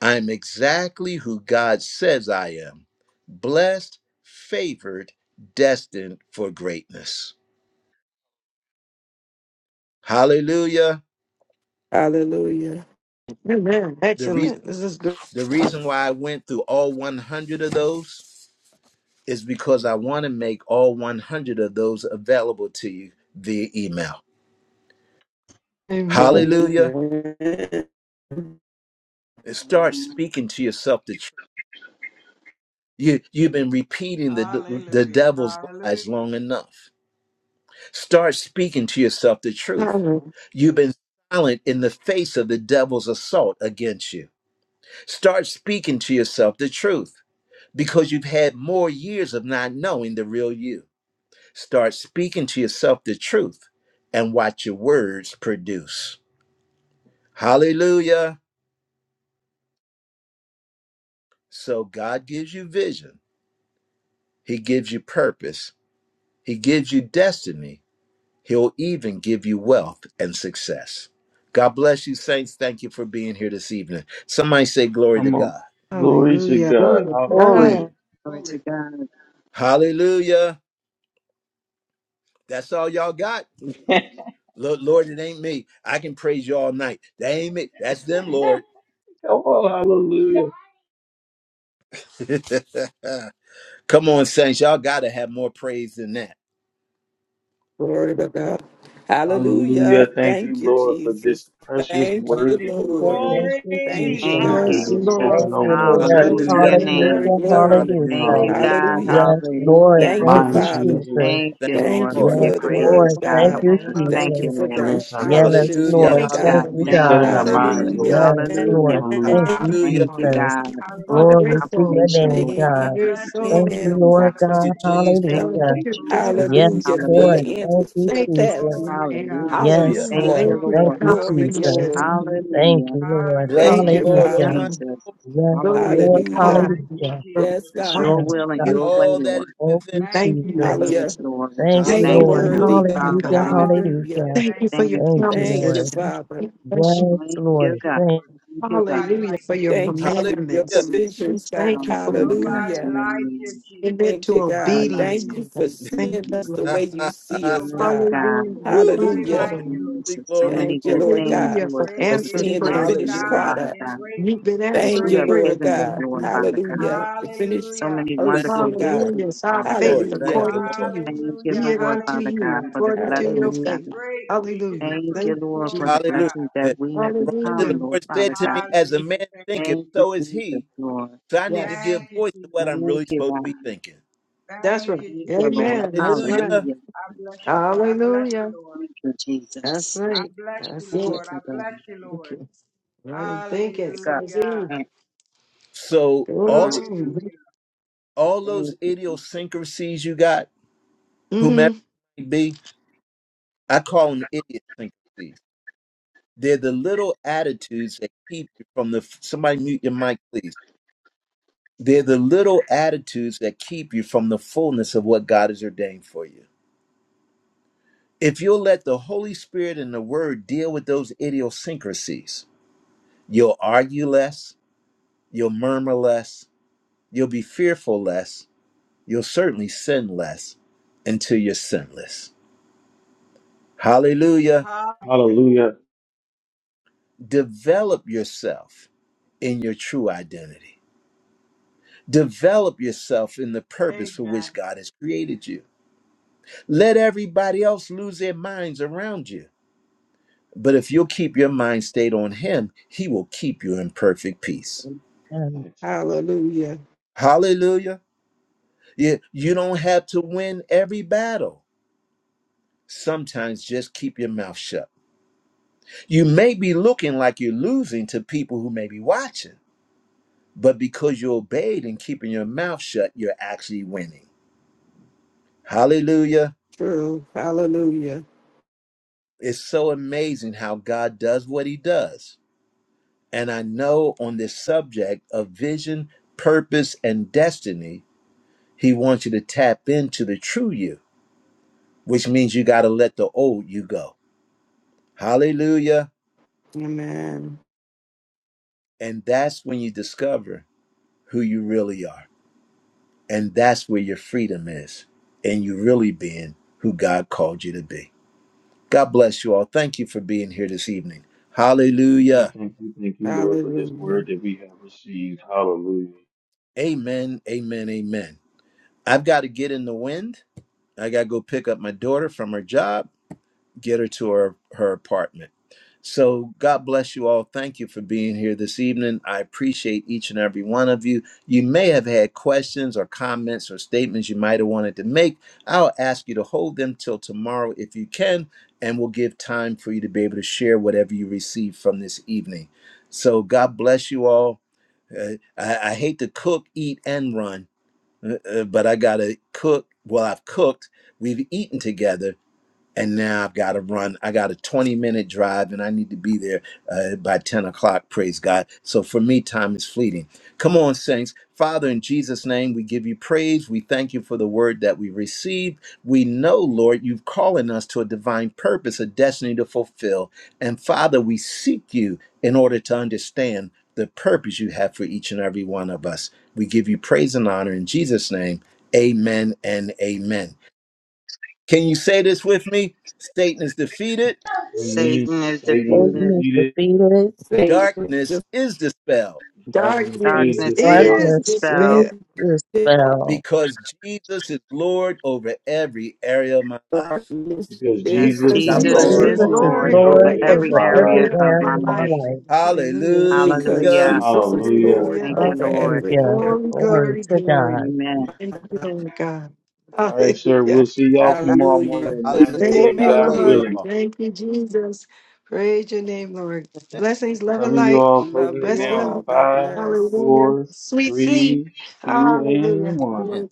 [SPEAKER 1] I'm exactly who God says I am blessed, favored, destined for greatness. Hallelujah.
[SPEAKER 6] Hallelujah.
[SPEAKER 4] Amen.
[SPEAKER 1] The, re-
[SPEAKER 4] Excellent. This is good.
[SPEAKER 1] the reason why I went through all 100 of those is because I want to make all 100 of those available to you via email.
[SPEAKER 8] Mm.
[SPEAKER 4] Amen.
[SPEAKER 1] Hallelujah.
[SPEAKER 6] Amen.
[SPEAKER 1] And start
[SPEAKER 9] Amen.
[SPEAKER 1] speaking to yourself the truth. You, you've been repeating the, the
[SPEAKER 7] Hallelujah.
[SPEAKER 1] devil's lies
[SPEAKER 7] Hallelujah.
[SPEAKER 1] long enough. Start speaking to yourself the truth.
[SPEAKER 4] Hallelujah.
[SPEAKER 1] You've been silent in the face of the devil's assault against you. Start speaking to yourself the truth because you've had more years of not knowing the real you. Start speaking to yourself the truth and watch your words produce. Hallelujah. So God gives you vision, He gives you purpose, He gives you destiny He'll even give you wealth and success. God bless you, saints. Thank you for being here this evening. Somebody say glory to
[SPEAKER 2] Come on.
[SPEAKER 1] God.
[SPEAKER 2] Glory to
[SPEAKER 4] Hallelujah. Glory
[SPEAKER 2] God.
[SPEAKER 4] to
[SPEAKER 8] Ori.
[SPEAKER 2] Hallelujah.
[SPEAKER 4] God.
[SPEAKER 9] Glory to God.
[SPEAKER 1] Hallelujah. That's all y'all got. Lo- Lord, it ain't me. I can praise you all night. That ain't me. That's them, Lord.
[SPEAKER 2] oh, hallelujah.
[SPEAKER 1] Come on, saints. Y'all got to have more praise than that.
[SPEAKER 6] Glory to God.
[SPEAKER 2] Hallelujah.
[SPEAKER 6] Hallelujah.
[SPEAKER 2] Thank
[SPEAKER 6] Thank
[SPEAKER 2] you,
[SPEAKER 6] you,
[SPEAKER 2] Lord, for this
[SPEAKER 6] Jesus.
[SPEAKER 2] precious
[SPEAKER 6] Thank you,
[SPEAKER 2] word that
[SPEAKER 3] Hallelujah.
[SPEAKER 2] you've
[SPEAKER 6] Lord.
[SPEAKER 2] given
[SPEAKER 3] Thank
[SPEAKER 2] us.
[SPEAKER 7] Glory.
[SPEAKER 3] you,
[SPEAKER 6] Thank
[SPEAKER 2] These
[SPEAKER 6] you,
[SPEAKER 3] Jesus.
[SPEAKER 2] truths
[SPEAKER 9] Thank
[SPEAKER 2] that
[SPEAKER 9] you,
[SPEAKER 2] have
[SPEAKER 4] Yes,
[SPEAKER 6] God.
[SPEAKER 2] been
[SPEAKER 7] Hallelujah,
[SPEAKER 9] Jesus.
[SPEAKER 2] spoken
[SPEAKER 3] Thank you,
[SPEAKER 4] Lord.
[SPEAKER 7] Jesus.
[SPEAKER 2] over
[SPEAKER 4] We
[SPEAKER 2] us,
[SPEAKER 3] Lord.
[SPEAKER 9] Hallelujah
[SPEAKER 4] Bless
[SPEAKER 2] Lord.
[SPEAKER 9] to
[SPEAKER 1] Hallelujah.
[SPEAKER 4] your
[SPEAKER 9] your
[SPEAKER 4] name.
[SPEAKER 7] Bless
[SPEAKER 6] Glory,
[SPEAKER 9] name.
[SPEAKER 3] Hallelujah.
[SPEAKER 7] your
[SPEAKER 1] Yeah,
[SPEAKER 6] glory.
[SPEAKER 7] wonderful name.
[SPEAKER 9] Thank
[SPEAKER 1] Hallelujah.
[SPEAKER 3] Hallelujah.
[SPEAKER 7] Thank
[SPEAKER 9] you,
[SPEAKER 7] you
[SPEAKER 2] Hallelujah.
[SPEAKER 9] God.
[SPEAKER 7] so much
[SPEAKER 6] Hallelujah.
[SPEAKER 3] Yes,
[SPEAKER 7] for your
[SPEAKER 3] Lord.
[SPEAKER 9] Hallelujah.
[SPEAKER 7] word,
[SPEAKER 6] Thank
[SPEAKER 7] the
[SPEAKER 6] you,
[SPEAKER 3] Thank
[SPEAKER 2] Mind
[SPEAKER 3] you,
[SPEAKER 7] wisdom,
[SPEAKER 6] Father.
[SPEAKER 7] Lord,
[SPEAKER 2] changing,
[SPEAKER 3] Jesus.
[SPEAKER 7] that
[SPEAKER 9] Thank
[SPEAKER 7] you
[SPEAKER 1] Thank
[SPEAKER 9] you,
[SPEAKER 1] you,
[SPEAKER 7] share
[SPEAKER 6] Thank
[SPEAKER 9] Lord,
[SPEAKER 7] with
[SPEAKER 6] you
[SPEAKER 9] for
[SPEAKER 1] Lord.
[SPEAKER 7] us
[SPEAKER 9] your
[SPEAKER 3] Yes,
[SPEAKER 6] for the
[SPEAKER 7] tonight.
[SPEAKER 9] greatness,
[SPEAKER 6] word,
[SPEAKER 3] Lord.
[SPEAKER 9] God.
[SPEAKER 7] In
[SPEAKER 3] Thank
[SPEAKER 7] the
[SPEAKER 6] God.
[SPEAKER 9] We
[SPEAKER 3] you,
[SPEAKER 7] name
[SPEAKER 9] just
[SPEAKER 7] of
[SPEAKER 9] thank
[SPEAKER 6] Thank you
[SPEAKER 9] you,
[SPEAKER 3] Jesus.
[SPEAKER 7] Jesus
[SPEAKER 6] for the
[SPEAKER 2] Give
[SPEAKER 9] Lord.
[SPEAKER 7] Christ.
[SPEAKER 2] us our
[SPEAKER 3] Yes,
[SPEAKER 2] purpose,
[SPEAKER 6] instructions,
[SPEAKER 7] Hallelujah.
[SPEAKER 1] Hallelujah.
[SPEAKER 6] Lord
[SPEAKER 3] Lord.
[SPEAKER 4] Thank
[SPEAKER 9] Yes, God.
[SPEAKER 3] Thank
[SPEAKER 6] God.
[SPEAKER 3] you,
[SPEAKER 1] Hallelujah.
[SPEAKER 4] you,
[SPEAKER 9] Thank
[SPEAKER 2] resetting
[SPEAKER 9] you,
[SPEAKER 3] God.
[SPEAKER 2] our minds,
[SPEAKER 9] Jesus.
[SPEAKER 4] Lord.
[SPEAKER 2] Lord.
[SPEAKER 6] Hallelujah.
[SPEAKER 7] Hallelujah.
[SPEAKER 3] Yes,
[SPEAKER 6] Thank
[SPEAKER 9] Hallelujah.
[SPEAKER 3] Lord.
[SPEAKER 4] Thank
[SPEAKER 2] Hallelujah.
[SPEAKER 3] Thank you,
[SPEAKER 1] Hallelujah.
[SPEAKER 9] Thank
[SPEAKER 4] you.
[SPEAKER 9] you,
[SPEAKER 7] Hallelujah.
[SPEAKER 6] you
[SPEAKER 3] Jesus.
[SPEAKER 9] God, for
[SPEAKER 4] How
[SPEAKER 9] the
[SPEAKER 7] Hallelujah.
[SPEAKER 3] Glory to
[SPEAKER 4] grateful
[SPEAKER 3] your
[SPEAKER 4] we
[SPEAKER 6] for
[SPEAKER 4] are.
[SPEAKER 9] confirmation,
[SPEAKER 3] name,
[SPEAKER 9] Lord, Father
[SPEAKER 6] the
[SPEAKER 3] God.
[SPEAKER 9] God.
[SPEAKER 4] You're
[SPEAKER 9] We
[SPEAKER 7] Blessed
[SPEAKER 9] just
[SPEAKER 4] so
[SPEAKER 7] be
[SPEAKER 3] Thank
[SPEAKER 9] thank
[SPEAKER 3] you,
[SPEAKER 7] the
[SPEAKER 9] you,
[SPEAKER 6] answers.
[SPEAKER 9] God.
[SPEAKER 3] Lord
[SPEAKER 4] grateful
[SPEAKER 7] wonderful
[SPEAKER 1] Thank you,
[SPEAKER 3] God.
[SPEAKER 4] for
[SPEAKER 7] name
[SPEAKER 4] what
[SPEAKER 7] of
[SPEAKER 1] Jesus.
[SPEAKER 4] you've done
[SPEAKER 9] Thank
[SPEAKER 4] and
[SPEAKER 7] Jesus.
[SPEAKER 3] Hallelujah.
[SPEAKER 4] what
[SPEAKER 9] you,
[SPEAKER 4] you're
[SPEAKER 7] Glory
[SPEAKER 1] Jesus.
[SPEAKER 9] Jesus.
[SPEAKER 7] to
[SPEAKER 4] doing for
[SPEAKER 7] God.
[SPEAKER 3] Yes,
[SPEAKER 4] us.
[SPEAKER 6] Hallelujah. For
[SPEAKER 1] Jesus.
[SPEAKER 3] Lord.
[SPEAKER 6] the
[SPEAKER 9] Hallelujah.
[SPEAKER 3] Thank
[SPEAKER 6] answers
[SPEAKER 3] you,
[SPEAKER 6] to the
[SPEAKER 4] Thank you for
[SPEAKER 3] Jesus.
[SPEAKER 4] the
[SPEAKER 6] test.
[SPEAKER 7] Glory to God.
[SPEAKER 9] Hallelujah.
[SPEAKER 4] amendments.
[SPEAKER 7] Glory
[SPEAKER 1] Hallelujah.
[SPEAKER 3] Yes,
[SPEAKER 7] to God.
[SPEAKER 9] Thank
[SPEAKER 3] Lord.
[SPEAKER 6] Hallelujah.
[SPEAKER 9] you,
[SPEAKER 4] Thank you
[SPEAKER 7] Glory to
[SPEAKER 4] for
[SPEAKER 3] Thank
[SPEAKER 9] Lord.
[SPEAKER 7] God.
[SPEAKER 3] you,
[SPEAKER 6] Glory,
[SPEAKER 7] Hallelujah.
[SPEAKER 3] Jesus.
[SPEAKER 4] confirmation.
[SPEAKER 6] glory.
[SPEAKER 4] Hallelujah.
[SPEAKER 3] Thank
[SPEAKER 9] Hallelujah.
[SPEAKER 3] you, Lord.
[SPEAKER 1] Bless
[SPEAKER 4] Thank
[SPEAKER 6] Thank
[SPEAKER 1] the
[SPEAKER 4] you,
[SPEAKER 6] you,
[SPEAKER 9] Thank
[SPEAKER 1] Lord,
[SPEAKER 4] Lord
[SPEAKER 7] Hallelujah.
[SPEAKER 9] you,
[SPEAKER 1] oh
[SPEAKER 3] Hallelujah.
[SPEAKER 1] my
[SPEAKER 6] Father.
[SPEAKER 4] God.
[SPEAKER 9] Jesus.
[SPEAKER 3] Yes,
[SPEAKER 4] Glory
[SPEAKER 9] Hallelujah.
[SPEAKER 4] to
[SPEAKER 3] Lord.
[SPEAKER 6] Hallelujah.
[SPEAKER 4] God.
[SPEAKER 7] Thank you,
[SPEAKER 3] Hallelujah.
[SPEAKER 4] For
[SPEAKER 6] Yes,
[SPEAKER 7] Jesus.
[SPEAKER 9] It's
[SPEAKER 7] Thank
[SPEAKER 6] God.
[SPEAKER 9] your
[SPEAKER 3] Yes,
[SPEAKER 4] remembrance
[SPEAKER 7] you,
[SPEAKER 4] of
[SPEAKER 9] will and
[SPEAKER 3] God.
[SPEAKER 1] and
[SPEAKER 4] you.
[SPEAKER 9] your
[SPEAKER 4] God.
[SPEAKER 7] Jesus.
[SPEAKER 9] way,
[SPEAKER 1] all that is
[SPEAKER 9] Lord.
[SPEAKER 3] Thank
[SPEAKER 1] within.
[SPEAKER 3] you,
[SPEAKER 7] Thank
[SPEAKER 4] Thank you,
[SPEAKER 7] you,
[SPEAKER 4] Lord.
[SPEAKER 3] Jesus.
[SPEAKER 7] Jesus.
[SPEAKER 6] Hallelujah.
[SPEAKER 9] Yes, Lord. We
[SPEAKER 3] Thank
[SPEAKER 6] You're
[SPEAKER 9] just
[SPEAKER 3] you,
[SPEAKER 4] Thank
[SPEAKER 6] so
[SPEAKER 9] thank
[SPEAKER 4] you for
[SPEAKER 9] you,
[SPEAKER 3] Lord.
[SPEAKER 1] Hallelujah.
[SPEAKER 9] Lord.
[SPEAKER 6] worthy,
[SPEAKER 1] Bless his
[SPEAKER 4] healing,
[SPEAKER 6] God.
[SPEAKER 4] God.
[SPEAKER 3] Hallelujah.
[SPEAKER 1] holy name.
[SPEAKER 9] Hallelujah.
[SPEAKER 3] Hallelujah.
[SPEAKER 6] Hallelujah.
[SPEAKER 7] Hallelujah.
[SPEAKER 4] Thank you
[SPEAKER 7] Thank
[SPEAKER 4] for
[SPEAKER 7] you,
[SPEAKER 9] Thank
[SPEAKER 4] your
[SPEAKER 3] Thank
[SPEAKER 9] you,
[SPEAKER 7] Jesus.
[SPEAKER 3] you,
[SPEAKER 6] Thank you,
[SPEAKER 4] promises.
[SPEAKER 3] Lord.
[SPEAKER 9] Jesus.
[SPEAKER 6] Father.
[SPEAKER 4] We Bless you.
[SPEAKER 3] Yes,
[SPEAKER 9] Thank
[SPEAKER 3] Lord.
[SPEAKER 7] Thank
[SPEAKER 9] you,
[SPEAKER 7] you,
[SPEAKER 9] God.
[SPEAKER 3] Thank
[SPEAKER 7] Lord.
[SPEAKER 9] Thank you, God.
[SPEAKER 7] Nobody
[SPEAKER 4] Hallelujah
[SPEAKER 7] like
[SPEAKER 4] for
[SPEAKER 7] you.
[SPEAKER 4] your
[SPEAKER 6] Thank you for
[SPEAKER 1] Hallelujah.
[SPEAKER 6] your
[SPEAKER 4] commandments.
[SPEAKER 9] Jesus.
[SPEAKER 4] We
[SPEAKER 6] provisions, God.
[SPEAKER 4] Thank you for them, God.
[SPEAKER 9] Hallelujah.
[SPEAKER 7] Nobody
[SPEAKER 6] Hallelujah.
[SPEAKER 7] like
[SPEAKER 9] Hallelujah.
[SPEAKER 7] you,
[SPEAKER 4] It
[SPEAKER 7] Jesus.
[SPEAKER 4] led
[SPEAKER 6] Thank you,
[SPEAKER 4] to
[SPEAKER 7] Nobody
[SPEAKER 6] God.
[SPEAKER 7] like
[SPEAKER 4] obedience,
[SPEAKER 6] Thank
[SPEAKER 9] Mm, mm,
[SPEAKER 7] you.
[SPEAKER 6] you
[SPEAKER 4] oh
[SPEAKER 6] for
[SPEAKER 9] mm,
[SPEAKER 4] God.
[SPEAKER 6] seeing
[SPEAKER 4] Thank you,
[SPEAKER 9] mm.
[SPEAKER 6] us the way
[SPEAKER 4] Lord.
[SPEAKER 6] you see us,
[SPEAKER 9] Good
[SPEAKER 7] Nobody
[SPEAKER 6] God.
[SPEAKER 7] like
[SPEAKER 9] God.
[SPEAKER 7] you, Lord.
[SPEAKER 4] Hallelujah.
[SPEAKER 1] Whew.
[SPEAKER 7] Nobody
[SPEAKER 4] Thank you,
[SPEAKER 6] Hallelujah.
[SPEAKER 7] like
[SPEAKER 1] Glory,
[SPEAKER 7] you,
[SPEAKER 4] Lord.
[SPEAKER 7] Lord.
[SPEAKER 1] glory,
[SPEAKER 9] Jesus. So
[SPEAKER 1] glory,
[SPEAKER 9] many
[SPEAKER 6] Thank you,
[SPEAKER 9] good
[SPEAKER 1] glory.
[SPEAKER 6] Lord
[SPEAKER 9] things,
[SPEAKER 6] God,
[SPEAKER 4] Hallelujah for
[SPEAKER 9] Lord, that
[SPEAKER 6] for
[SPEAKER 7] Great
[SPEAKER 9] you
[SPEAKER 4] answered
[SPEAKER 7] is
[SPEAKER 6] seeing
[SPEAKER 9] teach
[SPEAKER 6] the
[SPEAKER 9] us,
[SPEAKER 7] our
[SPEAKER 6] finished
[SPEAKER 4] prayers.
[SPEAKER 9] Lord,
[SPEAKER 1] Hallelujah.
[SPEAKER 7] God
[SPEAKER 9] Father
[SPEAKER 6] product.
[SPEAKER 7] and
[SPEAKER 9] God,
[SPEAKER 4] You've
[SPEAKER 7] greatly to
[SPEAKER 4] been
[SPEAKER 7] be
[SPEAKER 9] that
[SPEAKER 6] Thank
[SPEAKER 9] you
[SPEAKER 6] you,
[SPEAKER 4] answering
[SPEAKER 9] have
[SPEAKER 7] praised.
[SPEAKER 6] Lord
[SPEAKER 4] prayers,
[SPEAKER 9] given us,
[SPEAKER 6] God.
[SPEAKER 4] God.
[SPEAKER 9] Lord, Father God.
[SPEAKER 6] Hallelujah. The finished
[SPEAKER 9] So
[SPEAKER 7] Hallelujah.
[SPEAKER 9] many
[SPEAKER 1] Thank
[SPEAKER 6] person,
[SPEAKER 9] wonderful
[SPEAKER 1] you,
[SPEAKER 9] gifts
[SPEAKER 1] Lord.
[SPEAKER 6] God.
[SPEAKER 9] to
[SPEAKER 4] Hallelujah.
[SPEAKER 9] them,
[SPEAKER 4] It's our
[SPEAKER 9] Father
[SPEAKER 4] faith
[SPEAKER 9] God.
[SPEAKER 1] Lord, thank
[SPEAKER 6] Hallelujah.
[SPEAKER 1] you,
[SPEAKER 4] according to
[SPEAKER 1] Lord.
[SPEAKER 4] you.
[SPEAKER 9] Thank you,
[SPEAKER 7] Hallelujah.
[SPEAKER 4] Be it
[SPEAKER 9] Lord,
[SPEAKER 4] unto
[SPEAKER 9] Father
[SPEAKER 7] Hallelujah.
[SPEAKER 9] God,
[SPEAKER 4] you
[SPEAKER 9] for the
[SPEAKER 4] according to your
[SPEAKER 9] blessings,
[SPEAKER 6] Hallelujah.
[SPEAKER 9] God.
[SPEAKER 4] faith.
[SPEAKER 7] Greatly to
[SPEAKER 4] Hallelujah.
[SPEAKER 7] be
[SPEAKER 9] Thank you,
[SPEAKER 4] Thank
[SPEAKER 7] praised.
[SPEAKER 4] you,
[SPEAKER 9] Lord, for
[SPEAKER 7] Glory
[SPEAKER 4] Jesus.
[SPEAKER 9] the
[SPEAKER 7] to
[SPEAKER 1] Hallelujah.
[SPEAKER 7] God.
[SPEAKER 9] blessings that we have
[SPEAKER 1] Rhonda, the
[SPEAKER 9] become,
[SPEAKER 4] Hallelujah.
[SPEAKER 9] Lord,
[SPEAKER 1] Lord said
[SPEAKER 9] Father
[SPEAKER 1] to
[SPEAKER 9] God.
[SPEAKER 1] me, as a
[SPEAKER 7] Hallelujah.
[SPEAKER 1] man
[SPEAKER 7] Thank you,
[SPEAKER 1] thinketh,
[SPEAKER 9] Thank you,
[SPEAKER 7] Jesus.
[SPEAKER 1] so is
[SPEAKER 9] Jesus,
[SPEAKER 1] he.
[SPEAKER 9] Lord.
[SPEAKER 1] So I need to
[SPEAKER 4] Yes,
[SPEAKER 1] give
[SPEAKER 7] Thank you,
[SPEAKER 1] voice to what
[SPEAKER 7] Jesus.
[SPEAKER 1] I'm
[SPEAKER 9] Thank
[SPEAKER 1] really
[SPEAKER 9] you,
[SPEAKER 1] supposed
[SPEAKER 9] God.
[SPEAKER 1] to be thinking.
[SPEAKER 4] that's
[SPEAKER 7] Thank
[SPEAKER 4] right.
[SPEAKER 7] you,
[SPEAKER 9] Thank you,
[SPEAKER 7] Jesus.
[SPEAKER 9] Lord.
[SPEAKER 4] Amen. That's right.
[SPEAKER 1] Hallelujah.
[SPEAKER 9] Hallelujah.
[SPEAKER 7] I bless you, Lord. I bless you,
[SPEAKER 4] Hallelujah.
[SPEAKER 7] Lord.
[SPEAKER 9] Thank you,
[SPEAKER 4] That's
[SPEAKER 9] Jesus.
[SPEAKER 7] I
[SPEAKER 4] right.
[SPEAKER 7] bless you,
[SPEAKER 4] That's
[SPEAKER 9] Thank
[SPEAKER 7] Lord.
[SPEAKER 4] it.
[SPEAKER 7] I
[SPEAKER 9] you, God.
[SPEAKER 7] bless you, Lord.
[SPEAKER 4] Okay. Rather think it
[SPEAKER 9] Pick up
[SPEAKER 4] says
[SPEAKER 7] Hallelujah.
[SPEAKER 4] he.
[SPEAKER 9] and
[SPEAKER 1] So all
[SPEAKER 4] Mm-hmm.
[SPEAKER 7] Hallelujah.
[SPEAKER 1] all those
[SPEAKER 9] thank
[SPEAKER 1] idiosyncrasies you got,
[SPEAKER 4] Mm-hmm.
[SPEAKER 1] whomever it may be, I call them idiosyncrasies They're the little attitudes that keep you from the. Somebody mute your mic, please. They're the little attitudes that keep you from the fullness of what God has ordained for you. If you'll let the Holy Spirit and the Word deal with those idiosyncrasies, you'll argue less, you'll murmur less, you'll be fearful less, you'll certainly sin less until you're sinless. Hallelujah.
[SPEAKER 2] Hallelujah.
[SPEAKER 1] Develop yourself in your true identity. Develop yourself in the purpose for
[SPEAKER 7] Hallelujah.
[SPEAKER 1] which God has created you. Let everybody else lose their minds around you. But if you'll keep your mind stayed on Him, He will keep you in perfect peace.
[SPEAKER 3] you. And
[SPEAKER 2] Thanks.
[SPEAKER 6] Hallelujah.
[SPEAKER 1] Hallelujah. You, you don't have to win every battle. Sometimes just keep your mouth shut. You may be looking like you're losing to people who may be watching, but because you obeyed and keeping your mouth shut, you're actually winning. Hallelujah.
[SPEAKER 6] True. Hallelujah.
[SPEAKER 1] It's so amazing how God does what he does. And I know on this subject of vision, purpose, and destiny, he wants you to tap into the true you, which means you got to let the old you go. Hallelujah.
[SPEAKER 6] Amen.
[SPEAKER 1] And that's when you discover who you really are. And that's where your freedom is, and you really being who God called you to be. God bless you all. Thank you for being here this evening.
[SPEAKER 2] Thank you,
[SPEAKER 1] Hallelujah.
[SPEAKER 2] thank you, thank you, Lord, for this
[SPEAKER 6] Hallelujah.
[SPEAKER 2] word that we have received. Hallelujah.
[SPEAKER 1] Amen. Amen. Amen. I've got to get in the wind. I got to go pick up my daughter from her job, get her to her, her apartment. So, God bless you all. Thank you for being here this evening. I appreciate each and every one of you. You may have had questions or comments or statements you might have wanted to make. I'll ask you to hold them till tomorrow if you can, and we'll give time for you to be able to share whatever you receive from this evening. So, God bless you all. Uh, I, I hate to cook, eat, and run. Uh, uh, but I gotta cook. Well, I've cooked. We've eaten together and now I've got to run. I got a 20 minute drive and I need to be there uh, by 10 o'clock, praise God. So for me, time is fleeting. Come on, saints. Father, in Jesus' name, we give you praise. We thank you for the word that we received. We know, Lord, you've calling us to a divine purpose, a destiny to fulfill. And Father, we seek you in order to understand the purpose you have for each and every one of us. We give you praise and honor in Jesus' name. Amen and amen. Can you say this with me? Satan is defeated,
[SPEAKER 2] Amen.
[SPEAKER 9] Satan is
[SPEAKER 2] Satan is
[SPEAKER 9] defeated.
[SPEAKER 3] Satan is
[SPEAKER 2] defeated,
[SPEAKER 3] defeated.
[SPEAKER 6] Satan
[SPEAKER 1] darkness
[SPEAKER 6] is
[SPEAKER 1] is dispelled
[SPEAKER 2] darkness is
[SPEAKER 4] Darkness
[SPEAKER 9] Darkness is
[SPEAKER 2] dispelled,
[SPEAKER 4] is
[SPEAKER 3] Darkness
[SPEAKER 9] dispelled
[SPEAKER 3] is
[SPEAKER 4] despair.
[SPEAKER 6] defeated.
[SPEAKER 3] dispelled.
[SPEAKER 1] because Jesus is Lord over every area of my life.
[SPEAKER 6] darkness
[SPEAKER 2] because
[SPEAKER 9] because
[SPEAKER 6] is
[SPEAKER 2] Jesus
[SPEAKER 4] Because
[SPEAKER 2] is
[SPEAKER 1] God
[SPEAKER 3] And
[SPEAKER 9] Jesus
[SPEAKER 1] bless
[SPEAKER 4] Jesus
[SPEAKER 1] you
[SPEAKER 6] despair
[SPEAKER 2] Lord
[SPEAKER 9] is
[SPEAKER 4] is
[SPEAKER 3] Jesus
[SPEAKER 2] over
[SPEAKER 1] all.
[SPEAKER 3] is
[SPEAKER 9] Lord
[SPEAKER 4] Lord
[SPEAKER 2] every
[SPEAKER 9] over
[SPEAKER 3] Lord
[SPEAKER 4] over
[SPEAKER 2] area of
[SPEAKER 9] every
[SPEAKER 3] over
[SPEAKER 4] every
[SPEAKER 2] my
[SPEAKER 3] every
[SPEAKER 9] area
[SPEAKER 2] life.
[SPEAKER 4] area of
[SPEAKER 9] of
[SPEAKER 4] my
[SPEAKER 3] area
[SPEAKER 9] my
[SPEAKER 3] of my
[SPEAKER 9] life.
[SPEAKER 4] life.
[SPEAKER 3] life.
[SPEAKER 4] Hallelujah.
[SPEAKER 6] because
[SPEAKER 9] Hallelujah.
[SPEAKER 1] Hallelujah.
[SPEAKER 6] Jesus is
[SPEAKER 2] Hallelujah.
[SPEAKER 6] Lord
[SPEAKER 9] Thank
[SPEAKER 4] Hallelujah.
[SPEAKER 9] you,
[SPEAKER 6] over
[SPEAKER 9] Lord.
[SPEAKER 6] every
[SPEAKER 3] Hallelujah.
[SPEAKER 6] area.
[SPEAKER 4] Glory,
[SPEAKER 6] of
[SPEAKER 3] Glory
[SPEAKER 4] glory,
[SPEAKER 3] to
[SPEAKER 4] glory.
[SPEAKER 3] God.
[SPEAKER 9] Amen.
[SPEAKER 6] my
[SPEAKER 4] Thank
[SPEAKER 6] life.
[SPEAKER 4] you, Lord God.
[SPEAKER 2] All right, sir.
[SPEAKER 4] Hallelujah.
[SPEAKER 2] We'll see y'all tomorrow
[SPEAKER 6] Hallelujah. It
[SPEAKER 2] morning
[SPEAKER 6] was
[SPEAKER 2] at 9
[SPEAKER 6] a
[SPEAKER 1] Hallelujah.
[SPEAKER 4] Thank
[SPEAKER 2] a.m.
[SPEAKER 4] you,
[SPEAKER 1] God
[SPEAKER 6] gourmet
[SPEAKER 2] God
[SPEAKER 1] bless
[SPEAKER 4] Lord.
[SPEAKER 6] meal.
[SPEAKER 2] willing.
[SPEAKER 1] you
[SPEAKER 4] Thank you, Jesus. Praise your name, Lord. Blessings, love and
[SPEAKER 2] Loving you
[SPEAKER 4] light.
[SPEAKER 2] all.
[SPEAKER 6] Love
[SPEAKER 2] Closing it
[SPEAKER 6] you
[SPEAKER 4] Rest
[SPEAKER 2] now in
[SPEAKER 6] all.
[SPEAKER 4] well.
[SPEAKER 6] God
[SPEAKER 2] five,
[SPEAKER 6] bless.
[SPEAKER 4] Hallelujah.
[SPEAKER 2] four,
[SPEAKER 4] Sweet sleep.
[SPEAKER 2] three, two,
[SPEAKER 4] Hallelujah.
[SPEAKER 2] and one.
[SPEAKER 1] all.